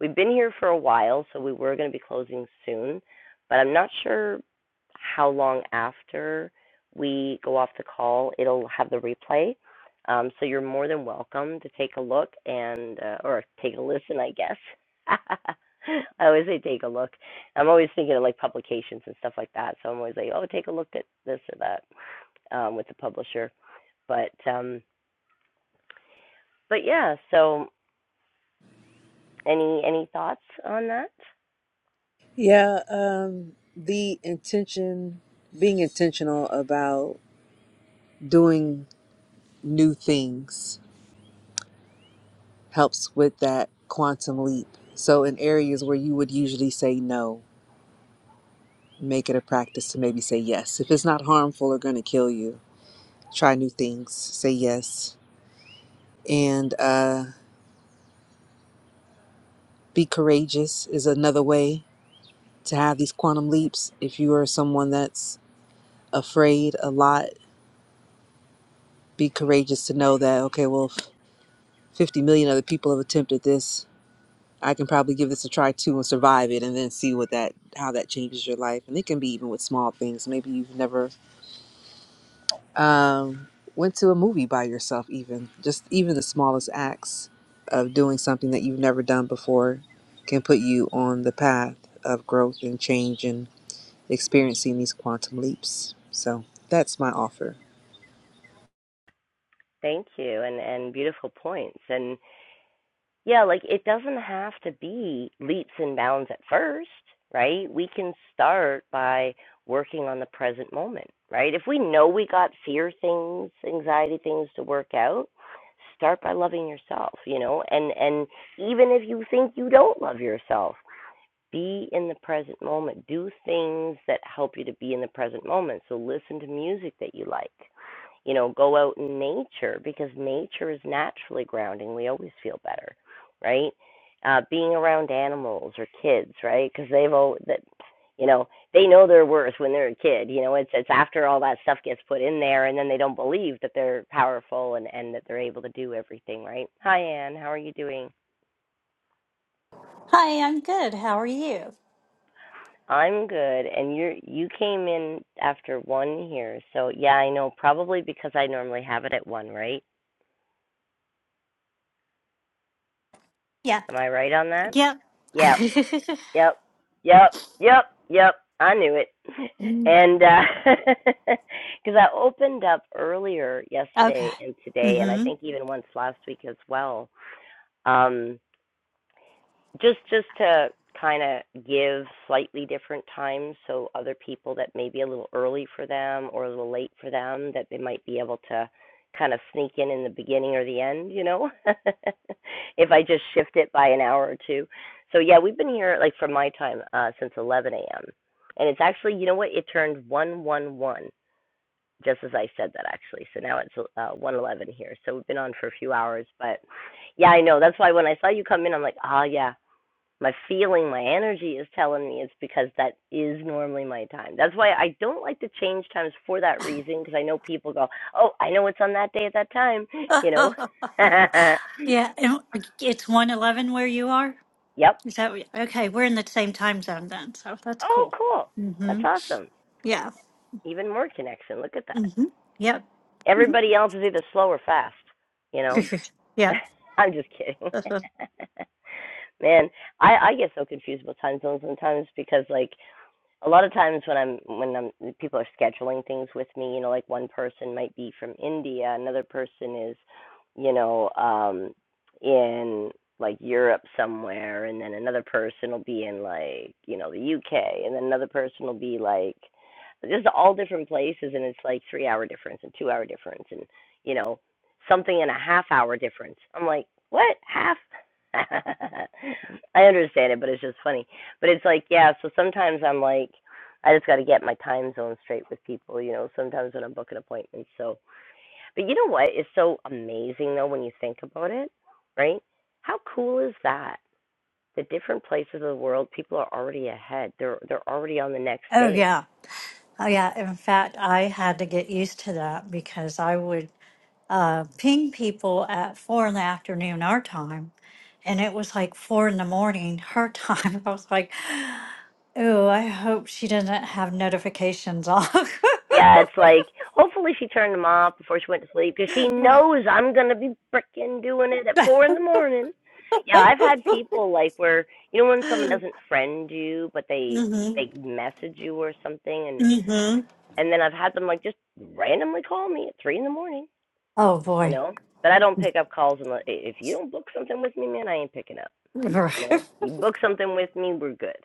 Speaker 1: We've been here for a while, so we were going to be closing soon, but I'm not sure how long after we go off the call it'll have the replay. Um, so you're more than welcome to take a look and uh, or take a listen, I guess. I always say take a look. I'm always thinking of like publications and stuff like that. So I'm always like, oh, take a look at this or that um, with the publisher. But um, but yeah, so Any any thoughts on that?
Speaker 4: Yeah, um, the intention, being intentional about doing new things helps with that quantum leap. So, in areas where you would usually say no, make it a practice to maybe say yes. If it's not harmful or going to kill you, try new things, say yes. And uh, be courageous is another way to have these quantum leaps. If you are someone that's afraid a lot, be courageous to know that, okay, well, 50 million other people have attempted this i can probably give this a try too and survive it and then see what that how that changes your life and it can be even with small things maybe you've never um, went to a movie by yourself even just even the smallest acts of doing something that you've never done before can put you on the path of growth and change and experiencing these quantum leaps so that's my offer
Speaker 1: Thank you, and and beautiful points. And yeah, like it doesn't have to be leaps and bounds at first, right? We can start by working on the present moment, right? If we know we got fear things, anxiety things to work out, start by loving yourself, you know? And and even if you think you don't love yourself, Be in the present moment. Do things that help you to be in the present moment. So listen to music that you like. You know, go out in nature because nature is naturally grounding. We always feel better, right? Uh, being around animals or kids, right? Because they've all that, you know, they know their worth when they're a kid. You know, it's it's after all that stuff gets put in there, and then they don't believe that they're powerful and and that they're able to do everything, right? Hi, Anne. How are you doing?
Speaker 5: Hi, I'm good. How are you?
Speaker 1: I'm good, and you you came in after one here, so yeah, I know probably because I normally have it at one, right?
Speaker 5: Yeah.
Speaker 1: Am I right on that?
Speaker 5: Yep.
Speaker 1: Yep, yep, yep, yep, yep. I knew it,
Speaker 5: Mm.
Speaker 1: and because uh, I opened up earlier
Speaker 5: okay.
Speaker 1: yesterday and today, and I
Speaker 5: hmm
Speaker 1: think even once last week as well. Um, just just to kind of give slightly different times so other people that may be a little early for them or a little late for them that they might be able to kind of sneak in in the beginning or the end you know if i just shift it by an hour or two so yeah we've been here like from my time uh since 11 a.m and it's actually you know what it turned 111 just as i said that actually so now it's uh 111 here so we've been on for a few hours but yeah i know that's why when i saw you come in i'm like ah yeah my feeling, my energy is telling me it's because that is normally my time. That's why I don't like to change times for that reason because I know people go, "Oh, I know it's on that day at that time," you know.
Speaker 5: Yeah. And it's one eleven where you are.
Speaker 1: yep.
Speaker 5: Is that what- okay? We're in the same time zone then, so that's
Speaker 1: Oh,
Speaker 5: cool.
Speaker 1: cool. That's
Speaker 5: hmm
Speaker 1: awesome.
Speaker 5: Yeah.
Speaker 1: Even more connection. Look at that.
Speaker 5: hmm Yep.
Speaker 1: Everybody else is either slow or fast, you know.
Speaker 5: yep.
Speaker 1: I'm just kidding.
Speaker 5: That's what-
Speaker 1: Man, I I get so confused about time zones sometimes because like a lot of times when I'm when I'm people are scheduling things with me, you know, like one person might be from India, another person is, you know, um in like Europe somewhere and then another person will be in like, you know, the UK and then another person will be like just all different places and it's like 3 hour difference and 2 hour difference and you know, something in a half hour difference. I'm like, "What? Half?" I understand it, but it's just funny but it's like, yeah, so sometimes I'm like, I just got to get my time zone straight with people, you know, sometimes when I'm booking appointments. So, but you know what is so amazing though when you think about it, right? How cool is that? The different places of the world, people are already ahead. They're they're already on the next
Speaker 5: Oh
Speaker 1: day.
Speaker 5: yeah. Oh, yeah. In fact, I had to get used to that because I would uh, ping people at four in the afternoon our time, and it was like four in the morning her time. I was like, "Oh, I hope she doesn't have notifications off."
Speaker 1: Yeah, it's like hopefully she turned them off before she went to sleep because she knows I'm gonna be frickin' doing it at four in the morning. Yeah, I've had people like where you know when someone doesn't friend you but they
Speaker 5: hmm
Speaker 1: they message you or something and
Speaker 5: hmm
Speaker 1: and then I've had them like just randomly call me at three in the morning,
Speaker 5: Oh
Speaker 1: you
Speaker 5: boy.
Speaker 1: know. But I don't pick up calls unless if you don't book something with me, man, I ain't picking up. You know, you book something with me, we're good.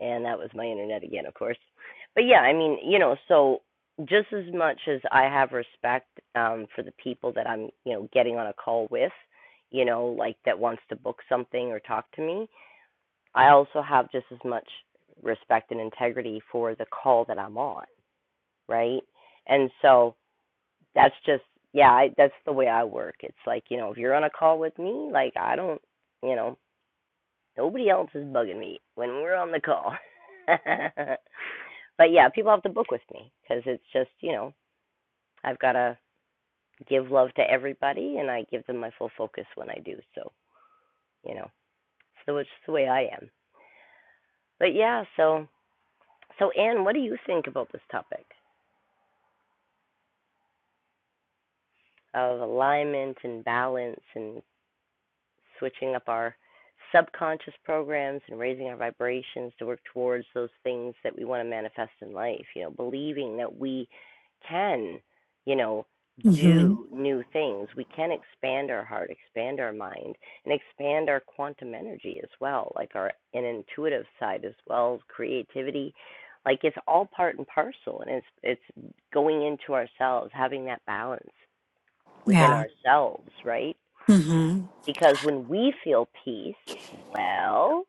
Speaker 1: and that was my internet again, of course. But yeah, I mean, you know, so just as much as I have respect um, for the people that I'm, you know, getting on a call with, you know, like that wants to book something or talk to me, I also have just as much respect and integrity for the call that I'm on, right? And so that's just, yeah, I, that's the way I work. It's like, you know, if you're on a call with me, like I don't, you know, Nobody else is bugging me when we're on the call. but yeah, people have to book with me because it's just, you know, I've got to give love to everybody and I give them my full focus when I do. So, you know, so it's just the way I am. But yeah, so, so Anne, what do you think about this topic of alignment and balance and, switching up our subconscious programs and raising our vibrations to work towards those things that we want to manifest in life, you know, believing that we can, you know,
Speaker 5: hmm
Speaker 1: do new things. We can expand our heart, expand our mind, and expand our quantum energy as well, like our an intuitive side as well, creativity. Like it's all part and parcel and it's it's going into ourselves, having that balance within
Speaker 5: Yeah.
Speaker 1: ourselves, right?
Speaker 5: hmm
Speaker 1: Because when we feel peace, well,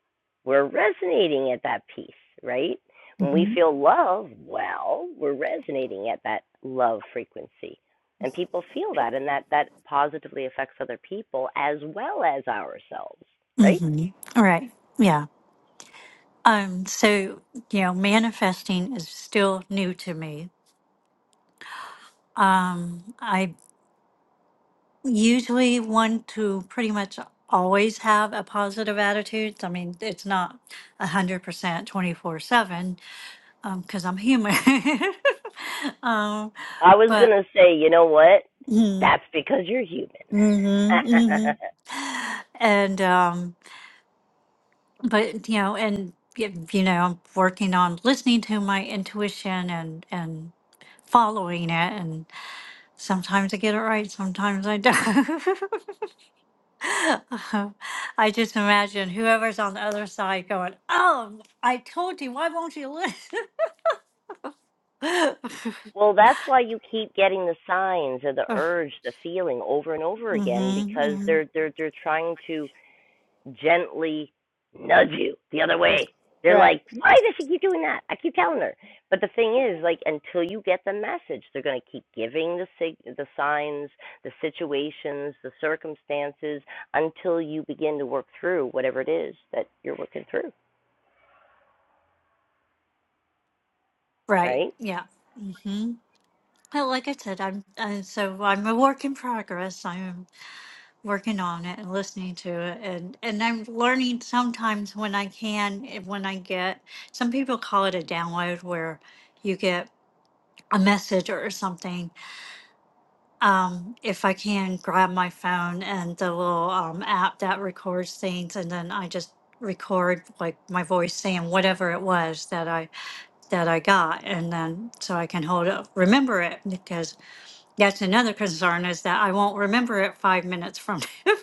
Speaker 1: we're resonating at that peace, right? When we
Speaker 5: hmm
Speaker 1: feel love, well, we're resonating at that love frequency. And people feel that, and that, that positively affects other people as well as ourselves, right?
Speaker 5: hmm All right. Yeah. Um, so, you know, manifesting is still new to me. Um, I usually want to pretty much always have a positive attitude. I mean, it's not 100% 24 7 because I'm human. um,
Speaker 1: I was going
Speaker 5: but,
Speaker 1: to say, you know what?
Speaker 5: mm,
Speaker 1: That's because you're human.
Speaker 5: hmm hmm and, um, but, you know, and, y- you know, I'm working on listening to my intuition and, and, following it Sometimes I get it right, sometimes I don't. I just imagine whoever's on the other side going, Oh, I told you, why won't you listen?
Speaker 1: well, that's why you keep getting the signs or the
Speaker 5: mm
Speaker 1: urge, the feeling over and over again because
Speaker 5: hmm
Speaker 1: they're they're they're trying to gently nudge you the other way. They're
Speaker 5: Right.
Speaker 1: like, why does she keep doing that? I keep telling her. But the thing is, like, until you get the message, they're going to keep giving the sig- the signs, the situations, the circumstances until you begin to work through whatever it is that you're working through,
Speaker 5: Right.
Speaker 1: right?
Speaker 5: Yeah. hmm Well, like I said, I'm, i so I'm a work in progress. I'm working on it and listening to it, and and I'm learning sometimes when I can, if- when I get. Some people call it a download, where you get a message or something, um, if I can grab my phone and the little um, app that records things, and then I just record like my voice saying whatever it was that I that I got, and then so I can hold up, remember it because that's another concern is that I won't remember it five minutes from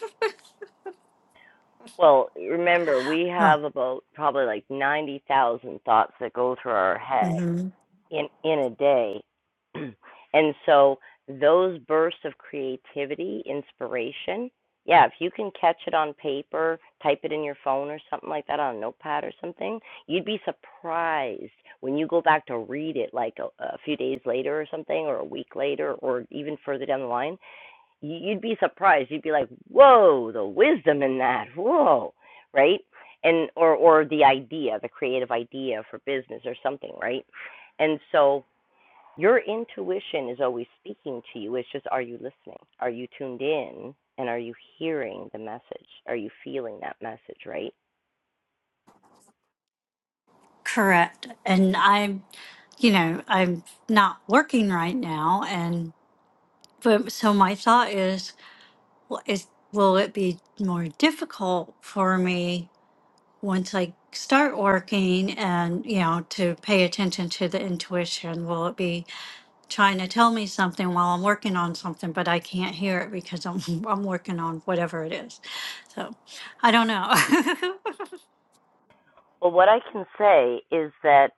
Speaker 1: Well, remember, we
Speaker 5: now.
Speaker 1: have about probably like 90,000 thoughts that go through our
Speaker 5: oh,
Speaker 1: head
Speaker 5: hmm
Speaker 1: in in a day and so those bursts of creativity inspiration yeah if you can catch it on paper type it in your phone or something like that on a notepad or something you'd be surprised when you go back to read it like a, a few days later or something or a week later or even further down the line you'd be surprised. You'd be like, "Whoa, the wisdom in that! Whoa, right?" And or or the idea, the creative idea for business or something, right? And so your intuition is always speaking to you. It's just, are you listening? Are you tuned in? And are you hearing the message? Are you feeling that message, right?
Speaker 5: correct. And I'm, you know, I'm not working right now, and but so my thought is Well, is, will it be more difficult for me once I start working and, you know, to pay attention to the intuition? Will it be trying to tell me something while I'm working on something, but I can't hear it because I'm, I'm working on whatever it is? So I don't know.
Speaker 1: Well, what I can say is that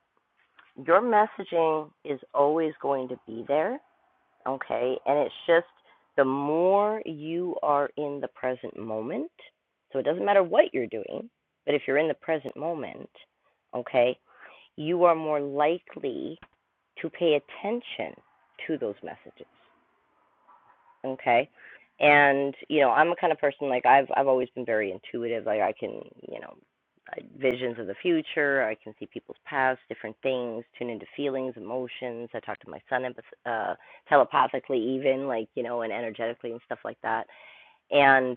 Speaker 1: your messaging is always going to be there Okay. And it's just the more you are in the present moment, so it doesn't matter what you're doing, but if you're in the present moment, okay, you are more likely to pay attention to those messages okay and you know i'm a kind of person like i've i've always been very intuitive like i can you know visions of the future i can see people's past different things tune into feelings emotions i talk to my son uh telepathically even like you know and energetically and stuff like that and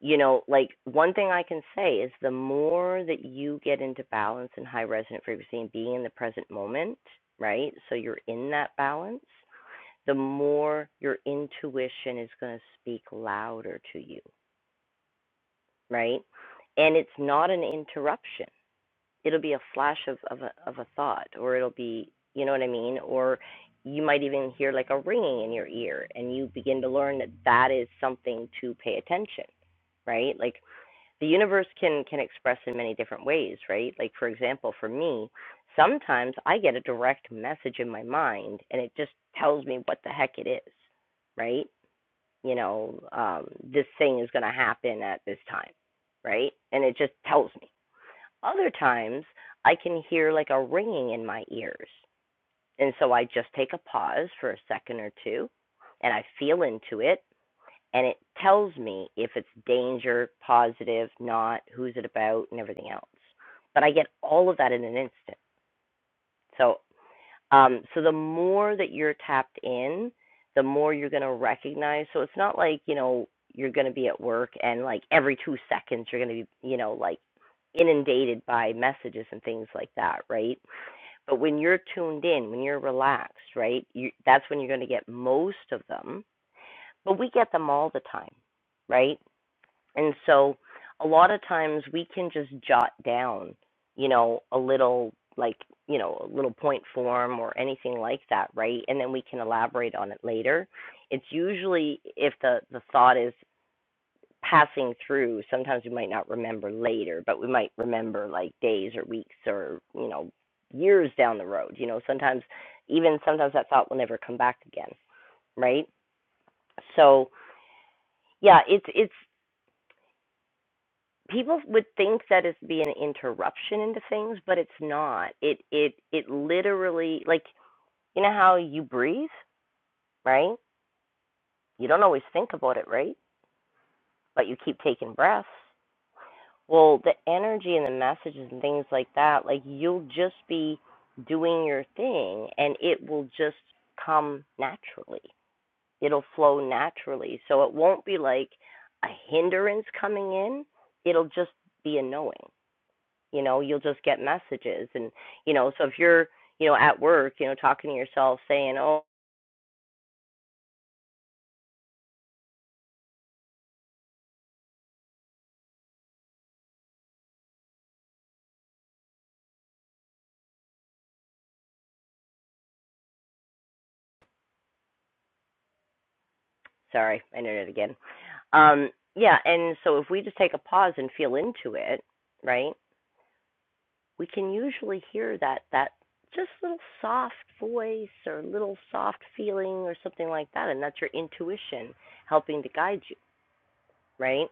Speaker 1: you know like one thing i can say is the more that you get into balance and high resonant frequency and being in the present moment right so you're in that balance the more your intuition is going to speak louder to you, right? And it's not an interruption. It'll be a flash of, of, a, of a thought, or it'll be, you know what I mean? Or you might even hear like a ringing in your ear, and you begin to learn that that is something to pay attention, right? Like the universe can, can express in many different ways, right? Like, for example, for me, sometimes I get a direct message in my mind, and it just tells me what the heck it is, right? you know, um, this thing is going to happen at this time, right? And it just tells me. Other times, I can hear like a ringing in my ears. And so I just take a pause for a second or two and I feel into it. And it tells me if it's danger, positive, not, who's it about, and everything else. But I get all of that in an instant. So um, so the more that you're tapped in, the more you're going to recognize. So it's not like, you know, you're going to be at work and like every two seconds you're going to be, you know, like inundated by messages and things like that, right? But when you're tuned in, when you're relaxed, right, you, that's when you're going to get most of them. But we get them all the time, right? And so a lot of times we can just jot down, you know, a little like, you know, a little point form or anything like that, right? And then we can elaborate on it later. It's usually if the the thought is passing through, sometimes we might not remember later, but we might remember like days or weeks or, you know, years down the road. You know, sometimes even sometimes that thought will never come back again, right? So, yeah, it's it's people would think that it's be an interruption into things, but it's not. It it it literally like you know how you breathe, right? You don't always think about it, right? But you keep taking breaths. Well, the energy and the messages and things like that, like you'll just be doing your thing and it will just come naturally. It'll flow naturally. So it won't be like a hindrance coming in. It'll just be a knowing. you know you'll just get messages and you know so if you're you know at work you know talking to yourself saying oh sorry i did it again um yeah and so if we just take a pause and feel into it right we can usually hear that that just little soft voice or little soft feeling or something like that and that's your intuition helping to guide you right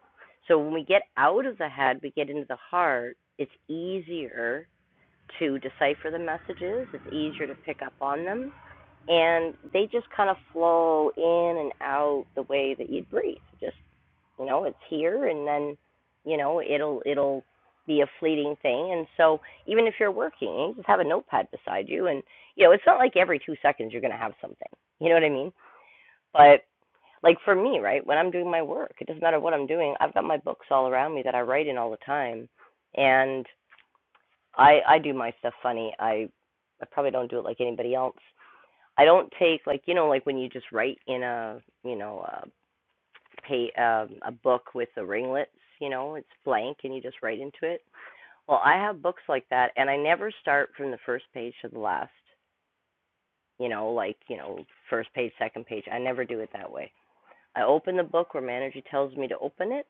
Speaker 1: so when we get out of the head we get into the heart it's easier to decipher the messages it's easier to pick up on them and they just kind of flow in and out the way that you'd breathe. Just you know, it's here, and then you know it'll it'll be a fleeting thing. And so even if you're working, you just have a notepad beside you, and you know it's not like every two seconds you're gonna have something. You know what I mean? But like for me, right, when I'm doing my work, it doesn't matter what I'm doing. I've got my books all around me that I write in all the time, and I I do my stuff funny. I I probably don't do it like anybody else I don't take like you know like when you just write in a you know a pay um, a book with the ringlets you know it's blank and you just write into it. Well, I have books like that and I never start from the first page to the last. You know like you know first page second page. I never do it that way. I open the book where my energy tells me to open it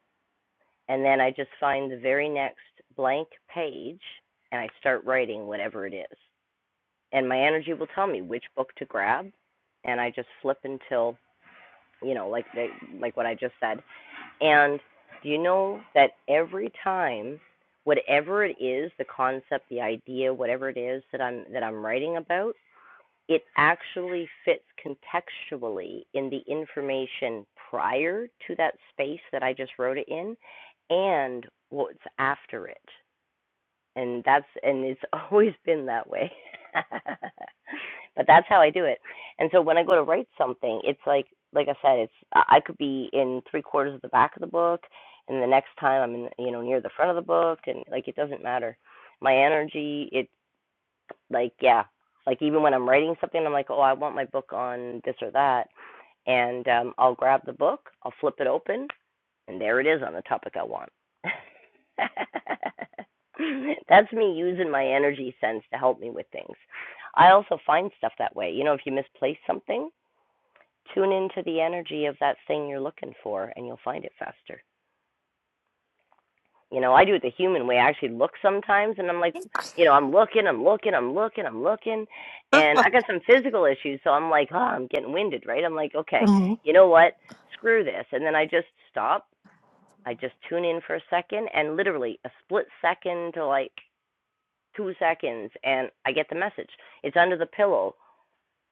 Speaker 1: and then I just find the very next blank page and I start writing whatever it is. And my energy will tell me which book to grab and I just flip until you know, like the, like what I just said. And do you know that every time, whatever it is, the concept, the idea, whatever it is that I'm that I'm writing about, it actually fits contextually in the information prior to that space that I just wrote it in, and what's after it and that's and it's always been that way but that's how i do it and so when i go to write something it's like like i said it's i could be in three quarters of the back of the book and the next time i'm in you know near the front of the book and like it doesn't matter my energy it like yeah like even when i'm writing something i'm like oh i want my book on this or that and um i'll grab the book i'll flip it open and there it is on the topic i want That's me using my energy sense to help me with things. I also find stuff that way. You know, if you misplace something, tune into the energy of that thing you're looking for and you'll find it faster. You know, I do it the human way. I actually look sometimes and I'm like, you know, I'm looking, I'm looking, I'm looking, I'm looking, and I got some physical issues, so I'm like, oh, I'm getting winded, right? I'm like, okay,
Speaker 5: Mhm.
Speaker 1: you know what? Screw this. And then I just stop. I just tune in for a second and literally a split second to like two seconds and I get the message. It's under the pillow,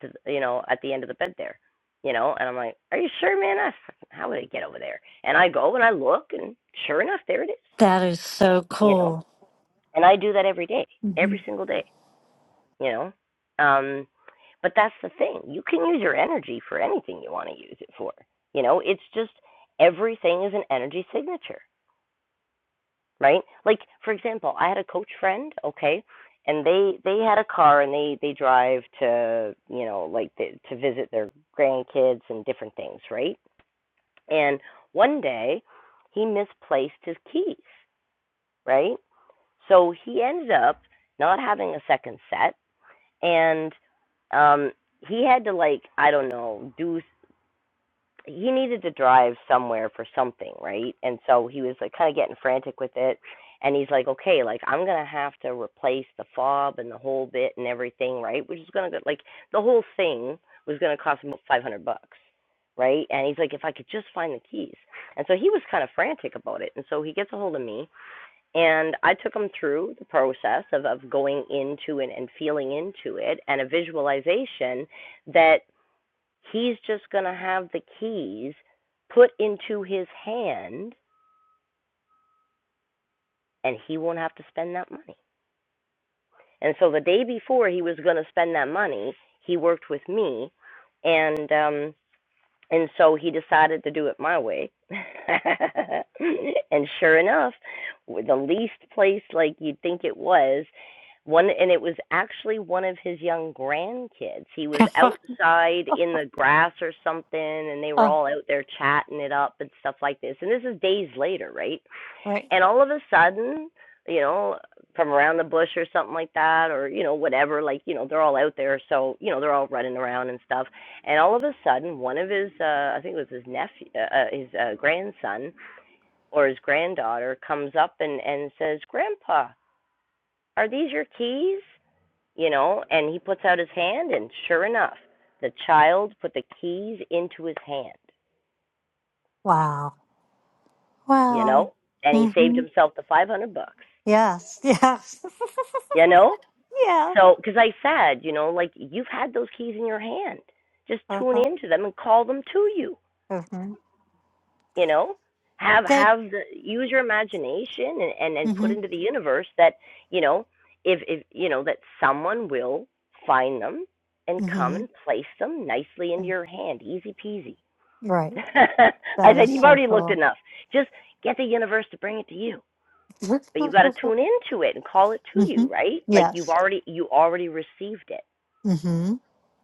Speaker 1: to, you know, at the end of the bed there, you know. And I'm like, are you sure, man? I fucking, how would I get over there? And I go and I look, and sure enough, there it is,
Speaker 5: that is so
Speaker 1: you know.
Speaker 5: cool.
Speaker 1: And I do that every day,
Speaker 5: hmm
Speaker 1: every single day, you know. Um, but that's the thing. You can use your energy for anything you want to use it for. You know, it's just everything is an energy signature. right? Like for example, I had a coach friend, okay, and they they had a car and they they drive to you know like the, to visit their grandkids and different things, right? And one day he misplaced his keys, right? So he ended up not having a second set and um he had to like I don't know do he needed to drive somewhere for something, right? And so he was like kind of getting frantic with it. And he's like, okay, like I'm gonna have to replace the fob and the whole bit and everything, right? Which is gonna like the whole thing was gonna cost him five hundred bucks, right? And he's like, if I could just find the keys. And so he was kind of frantic about it. And so he gets a hold of me, and I took him through the process of of going into it and feeling into it, and a visualization that He's just going to have the keys put into his hand and he won't have to spend that money. And so the day before he was going to spend that money, he worked with me and um And so he decided to do it my way. and sure enough, the least place like you'd think it was, one and it was actually one of his young grandkids. He was outside in the grass or something and they were
Speaker 5: oh,
Speaker 1: all out there chatting it up and stuff like this. And this is days later, right?
Speaker 5: right.
Speaker 1: and all of a sudden you know from around the bush or something like that or you know whatever like you know they're all out there so you know they're all running around and stuff and all of a sudden one of his uh i think it was his nephew uh, uh, his uh, grandson or his granddaughter comes up and and says grandpa are these your keys you know and he puts out his hand and sure enough the child put the keys into his hand
Speaker 5: Wow.
Speaker 1: you
Speaker 5: Wow.
Speaker 1: know and he saved
Speaker 5: hmm
Speaker 1: himself the 500 bucks
Speaker 5: Yes. Yes.
Speaker 1: you know So, because I said, you know, like you've had those keys in your hand, just
Speaker 5: yes.
Speaker 1: tune into them and call them to you.
Speaker 5: Mm-hmm.
Speaker 1: You know, have
Speaker 5: That.
Speaker 1: have the use your imagination and and, and put
Speaker 5: Mm-hmm.
Speaker 1: into the universe that you know if if you know that someone will find them and come
Speaker 5: Mm-hmm.
Speaker 1: and place them nicely into your hand, easy peasy.
Speaker 5: Right.
Speaker 1: I
Speaker 5: That
Speaker 1: said
Speaker 5: is
Speaker 1: you've
Speaker 5: so
Speaker 1: already looked
Speaker 5: cool.
Speaker 1: enough. Just get the universe to bring it to you, but you got to tune
Speaker 5: mm-hmm.
Speaker 1: into it and call it to you, right? Like you've
Speaker 5: Yes.
Speaker 1: already you already received it
Speaker 5: Mm-hmm.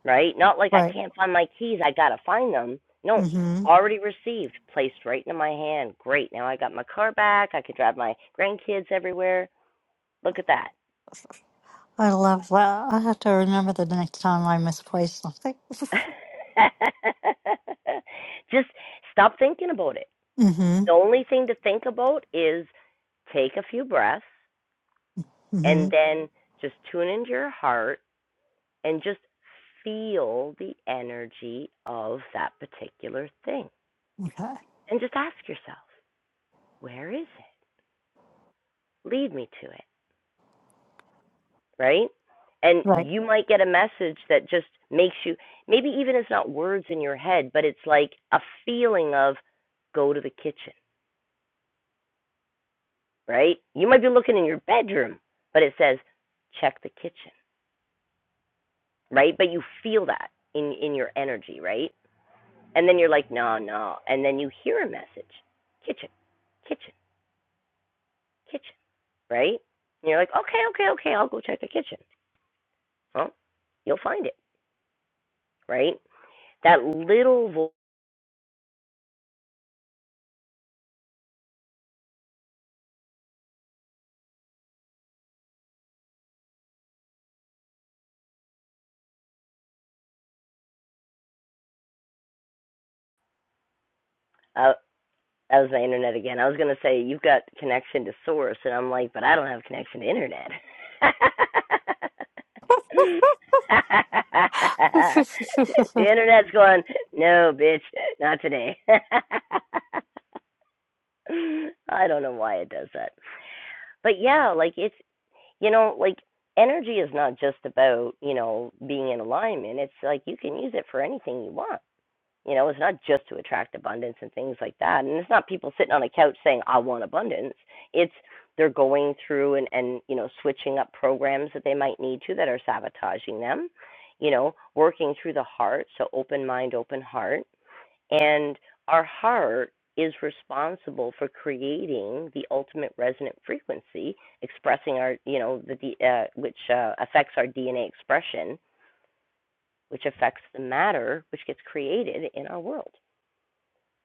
Speaker 1: right? Not like I
Speaker 5: Right.
Speaker 1: can't find my keys, I gotta find them. No,
Speaker 5: Mm-hmm.
Speaker 1: already received, placed right into my hand. Great, now I got my car back, I could drive my grandkids everywhere. Look at that.
Speaker 5: I love that. I have to remember the next time I misplace something.
Speaker 1: Just stop thinking about it.
Speaker 5: mm-hmm.
Speaker 1: The only thing to think about is take a few breaths
Speaker 5: Mm-hmm.
Speaker 1: and then just tune into your heart and just feel the energy of that particular thing.
Speaker 5: Okay.
Speaker 1: And just ask yourself, where is it? Lead me to it. right? And
Speaker 5: Right.
Speaker 1: you might get a message that just makes you maybe even it's not words in your head, but it's like a feeling of go to the kitchen, right? You might be looking in your bedroom, but it says check the kitchen, right? But you feel that in in your energy, right? And then you're like, "No, no." And then you hear a message. Kitchen. Kitchen. Kitchen, right? And you're like, "Okay, okay, okay. I'll go check the kitchen." Well, you'll find it, right? That little voice. uh, That was my internet again. I was gonna say you've got connection to source, and I'm like, but I don't have connection to internet.
Speaker 5: oh,
Speaker 1: the internet's going, no, bitch, not today. I don't know why it does that, but yeah, like it's you know like energy is not just about you know being in alignment. It's like you can use it for anything you want you know, it's not just to attract abundance and things like that. And it's not people sitting on a couch saying, I want abundance. It's they're going through and, and, you know, switching up programs that they might need to that are sabotaging them, you know, working through the heart. So open mind, open heart. And our heart is responsible for creating the ultimate resonant frequency, expressing our, you know, the, uh, which uh, affects our DNA expression, which affects the matter which gets created in our world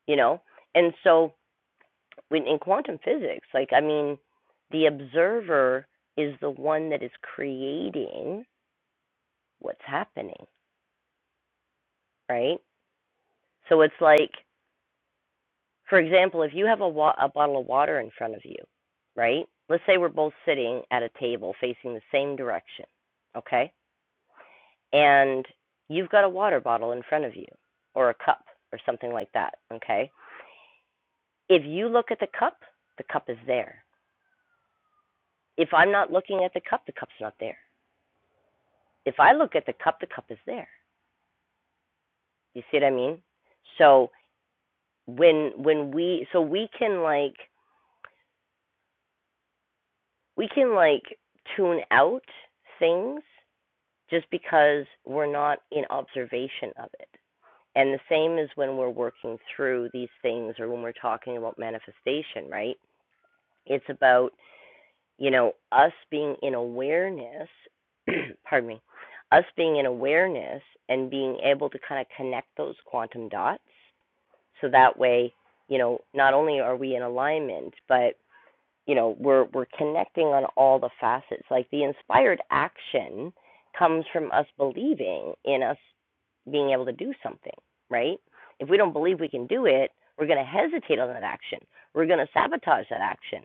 Speaker 1: you know and so when in quantum physics like i mean the observer is the one that is creating what's happening right so it's like for example if you have a, wa- a bottle of water in front of you right let's say we're both sitting at a table facing the same direction okay and you've got a water bottle in front of you or a cup or something like that okay if you look at the cup the cup is there if i'm not looking at the cup the cup's not there if I look at the cup, the cup is there. You see what I mean? So when when we so we can like we can like tune out things just because we're not in observation of it. And the same is when we're working through these things or when we're talking about manifestation, right? It's about, you know, us being in awareness, pardon me, us being in awareness and being able to kind of connect those quantum dots so that way you know not only are we in alignment but you know we're we're connecting on all the facets like the inspired action comes from us believing in us being able to do something right if we don't believe we can do it we're going to hesitate on that action we're going to sabotage that action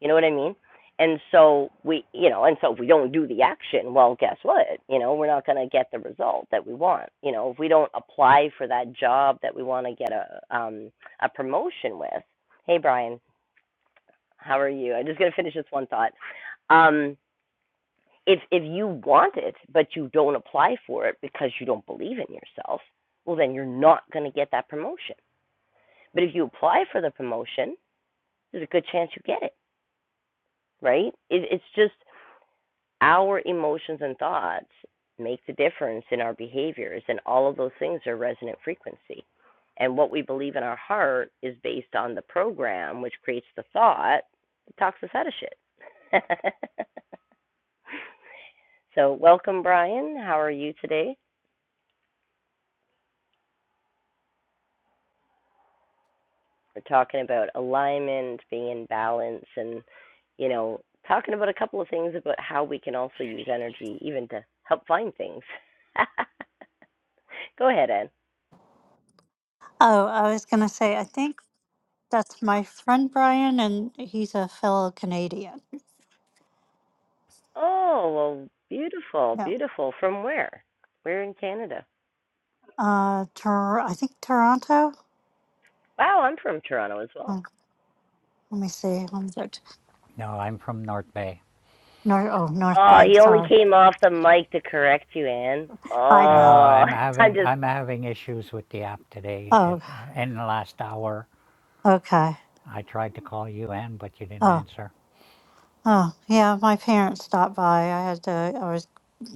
Speaker 1: you know what I mean? And so we, you know, and so if we don't do the action, well, guess what? You know, we're not going to get the result that we want. You know, if we don't apply for that job that we want to get a um a promotion with. Hey, Brian, how are you? I'm just going to finish this one thought. Um, if if you want it but you don't apply for it because you don't believe in yourself, well, then you're not going to get that promotion. But if you apply for the promotion, there's a good chance you get it, right? It, it's just our emotions and thoughts make the difference in our behaviors, and all of those things are resonant frequency. And what we believe in our heart is based on the program, which creates the thought that talks us out of shit. so, welcome, Brian. How are you today? We're talking about alignment, being in balance, and, you know, talking about a couple of things about how we can also use energy even to help find things. Go ahead, Anne.
Speaker 5: I was gonna say. I think that's my friend Brian, and he's a fellow Canadian.
Speaker 1: Oh, well, beautiful,
Speaker 5: No.
Speaker 1: beautiful. From where? Where in Canada?
Speaker 5: Uh, Tor- I think Toronto.
Speaker 1: Wow, I'm from Toronto as well.
Speaker 5: Oh, let me see. Let me go. to-
Speaker 6: No, I'm from North Bay.
Speaker 5: North. Oh, North
Speaker 1: Oh,
Speaker 5: Bay.
Speaker 1: he only
Speaker 5: Sorry.
Speaker 1: came off the mic to correct you, Anne.
Speaker 5: I
Speaker 6: No,
Speaker 5: know.
Speaker 1: Oh,
Speaker 6: I'm
Speaker 1: I'm
Speaker 6: having
Speaker 1: just.
Speaker 6: I'm having issues with the app today. It,
Speaker 5: Oh,
Speaker 6: in the last hour,
Speaker 5: okay.
Speaker 6: I tried to call you in, but you didn't
Speaker 5: Oh,
Speaker 6: answer.
Speaker 5: oh, yeah. My parents stopped by. I had to. I was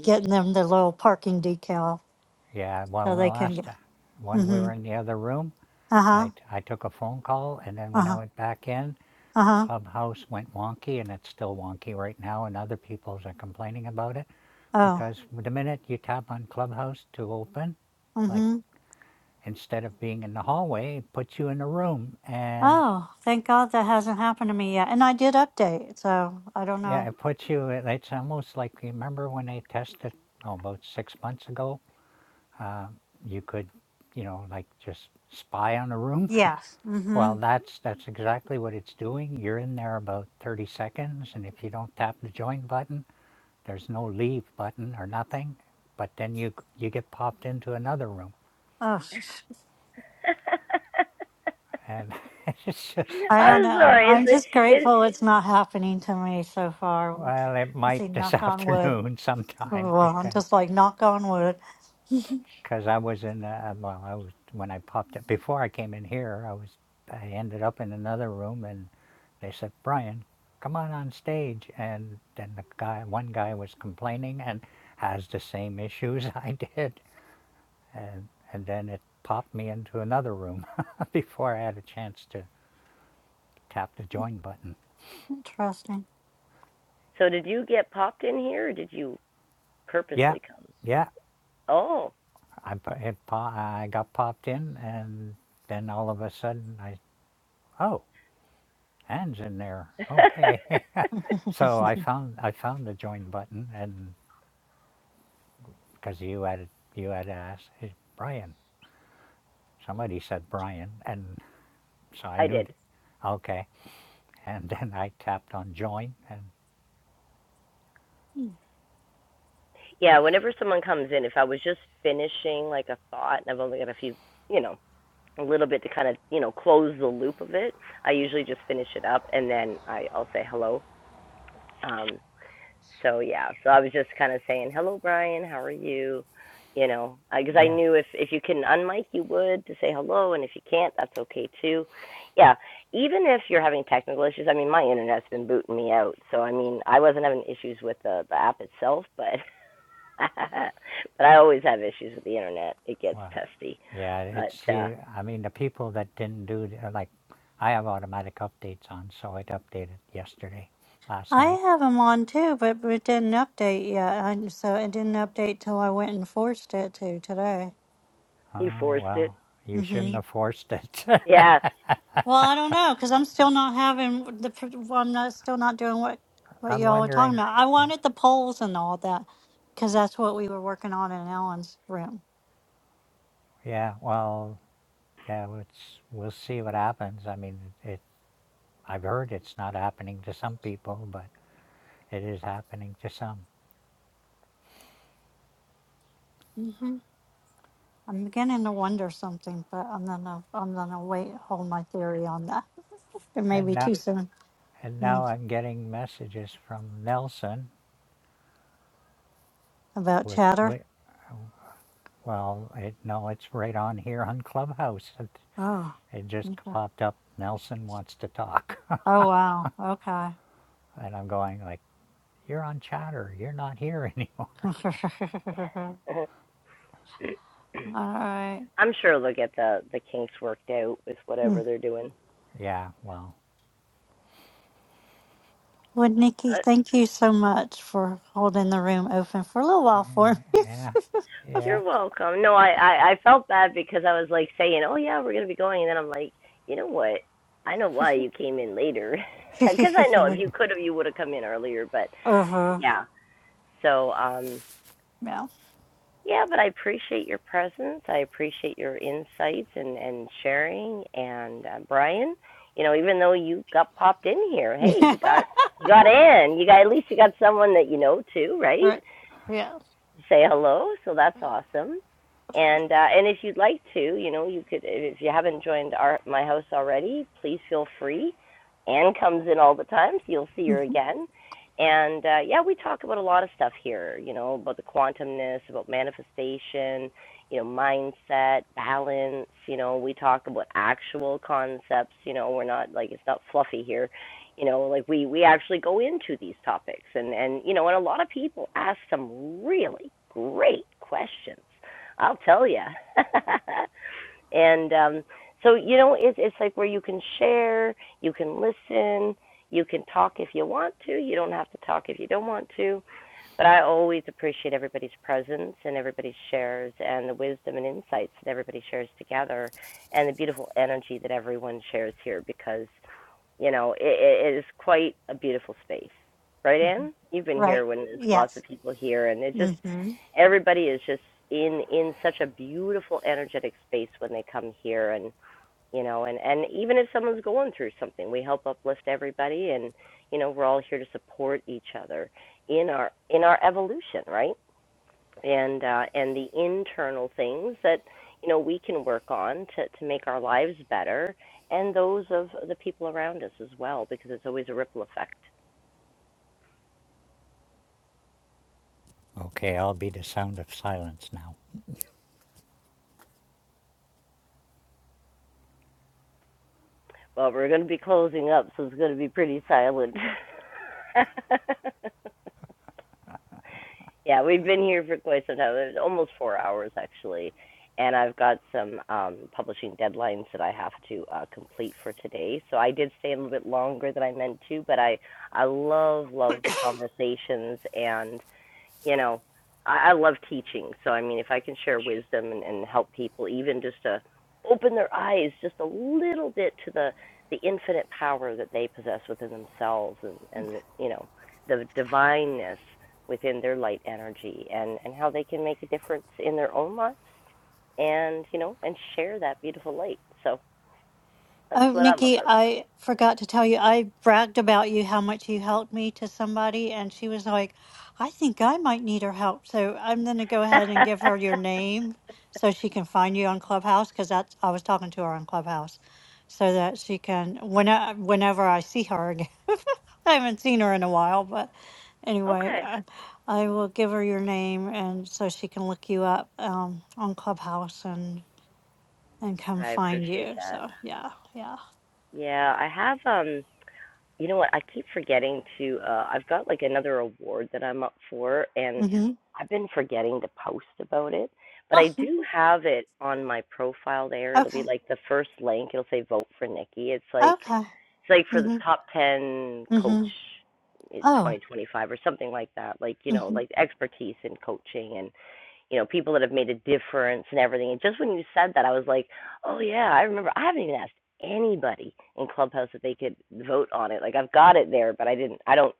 Speaker 5: getting them the little parking decal
Speaker 6: Yeah, well,
Speaker 5: so
Speaker 6: in the
Speaker 5: they can get.
Speaker 6: last uh, when we
Speaker 5: Mm-hmm.
Speaker 6: were in the other room,
Speaker 5: Uh huh.
Speaker 6: I I took a phone call, and then
Speaker 5: Uh
Speaker 6: when I
Speaker 5: huh.
Speaker 6: went back in,
Speaker 5: Uh huh.
Speaker 6: Clubhouse went wonky, and it's still wonky right now, and other people are complaining about it
Speaker 5: Oh.
Speaker 6: because the minute you tap on Clubhouse to open, like
Speaker 5: Mm-hmm.
Speaker 6: instead of being in the hallway, it puts you in a room, and
Speaker 5: Oh, thank God that hasn't happened to me yet. And I did update, so I don't
Speaker 6: Yeah,
Speaker 5: know.
Speaker 6: it puts you, it's almost like, remember when they tested, oh, about six months ago? Uh, you could, you know, like just spy on a room.
Speaker 5: Yes.
Speaker 6: Well,
Speaker 5: Mm-hmm.
Speaker 6: that's that's exactly what it's doing. You're in there about 30 seconds, and if you don't tap the join button, there's no leave button or nothing. But then you you get popped into another room,
Speaker 5: Oh,
Speaker 6: and it's just
Speaker 5: I
Speaker 6: like,
Speaker 5: don't
Speaker 1: I'm
Speaker 5: know.
Speaker 1: sorry. Is
Speaker 5: I'm
Speaker 1: it,
Speaker 5: just
Speaker 1: is,
Speaker 5: grateful it's not happening to me so far.
Speaker 6: well, it
Speaker 5: Let's
Speaker 6: might
Speaker 5: see,
Speaker 6: this
Speaker 5: knock on wood.
Speaker 6: afternoon sometime
Speaker 5: Well, I'm
Speaker 6: because
Speaker 5: just like knock on wood.
Speaker 6: because I was in, uh, uh, well, I was, when I popped up, before I came in here, I was, I ended up in another room and they said, Brian, come on on stage. And then the guy, one guy was complaining and has the same issues I did. And, and then it popped me into another room before I had a chance to tap the join button.
Speaker 5: Interesting.
Speaker 1: so, did you get popped in here or did you
Speaker 6: Yeah,
Speaker 1: purposely come?
Speaker 6: yeah.
Speaker 1: Oh,
Speaker 6: I, it, I got popped in and then all of a sudden I, oh, Anne's in there. Okay. So I found I found the join button, and because you had you had asked "Hey, Brian, somebody said Brian, and so I
Speaker 1: I
Speaker 6: knew,
Speaker 1: did.
Speaker 6: th- okay, and then I tapped on join, and
Speaker 1: Yeah, whenever someone comes in, if I was just finishing like a thought and I've only got a few, you know, a little bit to kind of you know close the loop of it. I usually just finish it up and then I, I'll say hello. Um, so yeah, so I was just kind of saying hello, Brian. How are you? You know, because I
Speaker 6: yeah,
Speaker 1: knew if if you can unmic, you would to say hello, and if you can't, that's okay too. Yeah, even if you're having technical issues, I mean, my internet's been booting me out, so I mean, I wasn't having issues with the the app itself, but but I always have issues with the internet. It gets
Speaker 6: well,
Speaker 1: testy,
Speaker 6: yeah, it's
Speaker 1: but uh,
Speaker 6: the I mean the people that didn't do th- are like, I have automatic updates on, so it updated yesterday, last
Speaker 5: I
Speaker 6: night.
Speaker 5: have them on too, but it didn't update yet. I, so it didn't update till I went and forced it to today.
Speaker 1: you
Speaker 6: Oh
Speaker 1: forced it.
Speaker 6: well, you shouldn't
Speaker 5: hmm
Speaker 6: have forced it.
Speaker 1: Yeah,
Speaker 5: Well, I don't know because I'm still not having the. pr- well, I'm not still not doing what what
Speaker 6: I'm
Speaker 5: y'all were talking
Speaker 6: wondering.
Speaker 5: about. I wanted the polls and all that because that's what we were working on in Ellen's room.
Speaker 6: Yeah, well, yeah, it's, we'll see what happens. I mean, it I've heard it's not happening to some people, but it is happening to some.
Speaker 5: hmm I'm beginning to wonder something, but I'm gonna I'm gonna wait hold my theory on that. It may
Speaker 6: And
Speaker 5: be
Speaker 6: now,
Speaker 5: too soon
Speaker 6: and now
Speaker 5: Mm.
Speaker 6: I'm getting messages from Nelson,
Speaker 5: about
Speaker 6: which,
Speaker 5: chatter.
Speaker 6: we, well, it, no, it's right on here on Clubhouse. It,
Speaker 5: Oh,
Speaker 6: it just
Speaker 5: okay.
Speaker 6: popped up. Nelson wants to talk,
Speaker 5: Oh wow. Okay.
Speaker 6: and I'm going like, "You're on Chatter. You're not here anymore."
Speaker 5: All right.
Speaker 1: I'm sure they'll get the the kinks worked out with whatever
Speaker 5: Mm.
Speaker 1: they're doing.
Speaker 6: Yeah, well,
Speaker 5: Well, Nikki, thank you so much for holding the room open for a little while for me.
Speaker 6: yeah, yeah.
Speaker 1: You're welcome. No, I, I I felt bad because I was like saying, "Oh yeah, we're gonna be going," and then I'm like, you know what? I know why you came in later, because I know if you could have, you would have come in earlier. But
Speaker 5: uh huh.
Speaker 1: yeah, so um,
Speaker 5: Yeah.
Speaker 1: Yeah, but I appreciate your presence. I appreciate your insights and, and sharing. And uh, Brian, you know, even though you got popped in here, hey, you got you got in. You got at least you got someone that you know too, right?
Speaker 5: right. Yeah.
Speaker 1: say hello. So that's awesome. And uh, and if you'd like to, you know, you could if you haven't joined our my house already, please feel free. Anne comes in all the time, so you'll see her
Speaker 5: Mhm.
Speaker 1: again. And uh, yeah, we talk about a lot of stuff here, you know, about the quantumness, about manifestation, you know, mindset, balance. You know, we talk about actual concepts. You know, we're not like it's not fluffy here you know like we we actually go into these topics and and you know and a lot of people ask some really great questions i'll tell you and um so you know it's it's like where you can share you can listen you can talk if you want to you don't have to talk if you don't want to but i always appreciate everybody's presence and everybody's shares and the wisdom and insights that everybody shares together and the beautiful energy that everyone shares here because you know, it, it is quite a beautiful space, right,
Speaker 5: Mhm.
Speaker 1: Anne? You've been here
Speaker 5: Right.
Speaker 1: when there's lots of
Speaker 5: Yes.
Speaker 1: people here, and it just
Speaker 5: Mm-hmm.
Speaker 1: everybody is just in in such a beautiful energetic space when they come here and you know and and even if someone's going through something we help uplift everybody and you know we're all here to support each other in our in our evolution right and uh, and the internal things that you know we can work on to to make our lives better and those of the people around us as well because it's always a ripple effect
Speaker 6: Okay, I'll be the sound of silence now.
Speaker 1: well we're going to be closing up so it's going to be pretty silent yeah we've been here for quite some time it's almost four hours actually and i've got some um, publishing deadlines that i have to uh, complete for today so i did stay a little bit longer than i meant to but i I love love the conversations and you know, I, I love teaching. So I mean, if I can share wisdom and, and help people, even just to open their eyes just a little bit to the the infinite power that they possess within themselves, and and the, you know, the divineness within their light energy, and and how they can make a difference in their own lives, and you know, and share that beautiful light. So that's
Speaker 5: Oh,
Speaker 1: what I'm
Speaker 5: Nikki,
Speaker 1: about.
Speaker 5: I forgot to tell you, I bragged about you how much you helped me to somebody, and she was like, I think I might need her help. So I'm going to go ahead and give her your name so she can find you on Clubhouse because that's I was talking to her on Clubhouse so that she can when I- whenever I see her again. I haven't seen her in a while, but anyway,
Speaker 1: okay.
Speaker 5: I, I will give her your name and so she can look you up um, on Clubhouse and and come
Speaker 1: I
Speaker 5: find
Speaker 1: appreciate
Speaker 5: you.
Speaker 1: that.
Speaker 5: So yeah, yeah.
Speaker 1: Yeah, I have um You know what? I keep forgetting to. Uh, I've got like another award that I'm up for, and
Speaker 5: Mm-hmm.
Speaker 1: I've been forgetting to post about it. But
Speaker 5: Well,
Speaker 1: I do have it on my profile there. It'll
Speaker 5: okay,
Speaker 1: be like the first link. It'll say "Vote for Nikki." It's like
Speaker 5: okay.
Speaker 1: it's like for the
Speaker 5: hmm
Speaker 1: top ten coach
Speaker 5: hmm
Speaker 1: in
Speaker 5: Oh,
Speaker 1: 2025 or something like that. Like you know,
Speaker 5: hmm
Speaker 1: like expertise in coaching and you know, people that have made a difference and everything. And just when you said that, I was like, oh yeah, I remember. I haven't even asked anybody in Clubhouse if they could vote on it. Like I've got it there, but I didn't. I don't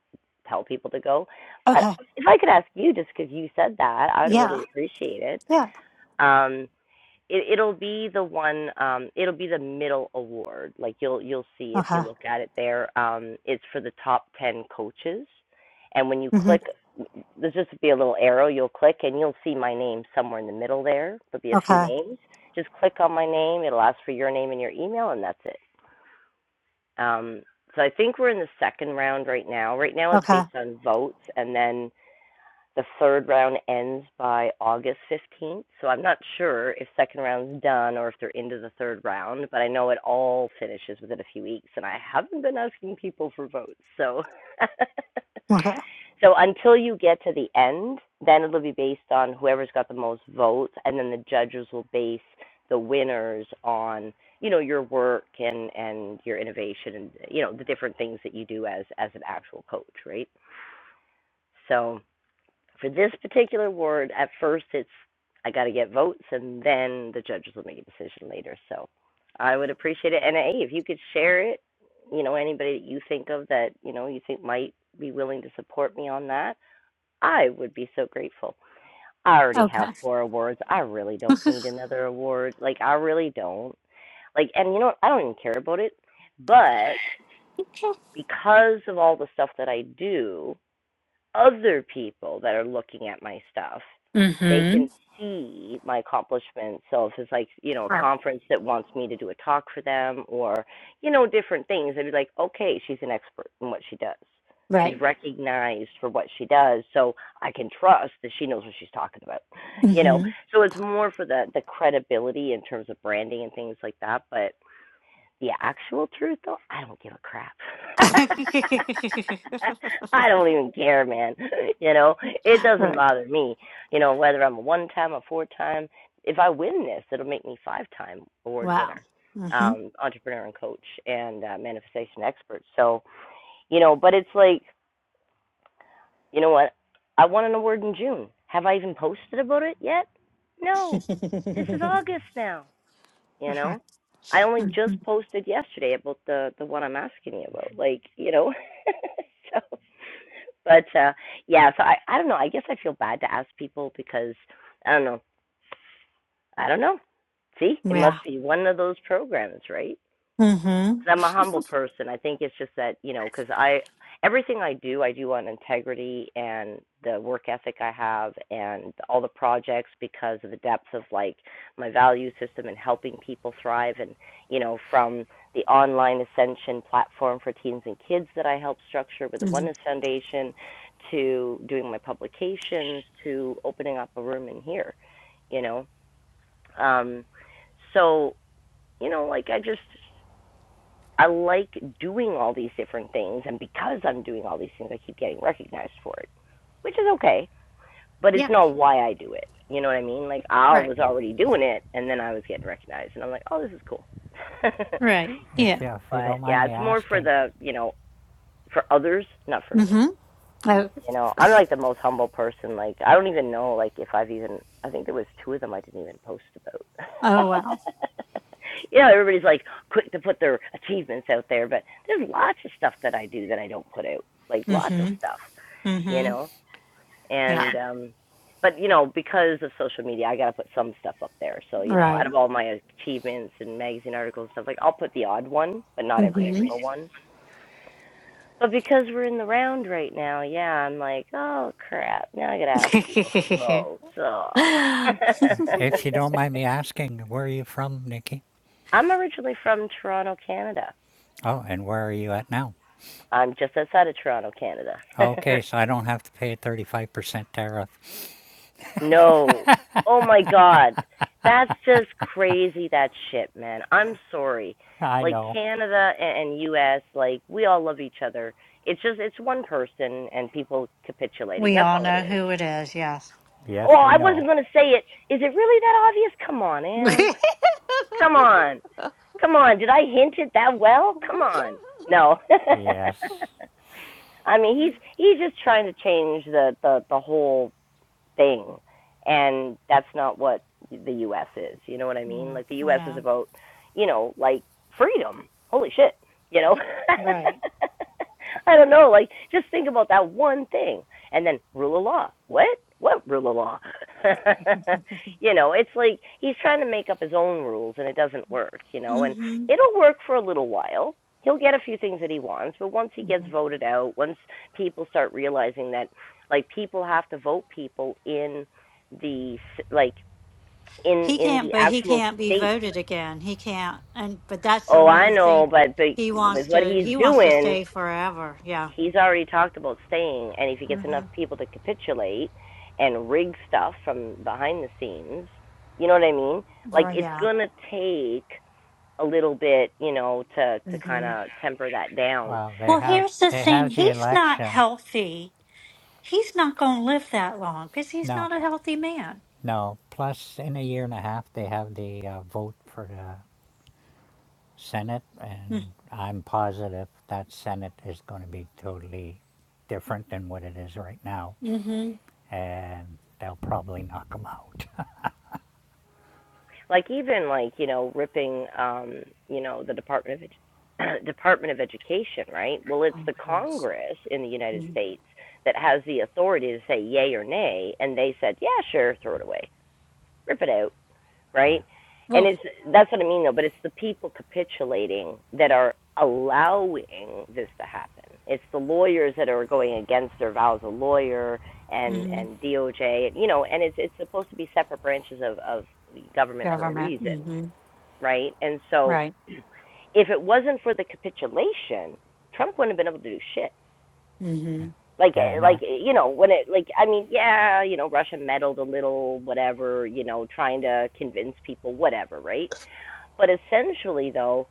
Speaker 1: tell people to go. But
Speaker 5: okay.
Speaker 1: if I could ask you, just because you said that, I would
Speaker 5: Yeah,
Speaker 1: really appreciate it.
Speaker 5: yeah.
Speaker 1: Um, it it'll be the one. Um, it'll be the middle award. Like you'll you'll see if you
Speaker 5: Okay.
Speaker 1: look at it there. Um, it's for the top ten coaches, and when you
Speaker 5: hmm
Speaker 1: click there's just be a little arrow you'll click and you'll see my name somewhere in the middle there. There'll be a few
Speaker 5: Okay.
Speaker 1: names. Just click on my name. It'll ask for your name and your email, and that's it. Um, so I think we're in the second round right now. Right now it's
Speaker 5: Okay.
Speaker 1: based on votes, and then the third round ends by August 15th, so I'm not sure if second round's done or if they're into the third round, but I know it all finishes within a few weeks, and I haven't been asking people for votes, so.
Speaker 5: Okay.
Speaker 1: So until you get to the end, then it'll be based on whoever's got the most votes, and then the judges will base the winners on you know your work and and your innovation and you know the different things that you do as as an actual coach, right? So for this particular word, at first it's I got to get votes, and then the judges will make a decision later. So I would appreciate it. And hey, if you could share it, you know, anybody that you think of that you know you think might be willing to support me on that, I would be so grateful. I already have
Speaker 5: Okay.
Speaker 1: four awards. I really don't need another award. Like I really don't. Like, and you know, I don't even care about it. But because of all the stuff that I do, other people that are looking at my stuff, they
Speaker 5: Mm-hmm.
Speaker 1: can see my accomplishments. So if it's like, you know, a
Speaker 5: Right.
Speaker 1: conference that wants me to do a talk for them or, you know, different things, they'd be like, okay, she's an expert in what she does. She's
Speaker 5: Right.
Speaker 1: recognized for what she does. So I can trust that she knows what she's talking about, you know?
Speaker 5: hmm
Speaker 1: So it's more for the, the credibility in terms of branding and things like that. But the actual truth though, I don't give a crap. I don't even care, man. You know, it doesn't
Speaker 5: right.
Speaker 1: bother me. You know, whether I'm a one time, a four time, if I win this, it'll make me five time award
Speaker 5: Wow.
Speaker 1: winner,
Speaker 5: Mm-hmm.
Speaker 1: um, entrepreneur and coach and uh, manifestation expert. So, you know, but it's like, you know what? I won an award in June. Have I even posted about it yet? No. This is August now you
Speaker 5: mm-hmm.
Speaker 1: know i only just posted yesterday about the the one i'm asking you about like you know so but uh yeah so i i don't know i guess i feel bad to ask people because i don't know i don't know see it must
Speaker 5: Yeah.
Speaker 1: be one of those programs right
Speaker 5: hmm hmm
Speaker 1: 'cause I'm a humble person. I think it's just that you know, 'cause I everything I do, I do on integrity and the work ethic I have, and all the projects because of the depth of like my value system and helping people thrive, and you know, from the online ascension platform for teens and kids that I help structure with the Oneness Foundation, to doing my publications, to opening up a room in here, you know. Um, so you know, like I just I like doing all these different things, and because I'm doing all these things, I keep getting recognized for it, which is okay, but
Speaker 5: Yeah.
Speaker 1: it's not why I do it. You know what I mean? Like, I
Speaker 5: Right.
Speaker 1: was already doing it, and then I was getting recognized, and I'm like, oh, this is cool. but
Speaker 5: Right.
Speaker 6: If
Speaker 5: Yeah.
Speaker 6: you, if you don't mind
Speaker 1: yeah,
Speaker 6: me
Speaker 1: it's more for
Speaker 6: asking,
Speaker 1: the, you know, for others, not for me.
Speaker 5: hmm Oh,
Speaker 1: You know, I'm like the most humble person. Like, I don't even know, like, if I've even. I think there was two of them I didn't even post
Speaker 5: oh
Speaker 1: about.
Speaker 5: wow.
Speaker 1: you know, everybody's like quick to put their achievements out there, but there's lots of stuff that I do that I don't put out. Like lots of
Speaker 5: hmm
Speaker 1: stuff, you
Speaker 5: hmm
Speaker 1: know.
Speaker 5: Yeah.
Speaker 1: And um, but you know, because of social media, I gotta put some stuff up there. So you know,
Speaker 5: Right.
Speaker 1: out of all my achievements and magazine articles and stuff, like I'll put the odd one, but not every
Speaker 5: Mhm.
Speaker 1: single one but because we're in the round right now, yeah, I'm like, oh crap, now I gotta ask people for votes. Oh.
Speaker 6: if you don't mind me asking, where are you from, Nikki?
Speaker 1: I'm originally from Toronto, Canada.
Speaker 6: Oh, and where are you at now?
Speaker 1: I'm just outside of Toronto, Canada.
Speaker 6: Okay, so I don't have to pay a 35% tariff.
Speaker 1: no. Oh my god. That's just crazy that shit, man. I'm sorry.
Speaker 6: I
Speaker 1: Like
Speaker 6: know.
Speaker 1: Canada and and US, like we all love each other. It's just it's one person and people capitulating.
Speaker 5: we
Speaker 1: That's
Speaker 5: all
Speaker 1: all it
Speaker 5: know
Speaker 1: is.
Speaker 5: who it is, yes.
Speaker 1: Oh,
Speaker 6: Yes, we
Speaker 1: I
Speaker 6: know.
Speaker 1: wasn't going to say it. Is it really that obvious? Come on,
Speaker 5: no,
Speaker 1: Ann. Come on. Come on. Did I hint it that well? Come on. No.
Speaker 6: Yes.
Speaker 1: I mean, he's he's just trying to change the the the whole thing and that's not what the US is. You know what I mean?
Speaker 5: oh
Speaker 1: Like the US is
Speaker 5: no.
Speaker 1: about, you know, like freedom. Holy shit, you know.
Speaker 5: Right.
Speaker 1: I don't know, like just think about that one thing and then rule of law. What? What rule of law? you know, it's like he's trying to make up his own rules and it doesn't work, you know,
Speaker 5: hmm
Speaker 1: and it'll work for a little while. He'll get a few things that he wants, but once he gets
Speaker 5: hmm
Speaker 1: voted out, once people start realizing that like people have to vote people in the like in
Speaker 5: He
Speaker 1: in
Speaker 5: can't,
Speaker 1: the
Speaker 5: but he
Speaker 1: actual
Speaker 5: can't be
Speaker 1: state.
Speaker 5: voted again. He can't, and but that's the
Speaker 1: Oh,
Speaker 5: one of
Speaker 1: I
Speaker 5: the
Speaker 1: know,
Speaker 5: thing
Speaker 1: but but
Speaker 5: he wants
Speaker 1: with what
Speaker 5: to.
Speaker 1: he's
Speaker 5: He wants to
Speaker 1: doing,
Speaker 5: stay forever. Yeah.
Speaker 1: he's already talked about staying, and if he gets
Speaker 5: hmm
Speaker 1: enough people to capitulate and rig stuff from behind the scenes, you know what I mean? Like
Speaker 5: Well,
Speaker 1: it's
Speaker 5: yeah.
Speaker 1: gonna take a little bit, you know, to to kind
Speaker 5: hmm
Speaker 1: of temper that down.
Speaker 6: Well, they
Speaker 5: Well,
Speaker 6: have
Speaker 5: here's the
Speaker 6: they
Speaker 5: thing.
Speaker 6: have the
Speaker 5: He's not
Speaker 6: election.
Speaker 5: healthy. He's not going to live that long because he's
Speaker 6: No,
Speaker 5: not a healthy man.
Speaker 6: no. Plus, in a year and a half, they have the uh, vote for the Senate, and I'm positive that Senate is going to be totally different than what it is right now,
Speaker 5: Mm-hmm.
Speaker 6: and they'll probably knock them out.
Speaker 1: like even like you know ripping um you know the department of Ed- department of education right well it's
Speaker 5: Oh,
Speaker 1: the
Speaker 5: yes.
Speaker 1: congress in the united
Speaker 5: Mm.
Speaker 1: states that has the authority to say yay or nay and they said yeah sure throw it away rip it out
Speaker 6: yeah,
Speaker 1: right and
Speaker 5: Well,
Speaker 1: it's that's what i mean though but it's the people capitulating that are allowing this to happen it's the lawyers that are going against their vows a lawyer and
Speaker 5: mm-hmm.
Speaker 1: and DOJ, you know, and it's it's supposed to be separate branches of of government for a
Speaker 5: Government.
Speaker 1: reason
Speaker 5: Mm-hmm.
Speaker 1: right? And so
Speaker 5: Right.
Speaker 1: if it wasn't for the capitulation, Trump wouldn't have been able to do shit.
Speaker 5: Mm-hmm.
Speaker 1: Like,
Speaker 6: yeah,
Speaker 1: eh,
Speaker 6: and
Speaker 1: like
Speaker 6: that,
Speaker 1: eh, you know, when it, like, I mean, yeah, you know, Russia meddled a little, whatever, you know, trying to convince people, whatever, right? But essentially, though,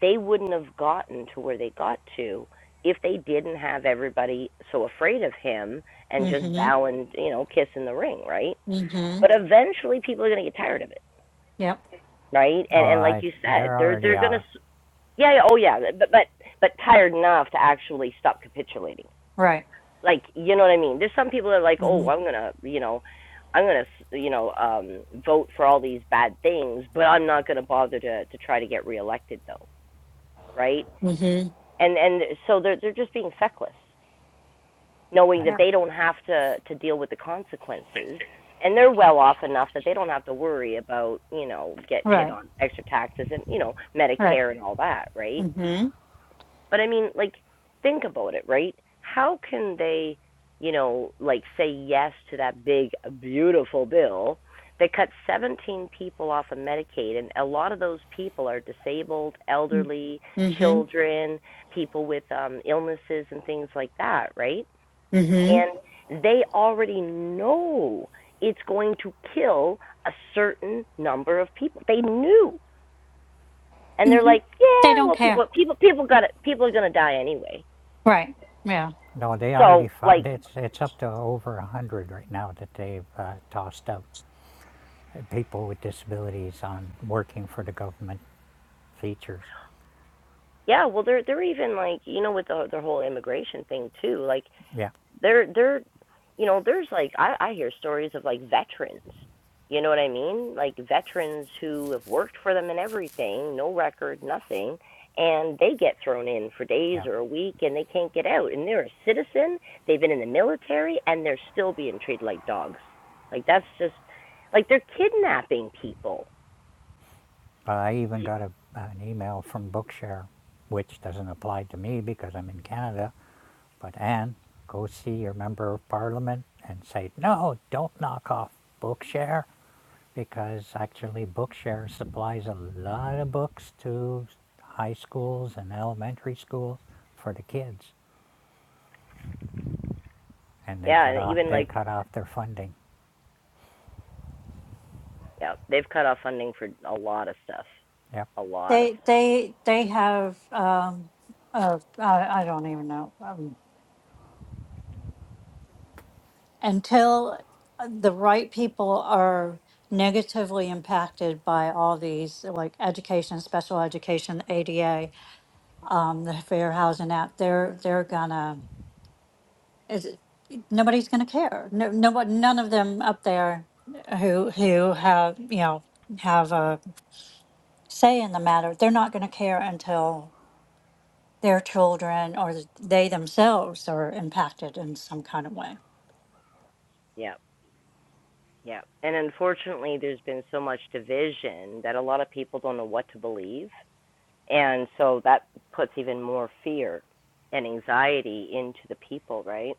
Speaker 1: they wouldn't have gotten to where they got to if they didn't have everybody so afraid of him and just
Speaker 5: Mm-hmm.
Speaker 1: bowing, you know, kiss in the ring, right?
Speaker 5: Mm-hmm.
Speaker 1: But eventually, people are going to get tired of it,
Speaker 5: Yep.
Speaker 1: right?
Speaker 6: well,
Speaker 1: And and like
Speaker 6: I
Speaker 1: you said,
Speaker 6: there
Speaker 1: they're
Speaker 6: already
Speaker 1: they're going to
Speaker 6: are.
Speaker 1: Yeah, yeah, oh yeah, but but but tired enough to actually stop capitulating.
Speaker 5: Right.
Speaker 1: Like, you know what I mean? There's some people that are like, "Oh, I'm
Speaker 5: Mm-hmm.
Speaker 1: going to, you know, I'm going to, you know, um vote for all these bad things, but I'm not going to bother to to try to get reelected though." Right?
Speaker 5: Mm-hmm.
Speaker 1: And and so they're they're just being feckless,
Speaker 6: I,
Speaker 1: knowing that
Speaker 5: Yeah.
Speaker 1: they don't have to to deal with the consequences. And they're well off enough that they don't have to worry about, you know, getting hit
Speaker 5: Right.
Speaker 1: on extra taxes and, you know,
Speaker 5: Right.
Speaker 1: Medicare and all that, right?
Speaker 5: Mm-hmm.
Speaker 1: But I mean, like, think about it, right? How can they, you know, like say yes to that big, beautiful bill that cuts 17 people off of Medicaid? And a lot of those people are disabled, elderly,
Speaker 5: Mm-hmm. Mm-hmm.
Speaker 1: children, people with um, illnesses and things like that, right? And they already know it's going to kill a certain number of people. They knew. And they're
Speaker 5: Mm-hmm.
Speaker 1: like,
Speaker 5: They
Speaker 1: yeah,
Speaker 5: don't
Speaker 1: well,
Speaker 5: care.
Speaker 1: people, people, people got it. People are going to die anyway.
Speaker 5: Right. Yeah.
Speaker 6: No, they
Speaker 1: So
Speaker 6: already, find
Speaker 1: like
Speaker 6: it's, it's up to over 100 right now that they've uh, tossed out people with disabilities on working for the government features.
Speaker 1: yeah, well they're they're even like you know with the the whole immigration thing too. Like
Speaker 6: Yeah,
Speaker 1: they're they're you know there's like I I hear stories of like veterans. You know what I mean? Like veterans who have worked for them and everything, no record, nothing, and they get thrown in for days
Speaker 6: yeah.
Speaker 1: or a week and they can't get out. And they're a citizen, they've been in the military and they're still being treated like dogs. Like that's just like they're kidnapping people.
Speaker 6: But I even got a, an email from Bookshare, which doesn't apply to me because I'm in Canada. But Anne, go see your member of parliament and say, no, don't knock off Bookshare. because actually Bookshare supplies a lot of books to high schools and elementary schools for the kids, and they
Speaker 1: Yeah,
Speaker 6: cut
Speaker 1: and
Speaker 6: off
Speaker 1: even
Speaker 6: they
Speaker 1: like
Speaker 6: cut off their funding.
Speaker 1: Yeah, They've cut off funding for a lot of stuff.
Speaker 6: Yep.
Speaker 1: A lot of
Speaker 5: They
Speaker 1: stuff.
Speaker 5: they they have um uh I, I don't even know. until the right people are negatively impacted by all these like education special education ada um, the fair housing act they're they're gonna is nobody's gonna care no, nobody none of them up there who who have you know have a say in the matter they're not gonna care until their children or they themselves are impacted in some kind of way
Speaker 1: Yeah, yeah. And unfortunately, there's been so much division that a lot of people don't know what to believe. And so that puts even more fear and anxiety into the people, right?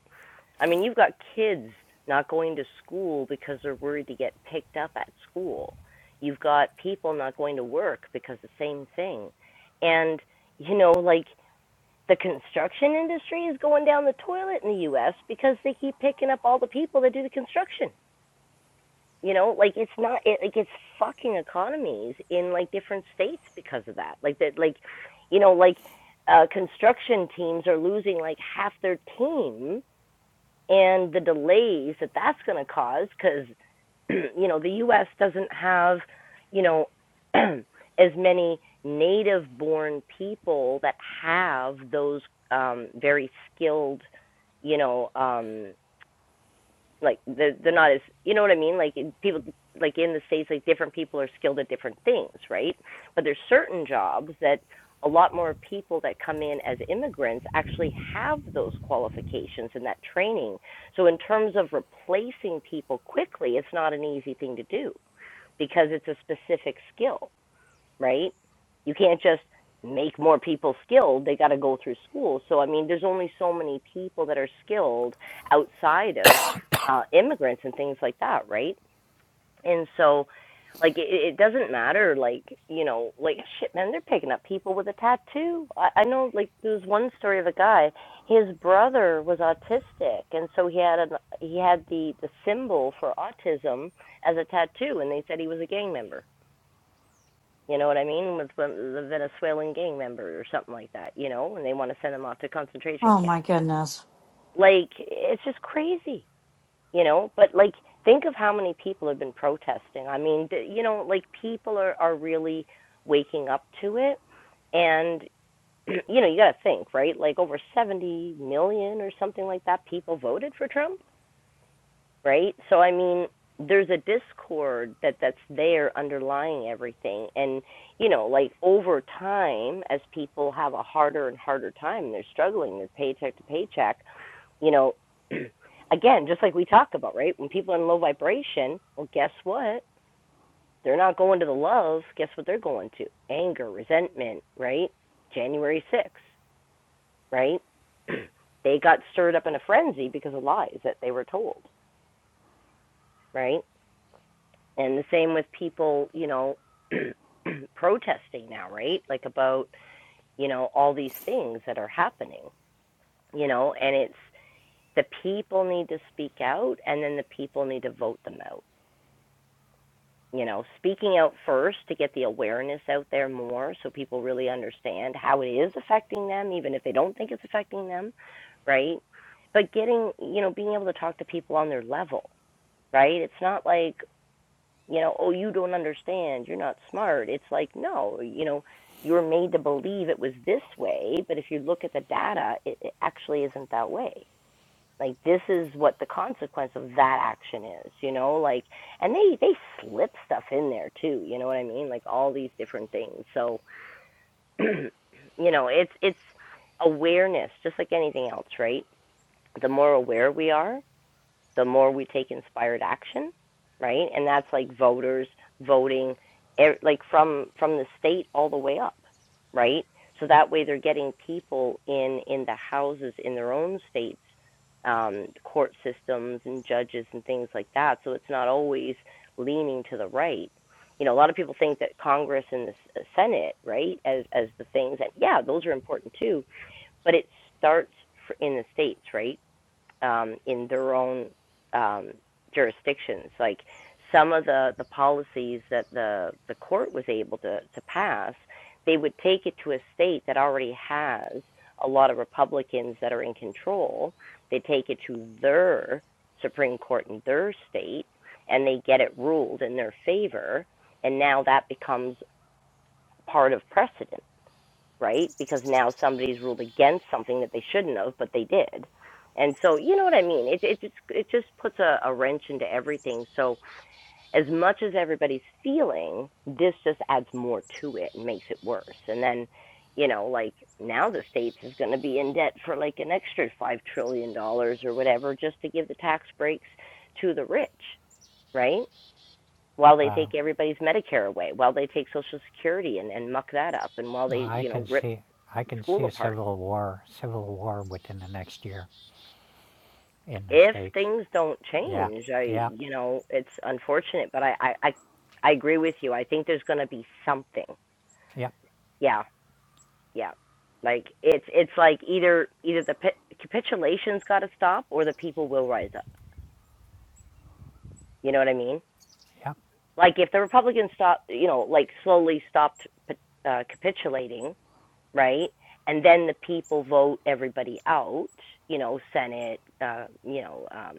Speaker 1: I mean, you've got kids not going to school because they're worried to get picked up at school. You've got people not going to work because the same thing. And, you know, like the construction industry is going down the toilet in the US because they keep picking up all the people that do the construction. You know, like it's not it like it's fucking economies in like different states because of that. Like that like you know, like uh construction teams are losing like half their team and the delays that that's going to cause because you know the US doesn't have you know as many native born people that have those um very skilled you know um like they're, they're not as you know what i mean like people like in the states like different people are skilled at different things right but there's certain jobs that a lot more people that come in as immigrants actually have those qualifications and that training so in terms of replacing people quickly it's not an easy thing to do because it's a specific skill right? You can't just make more people skilled. They got to go through school. So, I mean, there's only so many people that are skilled outside of uh, immigrants and things like that, right? And so, like, it, it doesn't matter, like, you know, like, shit, man, they're picking up people with a tattoo. I, I know, like, there was one story of a guy, his brother was autistic, and so he had an, he had the, the symbol for autism as a tattoo, and they said he was a gang member you know what I mean? With the Venezuelan gang member or something like that, you know, and they want to send them off to concentration
Speaker 5: oh my
Speaker 1: camps.
Speaker 5: goodness
Speaker 1: Like, it's just crazy, you know? But, like, think of how many people have been protesting. I mean, you know, like, people are, are really waking up to it. And, you know, you got to think, right? Like, over 70 million or something like that people voted for Trump right? So I mean, there's a discord that that's there underlying everything, and you know, like over time, as people have a harder and harder time, they're struggling, they're paycheck to paycheck. You know, again, just like we talked about, right? When people are in low vibration, well, guess what? They're not going to the love. Guess what they're going to? Anger, resentment, right? January 6th, right? they got stirred up in a frenzy because of lies that they were told, right? And the same with people, you know, protesting now, right? Like about, you know, all these things that are happening, you know, and it's the people need to speak out and then the people need to vote them out. You know, speaking out first to get the awareness out there more so people really understand how it is affecting them, even if they don't think it's affecting them, right? But getting, you know, being able to talk to people on their level, right? It's not like, you know, oh, you don't understand, you're not smart. It's like, no, you know, you were made to believe it was this way, but if you look at the data, it, it actually isn't that way. Like this is what the consequence of that action is, you know, like and they they slip stuff in there too, you know what I mean? Like all these different things. So, you know, it's it's awareness just like anything else, right? The more aware we are, the more we take inspired action, right? And that's like voters voting, e- like from from the state all the way up, right? So that way they're getting people in in the houses in their own states, um, court systems and judges and things like that. So it's not always leaning to the right. You know, a lot of people think that Congress and the Senate, right, as as the things that yeah, those are important too, but it starts in the states, right? um, in their own um, jurisdictions. Like some of the, the policies that the, the court was able to, to pass, they would take it to a state that already has a lot of Republicans that are in control. They take it to their Supreme Court in their state and they get it ruled in their favor. And now that becomes part of precedent right? Because now somebody's ruled against something that they shouldn't have, but they did. And so, you know what I mean? It it just it just puts a, a wrench into everything. So, as much as everybody's feeling, this just adds more to it and makes it worse. And then, you know, like now the states is going to be in debt for like an extra 5 trillion dollars or whatever just to give the tax breaks to the rich, right? While they
Speaker 6: Wow.
Speaker 1: take everybody's Medicare away, while they take Social Security and, and muck that up, and while they,
Speaker 6: I
Speaker 1: you
Speaker 6: can
Speaker 1: know, rip
Speaker 6: see I can
Speaker 1: school
Speaker 6: see a
Speaker 1: apart
Speaker 6: civil war civil war within the next year in the
Speaker 1: if
Speaker 6: states.
Speaker 1: things don't
Speaker 6: Yeah.
Speaker 1: change, I
Speaker 6: Yeah.
Speaker 1: you know it's unfortunate, but I I I, I agree with you. I think there's going to be something.
Speaker 6: Yep.
Speaker 1: Yeah, yeah. Like it's it's like either either the capitulation's got to stop or the people will rise up. You know what I mean?
Speaker 6: Yep.
Speaker 1: Like if the Republicans stop, you know, like slowly stopped uh, capitulating, right? And then the people vote everybody out, you know, Senate, uh, you know, um,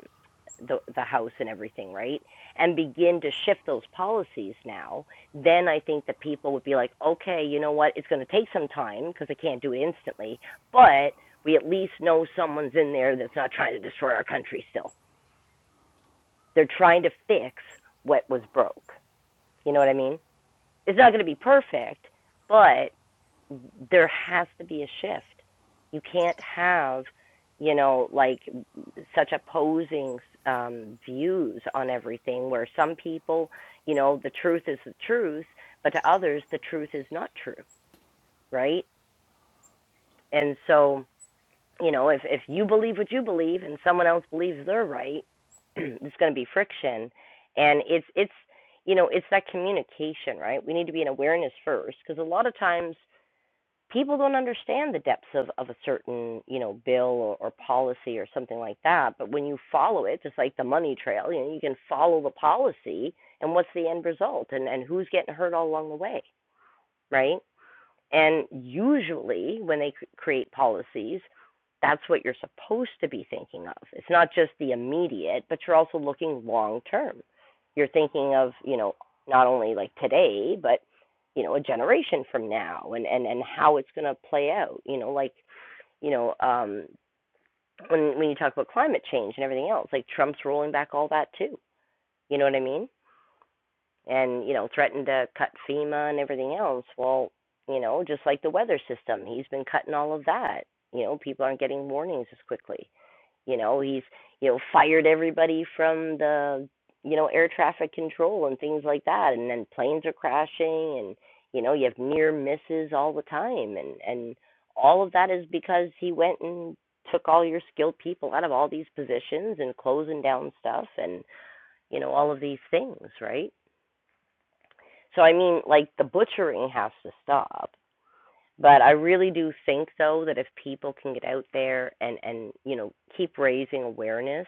Speaker 1: the the House and everything, right? And begin to shift those policies now. Then I think the people would be like, okay, you know what? It's going to take some time because I can't do it instantly, but we at least know someone's in there that's not trying to destroy our country. Still, they're trying to fix what was broke. You know what I mean? It's not going to be perfect, but there has to be a shift. You can't have, you know, like such opposing um, views on everything where some people, you know, the truth is the truth, but to others, the truth is not true, right? And so, you know, if, if you believe what you believe and someone else believes they're right, there's going to be friction. And it's, it's, you know, it's that communication, right? We need to be in awareness first because a lot of times people don't understand the depths of, of a certain you know bill or, or policy or something like that but when you follow it just like the money trail you know you can follow the policy and what's the end result and and who's getting hurt all along the way right and usually, when they create policies, that's what you're supposed to be thinking of. It's not just the immediate, but you're also looking long term. You're thinking of, you know, not only like today, but you know, a generation from now, and and and how it's going to play out. You know, like you know, um, when when you talk about climate change and everything else, like Trump's rolling back all that too. You know what I mean? and you know threatened to cut FEMA and everything else. Well, you know, just like the weather system, he's been cutting all of that. You know, people aren't getting warnings as quickly. You know, he's you know fired everybody from the you know air traffic control and things like that, and then planes are crashing, and you know you have near misses all the time, and and all of that is because he went and took all your skilled people out of all these positions and closing down stuff and you know all of these things right so I mean, like the butchering has to stop. But I really do think though that if people can get out there and and you know keep raising awareness,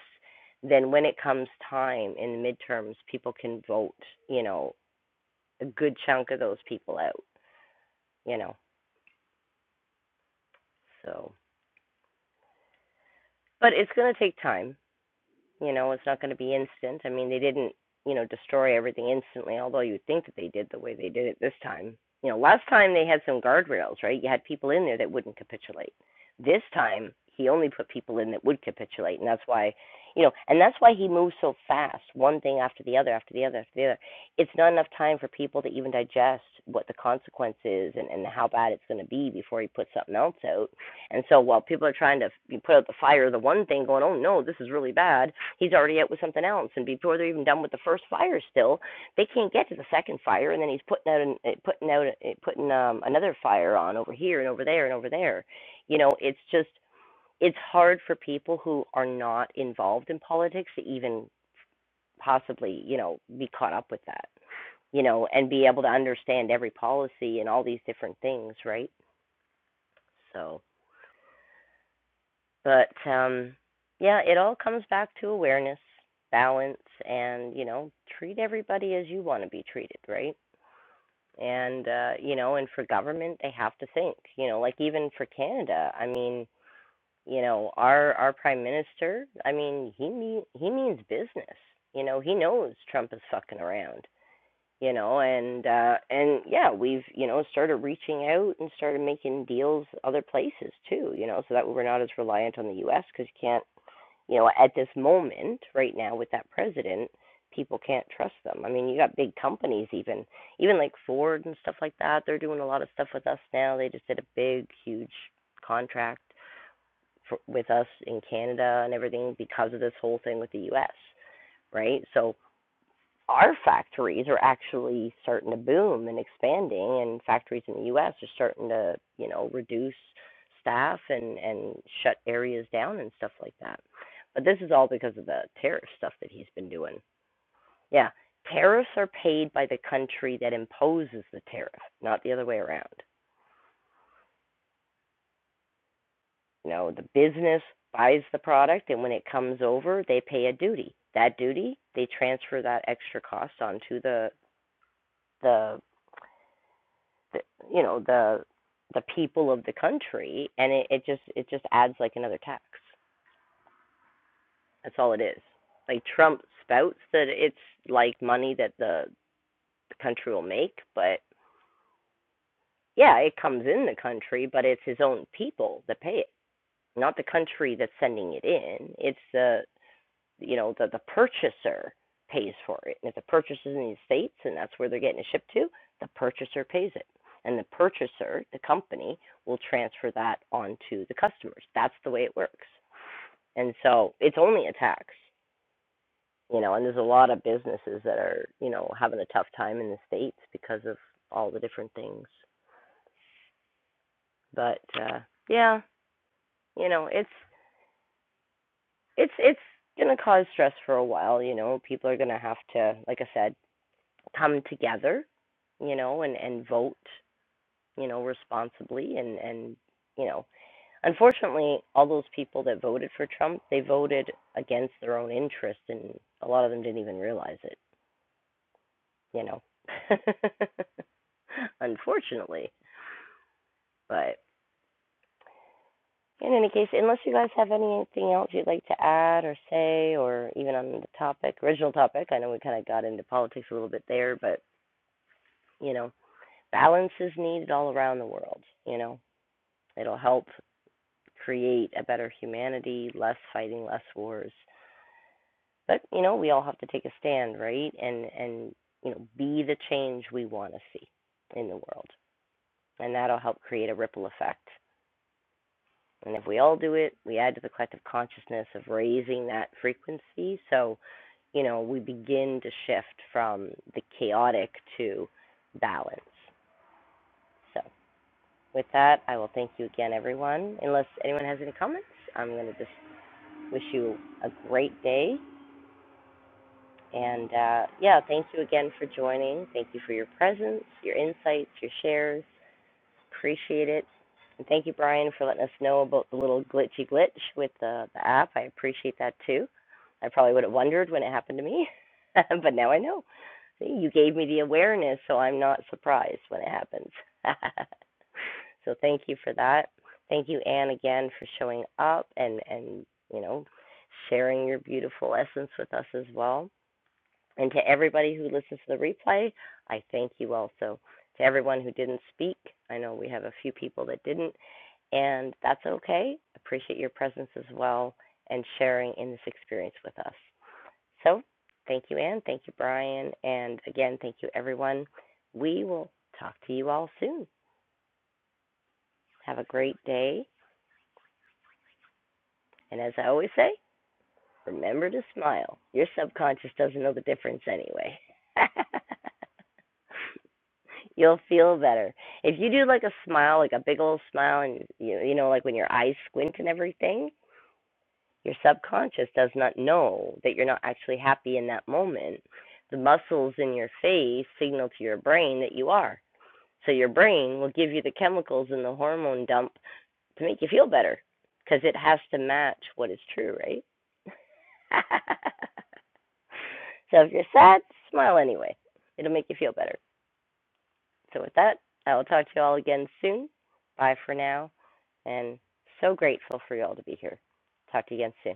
Speaker 1: then when it comes time in the midterms, people can vote. You know, a good chunk of those people out. You know, so but it's gonna take time. You know, it's not going to be instant. I mean, they didn't, you know, destroy everything instantly, although you'd think that they did the way they did it this time. You know, last time they had some guardrails, right? You had people in there that wouldn't capitulate. This time, he only put people in that would capitulate, and that's why, you know, and that's why he moves so fast, one thing after the other, after the other, after the other. It's not enough time for people to even digest what the consequence is and, and how bad it's going to be before he puts something else out. And so while people are trying to put out the fire, the one thing going, oh no, this is really bad, he's already out with something else and before they're even done with the first fire still they can't get to the second fire and then he's putting out an, eh, putting out eh, putting um another fire on over here and over there and over there you know it's just it's hard for people who are not involved in politics to even possibly you know be caught up with that you know and be able to understand every policy and all these different things right so But um, yeah, it all comes back to awareness, balance, and you know, treat everybody as you want to be treated, right? And uh, you know, and for government, they have to think. You know, like even for Canada, I mean, you know, our our prime minister, I mean, he mean, he means business. You know, he knows Trump is fucking around you know and uh and yeah we've you know started reaching out and started making deals other places too you know so that we're not as reliant on the US cuz you can't you know at this moment right now with that president people can't trust them i mean you got big companies even even like Ford and stuff like that they're doing a lot of stuff with us now they just did a big huge contract for, with us in Canada and everything because of this whole thing with the US right so our factories are actually starting to boom and expanding and factories in the US are starting to, you know, reduce staff and and shut areas down and stuff like that. But this is all because of the tariff stuff that he's been doing. Yeah. Tariffs are paid by the country that imposes the tariff, not the other way around. You know, the business buys the product and when it comes over, they pay a duty. That duty, they transfer that extra cost onto the the the, you know the the people of the country, and it, it just it just adds like another tax. That's all it is. Like Trump spouts that it's like money that the, the country will make, but yeah, it comes in the country, but it's his own people that pay it, not the country that's sending it in. It's the you know the the purchaser pays for it. And if the purchaser's in the states and that's where they're getting it shipped to, the purchaser pays it, and the purchaser, the company, will transfer that onto the customers. That's the way it works. And so it's only a tax, you know. And there's a lot of businesses that are you know having a tough time in the states because of all the different things. But uh, yeah, you know it's it's it's gonna cause stress for a while. You know, people are gonna have to, like I said, come together, you know, and and vote, you know, responsibly and and you know, unfortunately, all those people that voted for Trump, they voted against their own interest, and a lot of them didn't even realize it, you know. unfortunately, but in any case, unless you guys have anything else you'd like to add or say, or even on the topic, original topic, I know we kind of got into politics a little bit there, but you know, balance is needed all around the world. You know, it'll help create a better humanity, less fighting, less wars. But you know, we all have to take a stand, right? And and you know, be the change we want to see in the world, and that'll help create a ripple effect. And if we all do it, we add to the collective consciousness of raising that frequency. So, you know, we begin to shift from the chaotic to balance. So, with that, I will thank you again, everyone. Unless anyone has any comments, I'm going to just wish you a great day And uh, yeah, thank you again for joining. Thank you for your presence, your insights, your shares. Appreciate it. And thank you, Brian, for letting us know about the little glitchy glitch with the, the app. I appreciate that too. I probably would have wondered when it happened to me, but now I know. See, you gave me the awareness, so I'm not surprised when it happens. so thank you for that. Thank you, Anne, again for showing up and and you know sharing your beautiful essence with us as well. And to everybody who listens to the replay, I thank you also. To everyone who didn't speak, I know we have a few people that didn't, and that's okay. Appreciate your presence as well and sharing in this experience with us. So, thank you, Anne. Thank you, Brian. And again, thank you, everyone. We will talk to you all soon. Have a great day. And as I always say, remember to smile. Your subconscious doesn't know the difference anyway. You'll feel better if you do like a smile, like a big old smile, and you you know like when your eyes squint and everything. Your subconscious does not know that you're not actually happy in that moment. The muscles in your face signal to your brain that you are. So your brain will give you the chemicals and the hormone dump to make you feel better because it has to match what is true, right? so if you're sad, smile anyway. It'll make you feel better. So, with that, I will talk to you all again soon. Bye for now. And so grateful for you all to be here. Talk to you again soon.